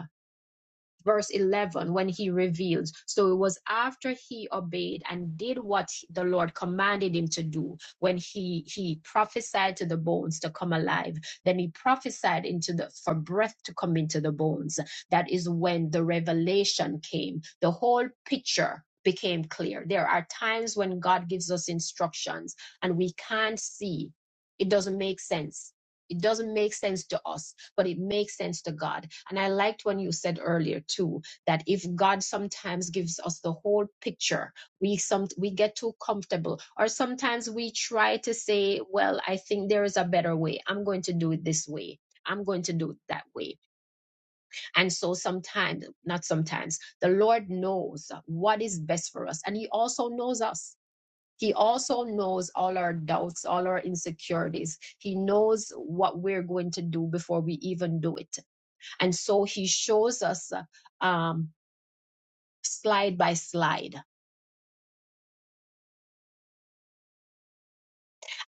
Speaker 3: verse 11 when he reveals so it was after he obeyed and did what the lord commanded him to do when he he prophesied to the bones to come alive then he prophesied into the for breath to come into the bones that is when the revelation came the whole picture became clear there are times when god gives us instructions and we can't see it doesn't make sense it doesn't make sense to us, but it makes sense to God. And I liked when you said earlier too that if God sometimes gives us the whole picture, we some we get too comfortable, or sometimes we try to say, "Well, I think there is a better way. I'm going to do it this way." I'm going to do it that way. And so sometimes, not sometimes, the Lord knows what is best for us. And He also knows us. He also knows all our doubts, all our insecurities. He knows what we're going to do before we even do it. And so he shows us uh, um, slide by slide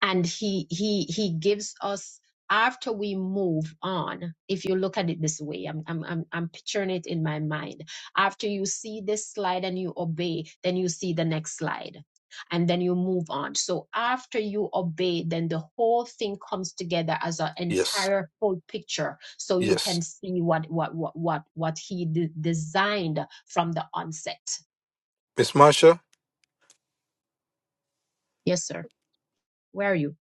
Speaker 3: and he he he gives us after we move on if you look at it this way I'm, I'm i'm i'm picturing it in my mind after you see this slide and you obey then you see the next slide and then you move on so after you obey then the whole thing comes together as an
Speaker 1: Yes,
Speaker 3: entire whole picture so you can
Speaker 1: yes.
Speaker 3: see what what what what, what he de- designed from the onset
Speaker 1: Miss Marsha,
Speaker 3: yes sir where are you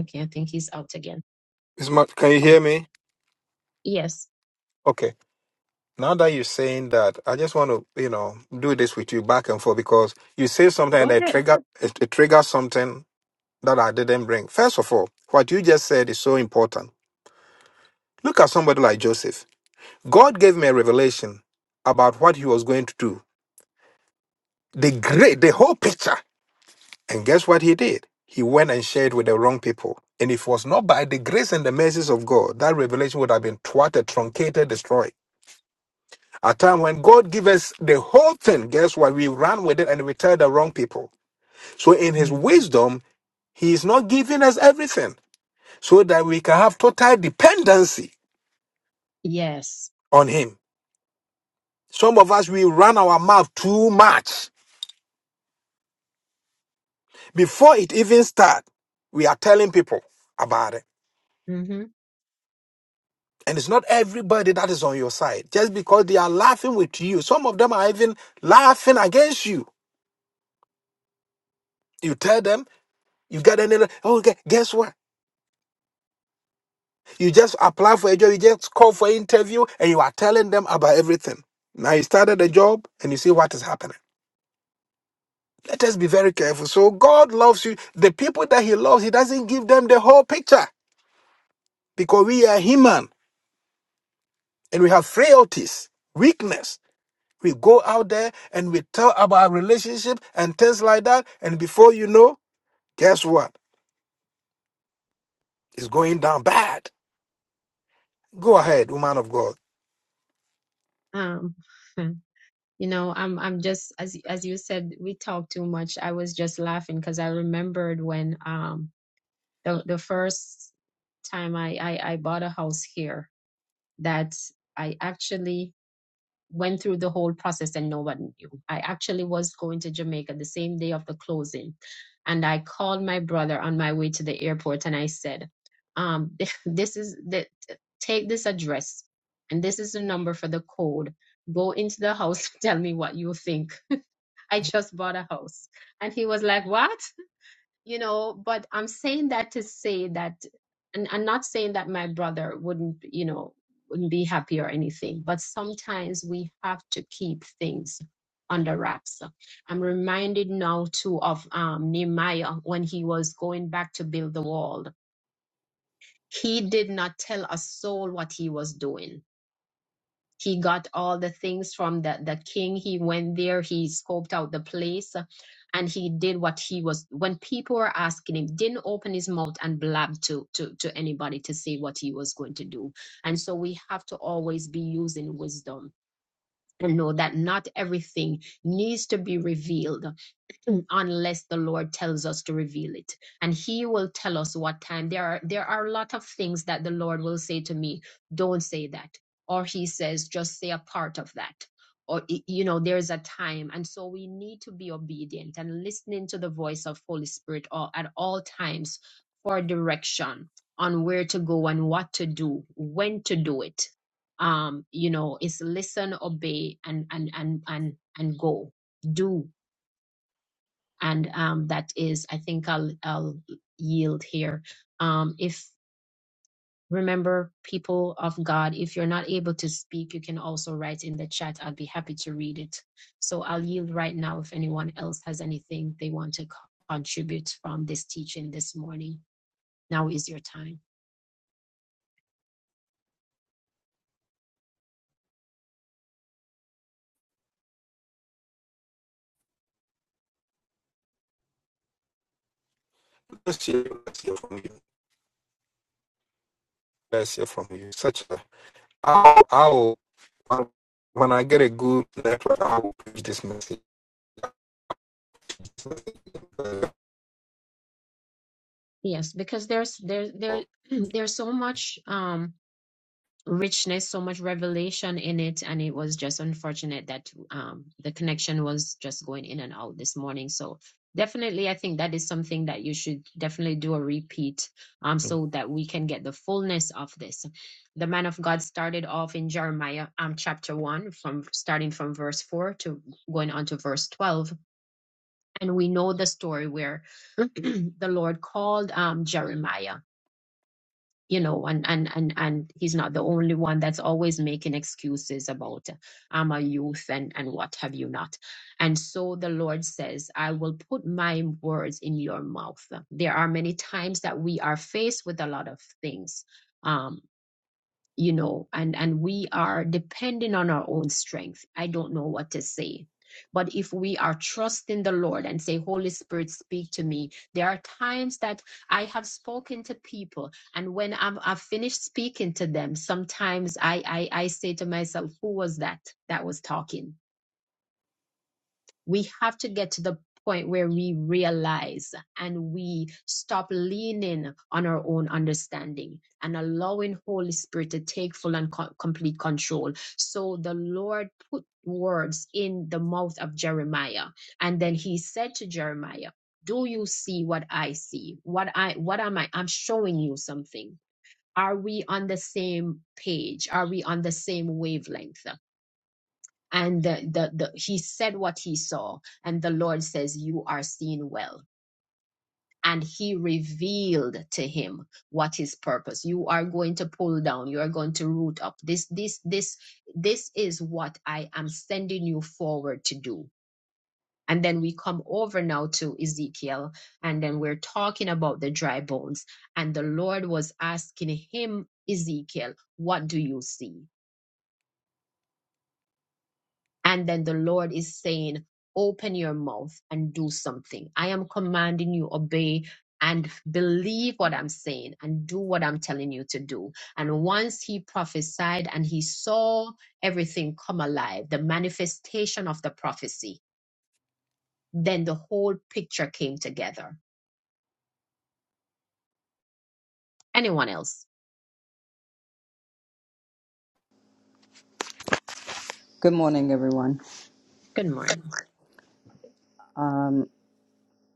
Speaker 3: okay i think he's out again
Speaker 1: Miss Mar- can you
Speaker 3: oh
Speaker 1: hear me?
Speaker 3: yes
Speaker 1: Okay. Now that you're saying that, I just want to, you know, do this with you back and forth because you say something
Speaker 3: go
Speaker 1: and it
Speaker 3: ahead
Speaker 1: trigger it, it triggers something that I didn't bring. First of all, what you just said is so important. Look at somebody like Joseph. God gave me a revelation about what he was going to do. The great, the whole picture. And guess what he did? He went and shared with the wrong people. And if it was not by the grace and the mercies of God, that revelation would have been thwarted, truncated, destroyed. A time when God gives us the whole thing, guess what? We run with it and we tell the wrong people. So in his
Speaker 3: Mm,
Speaker 1: wisdom, he is not giving us everything so that we can have total dependency
Speaker 3: yes.
Speaker 1: on him. Some of us, we run our mouth too much. Before it even starts, we are telling people about it.
Speaker 3: hmm
Speaker 1: And it's not everybody that is on your side just because they are laughing with you. Some of them are even laughing against you. You tell them, you get any, oh, gue- guess what? You just apply for a job, you just call for interview, and you are telling them about everything. Now you started a job and you see what is happening. Let us be very careful. So God loves you. The people that He loves, He doesn't give them the whole picture because we are human and we have frailties, weakness. We go out there and we tell about our relationship and things like that. And before you know, guess what? It's going down bad. Go ahead, woman of God.
Speaker 3: Um, you know, I'm I'm just as as you said, we talk too much. I was just laughing because I remembered when um the the first time I, I I bought a house here that I actually went through the whole process and no one knew. I actually was going to Jamaica the same day of the closing. And I called my brother on my way to the airport and I said, um, this is the take this address and this is the number for the code. Go into the house, tell me what you think. I just bought a house. And he was like, What? you know but i'm saying that to say that and i'm not saying that my brother wouldn't you know wouldn't be happy or anything but sometimes we have to keep things under wraps i'm reminded now too of um, nehemiah when he was going back to build the wall he did not tell a soul what he was doing he got all the things from the, the king he went there he scoped out the place uh, and he did what he was when people were asking him didn't open his mouth and blab to, to to anybody to say what he was going to do and so we have to always be using wisdom and know that not everything needs to be revealed unless the Lord tells us to reveal it. And He will tell us what time. There are there are a lot of things that the Lord will say to me, don't say that. Or He says, just say a part of that. Or you know, there's a time. And so we need to be obedient and listening to the voice of Holy Spirit all, at all times for direction on where to go and what to do, when to do it. Um, you know, it's listen, obey, and and and and and go do and um, that is i think i'll i'll yield here um, if remember people of god if you're not able to speak you can also write in the chat i'll be happy to read it so i'll yield right now if anyone else has anything they want to co- contribute from this teaching this morning now is your time
Speaker 1: Let's hear, let's hear from you. Let's hear from you. Such a, I'll, I'll, when I get a good network, I will preach this message.
Speaker 3: yes because there's there there there's so much um richness, so much revelation in it, and it was just unfortunate that um, the connection was just going in and out this morning. So definitely, I think that is something that you should definitely do a repeat, um, so that we can get the fullness of this. The man of God started off in Jeremiah um chapter one, from starting from verse four to going on to verse twelve, and we know the story where the Lord called um Jeremiah you know and and and and he's not the only one that's always making excuses about i'm a youth and and what have you not and so the lord says i will put my words in your mouth there are many times that we are faced with a lot of things Um, you know, and, and we are depending on our own strength. I don't know what to say. But if we are trusting the Lord and say, Holy Spirit, speak to me, there are times that I have spoken to people, and when I'm, I've finished speaking to them, sometimes I, I, I say to myself, Who was that that was talking? we have to get to the point where we realize and we stop leaning on our own understanding and allowing holy spirit to take full and co- complete control so the lord put words in the mouth of jeremiah and then he said to jeremiah do you see what i see what i what am i i'm showing you something are we on the same page are we on the same wavelength and the, the, the he said what he saw and the lord says you are seen well and he revealed to him what his purpose you are going to pull down you are going to root up this this this this is what i am sending you forward to do and then we come over now to ezekiel and then we're talking about the dry bones and the lord was asking him ezekiel what do you see And then the Lord is saying, Open your mouth and do something. I am commanding you, obey and believe what I'm saying and do what I'm telling you to do. And once he prophesied and he saw everything come alive, the manifestation of the prophecy, then the whole picture came together. Anyone else?
Speaker 8: Good morning, everyone.
Speaker 3: Good morning.
Speaker 8: Um,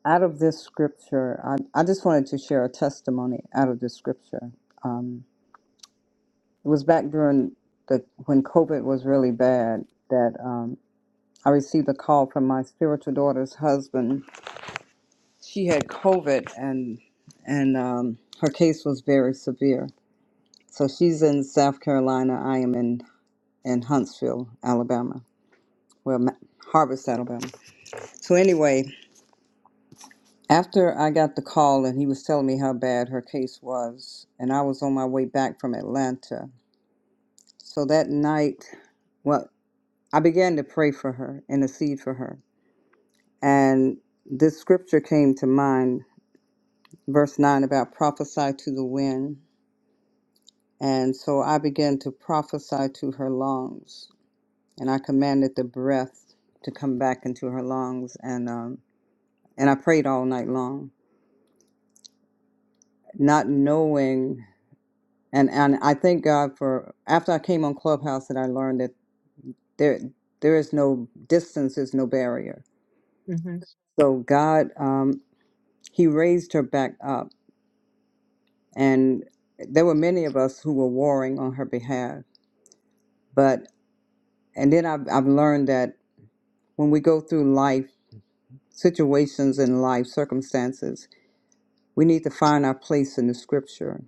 Speaker 8: out of this scripture, I, I just wanted to share a testimony out of this scripture. Um, it was back during the when COVID was really bad that um, I received a call from my spiritual daughter's husband. She had COVID, and and um, her case was very severe. So she's in South Carolina. I am in in Huntsville, Alabama. Well, Ma- Harvest, Alabama. So anyway, After I got the call and he was telling me how bad her case was, and I was on my way back from Atlanta. So that night, well, I began to pray for her, intercede for her. And this scripture came to mind, verse 9 about prophesy to the wind. And so I began to prophesy to her lungs, and I commanded the breath to come back into her lungs. And, um, and I prayed all night long, not knowing. and and I thank God for after I came on Clubhouse that I learned that there there is no distance is no barrier.
Speaker 3: hmm
Speaker 8: So God, um, He raised her back up, and there were many of us who were warring on her behalf. But and then I've I've learned that when we go through life situations in life circumstances, we need to find our place in the Scripture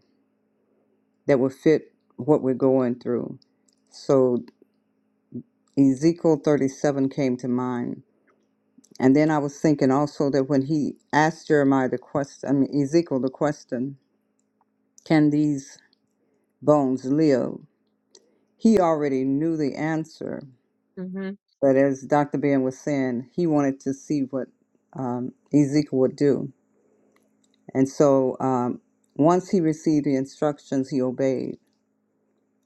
Speaker 8: that will fit what we're going through. So Ezekiel thirty seven came to mind And then I was thinking also that when he asked Jeremiah the question, I mean, Ezekiel the question, can these bones live? He already knew the answer.
Speaker 3: hmm
Speaker 8: But as Dr. Ben was saying, he wanted to see what um, Ezekiel would do. And so um, once he received the instructions, he obeyed.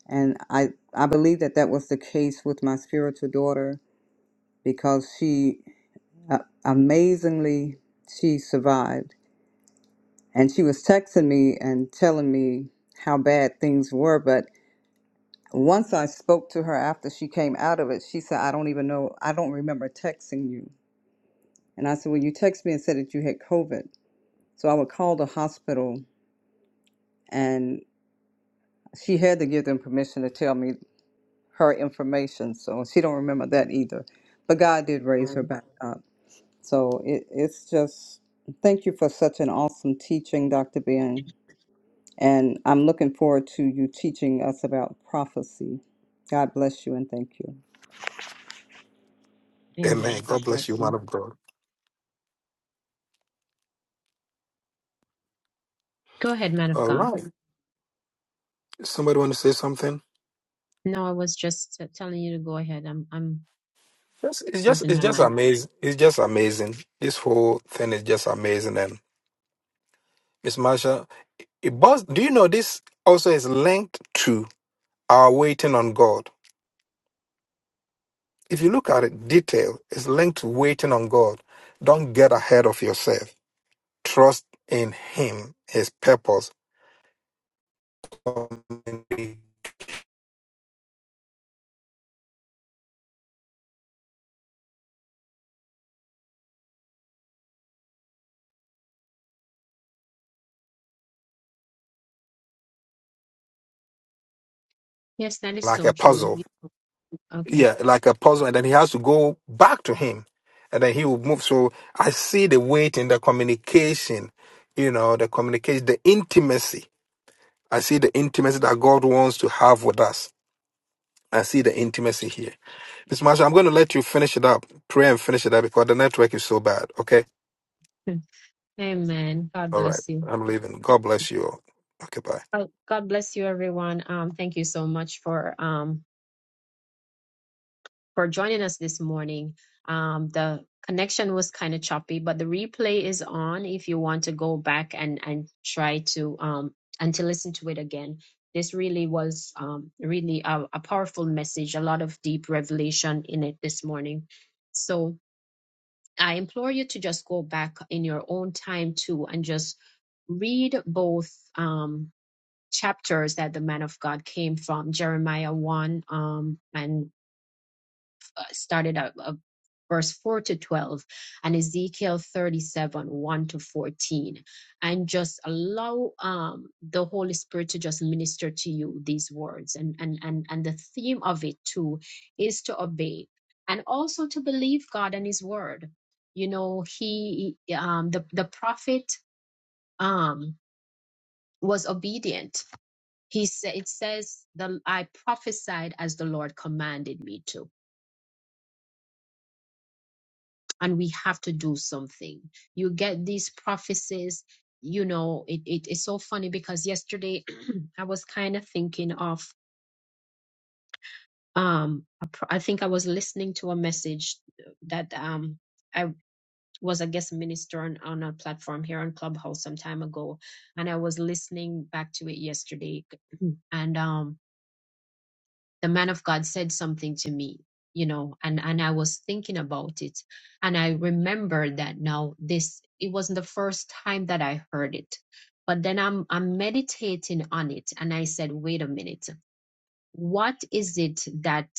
Speaker 8: And I, I believe that that was the case with my spiritual daughter because she uh, amazingly she survived and she was texting me and telling me how bad things were but once i spoke to her after she came out of it she said i don't even know i don't remember texting you and i said well you texted me and said that you had covid so i would call the hospital and she had to give them permission to tell me her information so she don't remember that either but god did raise her back up so it, it's just thank you for such an awesome teaching dr ben And I'm looking forward to you teaching us about prophecy. God bless you and thank you.
Speaker 1: Amen.
Speaker 3: Amen. God
Speaker 1: God bless
Speaker 3: bless
Speaker 1: you,
Speaker 3: you.
Speaker 1: man of God.
Speaker 3: Go ahead, man of
Speaker 1: All
Speaker 3: God.
Speaker 1: right. Somebody want to say something?
Speaker 3: No, I was just uh, telling you to go ahead. I'm, I'm
Speaker 1: Yes, it's just
Speaker 3: closing
Speaker 1: it's
Speaker 3: my
Speaker 1: just
Speaker 3: mic.
Speaker 1: amazing. It's just amazing. This whole thing is just amazing. And Miss Marsha. It bus- do you know this also is linked to our waiting on God? If you look at it detail, it's linked to waiting on God. Don't get ahead of yourself. Trust in Him, His purpose,
Speaker 3: Yes, that is
Speaker 1: like
Speaker 3: so
Speaker 1: a
Speaker 3: true.
Speaker 1: puzzle.
Speaker 3: You- Okay.
Speaker 1: Yeah, like a puzzle, and then He has to go back to Him, and then He will move. So I see the waiting, the communication, you know, the communication, the intimacy. I see the intimacy that God wants to have with us. I see the intimacy here. Miss Marsha, I'm going to let you finish it up, pray and finish it up because the network is so bad. Okay.
Speaker 3: Hmm. Amen. God
Speaker 1: All right.
Speaker 3: bless you.
Speaker 1: I'm leaving. God bless you all. Okay. Bye.
Speaker 3: Oh, God bless you, everyone. Um, thank you so much for um for joining us this morning. Um, the connection was kind of choppy, but the replay is on if you want to go back and and try to um and to listen to it again. This really was um really a, a powerful message, a lot of deep revelation in it this morning. So I implore you to just go back in your own time too and just read both um, chapters that the man of God came from Jeremiah 1 um, and started at uh, verse 4 to 12 and Ezekiel 37 1 to 14 and just allow um the Holy Spirit to just minister to you these words and and and and the theme of it too is to obey and also to believe God and his word you know he um the the prophet um was obedient he said it says the I prophesied as the Lord commanded me to and we have to do something. You get these prophecies, you know, it, it it's so funny because yesterday I was kind of thinking of um a pro- I think I was listening to a message that um I was a guest minister on, on a platform here on Clubhouse some time ago and I was listening back to it yesterday and um the man of God said something to me, you know, and, and I was thinking about it. And I remember that now this, it wasn't the first time that I heard it, but then I'm, I'm meditating on it. And I said, wait a minute, what is it that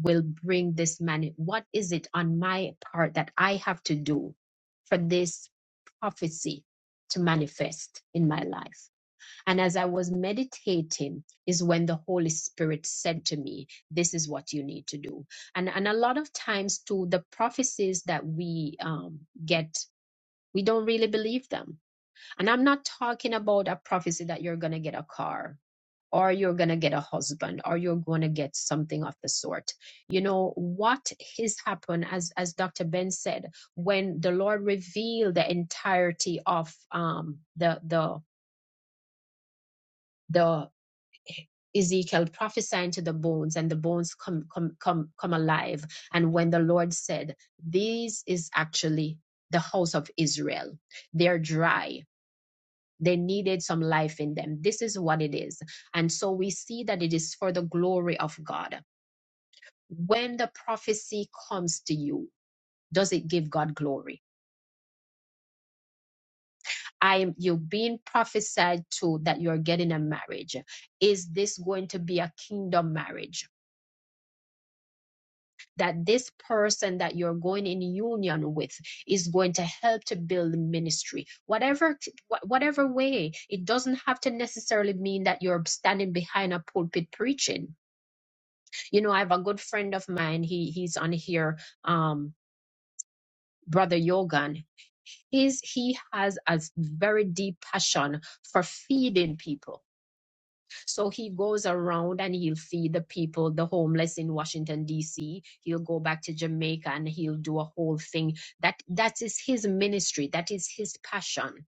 Speaker 3: will bring this man? What is it on my part that I have to do for this prophecy to manifest in my life? And as I was meditating, is when the Holy Spirit said to me, This is what you need to do. And, and a lot of times, too, the prophecies that we um, get, we don't really believe them. And I'm not talking about a prophecy that you're going to get a car or you're going to get a husband or you're going to get something of the sort. You know, what has happened, as, as Dr. Ben said, when the Lord revealed the entirety of um, the, the, the Ezekiel prophesying to the bones, and the bones come come come come alive. And when the Lord said, "This is actually the house of Israel. They're dry. They needed some life in them. This is what it is." And so we see that it is for the glory of God. When the prophecy comes to you, does it give God glory? I am you're being prophesied to that you're getting a marriage. Is this going to be a kingdom marriage? that this person that you're going in union with is going to help to build ministry whatever whatever way it doesn't have to necessarily mean that you're standing behind a pulpit preaching you know i have a good friend of mine he he's on here um brother yogan he's he has a very deep passion for feeding people So he goes around and he'll feed the people, the homeless in Washington D.C. He'll go back to Jamaica and he'll do a whole thing. That that is his ministry. That is his passion.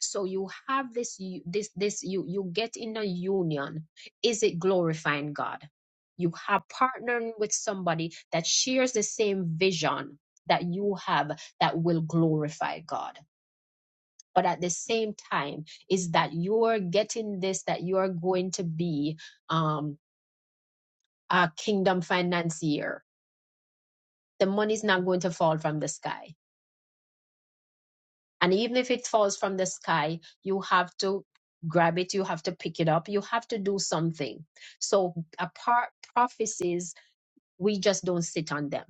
Speaker 3: So you have this u- this this you you get in a union. Is it glorifying God? You have partnering with somebody that shares the same vision that you have that will glorify God but at the same time is that you're getting this that you're going to be um a kingdom financier the money's not going to fall from the sky and even if it falls from the sky you have to grab it you have to pick it up you have to do something so apart prophecies we just don't sit on them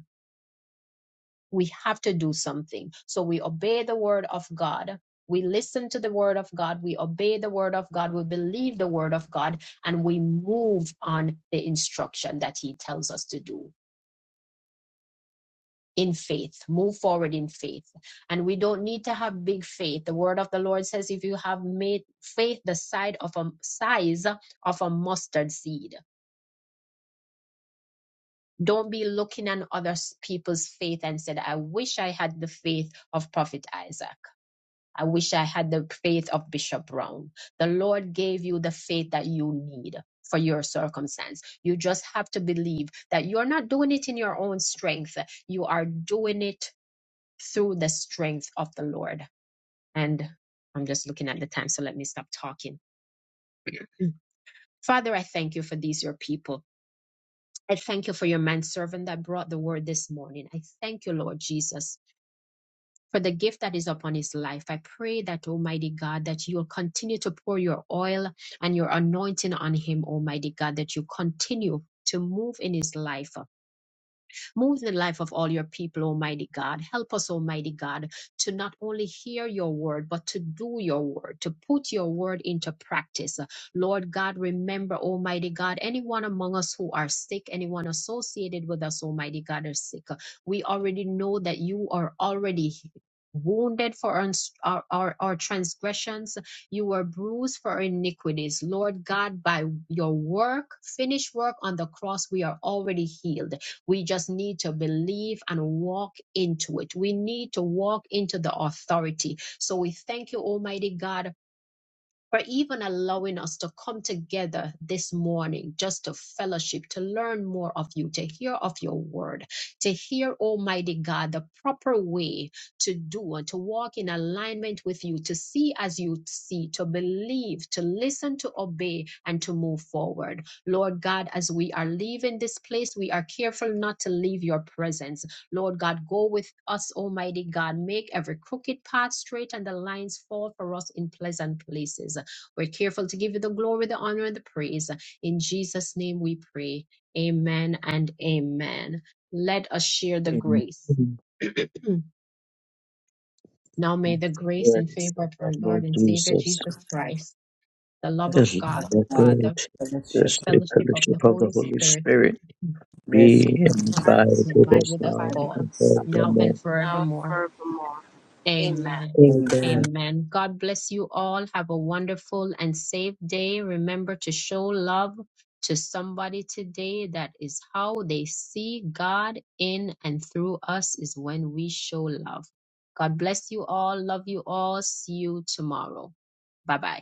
Speaker 3: we have to do something. So we obey the word of God. We listen to the word of God. We obey the word of God. We believe the word of God and we move on the instruction that he tells us to do in faith. Move forward in faith. And we don't need to have big faith. The word of the Lord says if you have made faith the side of a size of a mustard seed, don't be looking at other people's faith and said, I wish I had the faith of Prophet Isaac. I wish I had the faith of Bishop Brown. The Lord gave you the faith that you need for your circumstance. You just have to believe that you're not doing it in your own strength. You are doing it through the strength of the Lord. And I'm just looking at the time, so let me stop talking. Mm. Father, I thank you for these, your people. I thank you for your manservant that brought the word this morning. I thank you, Lord Jesus for the gift that is upon his life. I pray that, Almighty God, that you will continue to pour your oil and your anointing on him, Almighty God, that you continue to move in his life. Move in the life of all your people, Almighty God. Help us, Almighty God, to not only hear your word, but to do your word, to put your word into practice. Lord God, remember, Almighty God, anyone among us who are sick, anyone associated with us, Almighty God, are sick. We already know that you are already wounded for our, our, our our transgressions. You were bruised for our iniquities. Lord God, by your work, finished work on the cross, we are already healed. We just need to believe and walk into it. We need to walk into the authority. So we thank you, Almighty God, for even allowing us to come together this morning just to fellowship, to learn more of you, to hear of your word, to hear, Almighty God, the proper way to do and to walk in alignment with you, to see as you see, to believe, to listen, to obey, and to move forward. Lord God, as we are leaving this place, we are careful not to leave your presence. Lord God, go with us, Almighty God. Make every crooked path straight and the lines fall for us in pleasant places. We're careful to give you the glory, the honor, and the praise. In Jesus' name we pray. Amen and amen. Let us share the grace. now may the grace and
Speaker 6: Praise
Speaker 3: favor
Speaker 6: of
Speaker 3: of
Speaker 6: our
Speaker 3: our Lord
Speaker 6: Lord
Speaker 3: and Savior
Speaker 6: Jesus.
Speaker 3: Jesus
Speaker 8: Christ,
Speaker 3: Christ, the love of
Speaker 6: This is
Speaker 3: God
Speaker 8: that's
Speaker 3: the
Speaker 6: the
Speaker 8: not
Speaker 3: Father,
Speaker 6: God, the
Speaker 3: the
Speaker 8: fellowship,
Speaker 6: sweet
Speaker 3: fellowship of the
Speaker 6: fellowship of the
Speaker 3: Holy
Speaker 6: Holy
Speaker 3: Spirit,
Speaker 6: Spirit
Speaker 8: rest,
Speaker 6: be
Speaker 3: rest
Speaker 6: and abide
Speaker 7: as
Speaker 3: and
Speaker 7: in
Speaker 6: with
Speaker 7: the
Speaker 3: abide
Speaker 6: us
Speaker 3: with us
Speaker 6: now
Speaker 7: Father,
Speaker 3: all,
Speaker 6: and
Speaker 3: now
Speaker 6: forevermore.
Speaker 3: and
Speaker 7: now and
Speaker 3: forevermore.
Speaker 7: forevermore. Amen.
Speaker 3: Amen.
Speaker 6: Amen.
Speaker 3: Amen. God bless you all. Have a wonderful and safe day. Remember to show love to somebody today. That is how they see God in and through us, is when we show love. God bless you all. Love you all. See you tomorrow. Bye bye.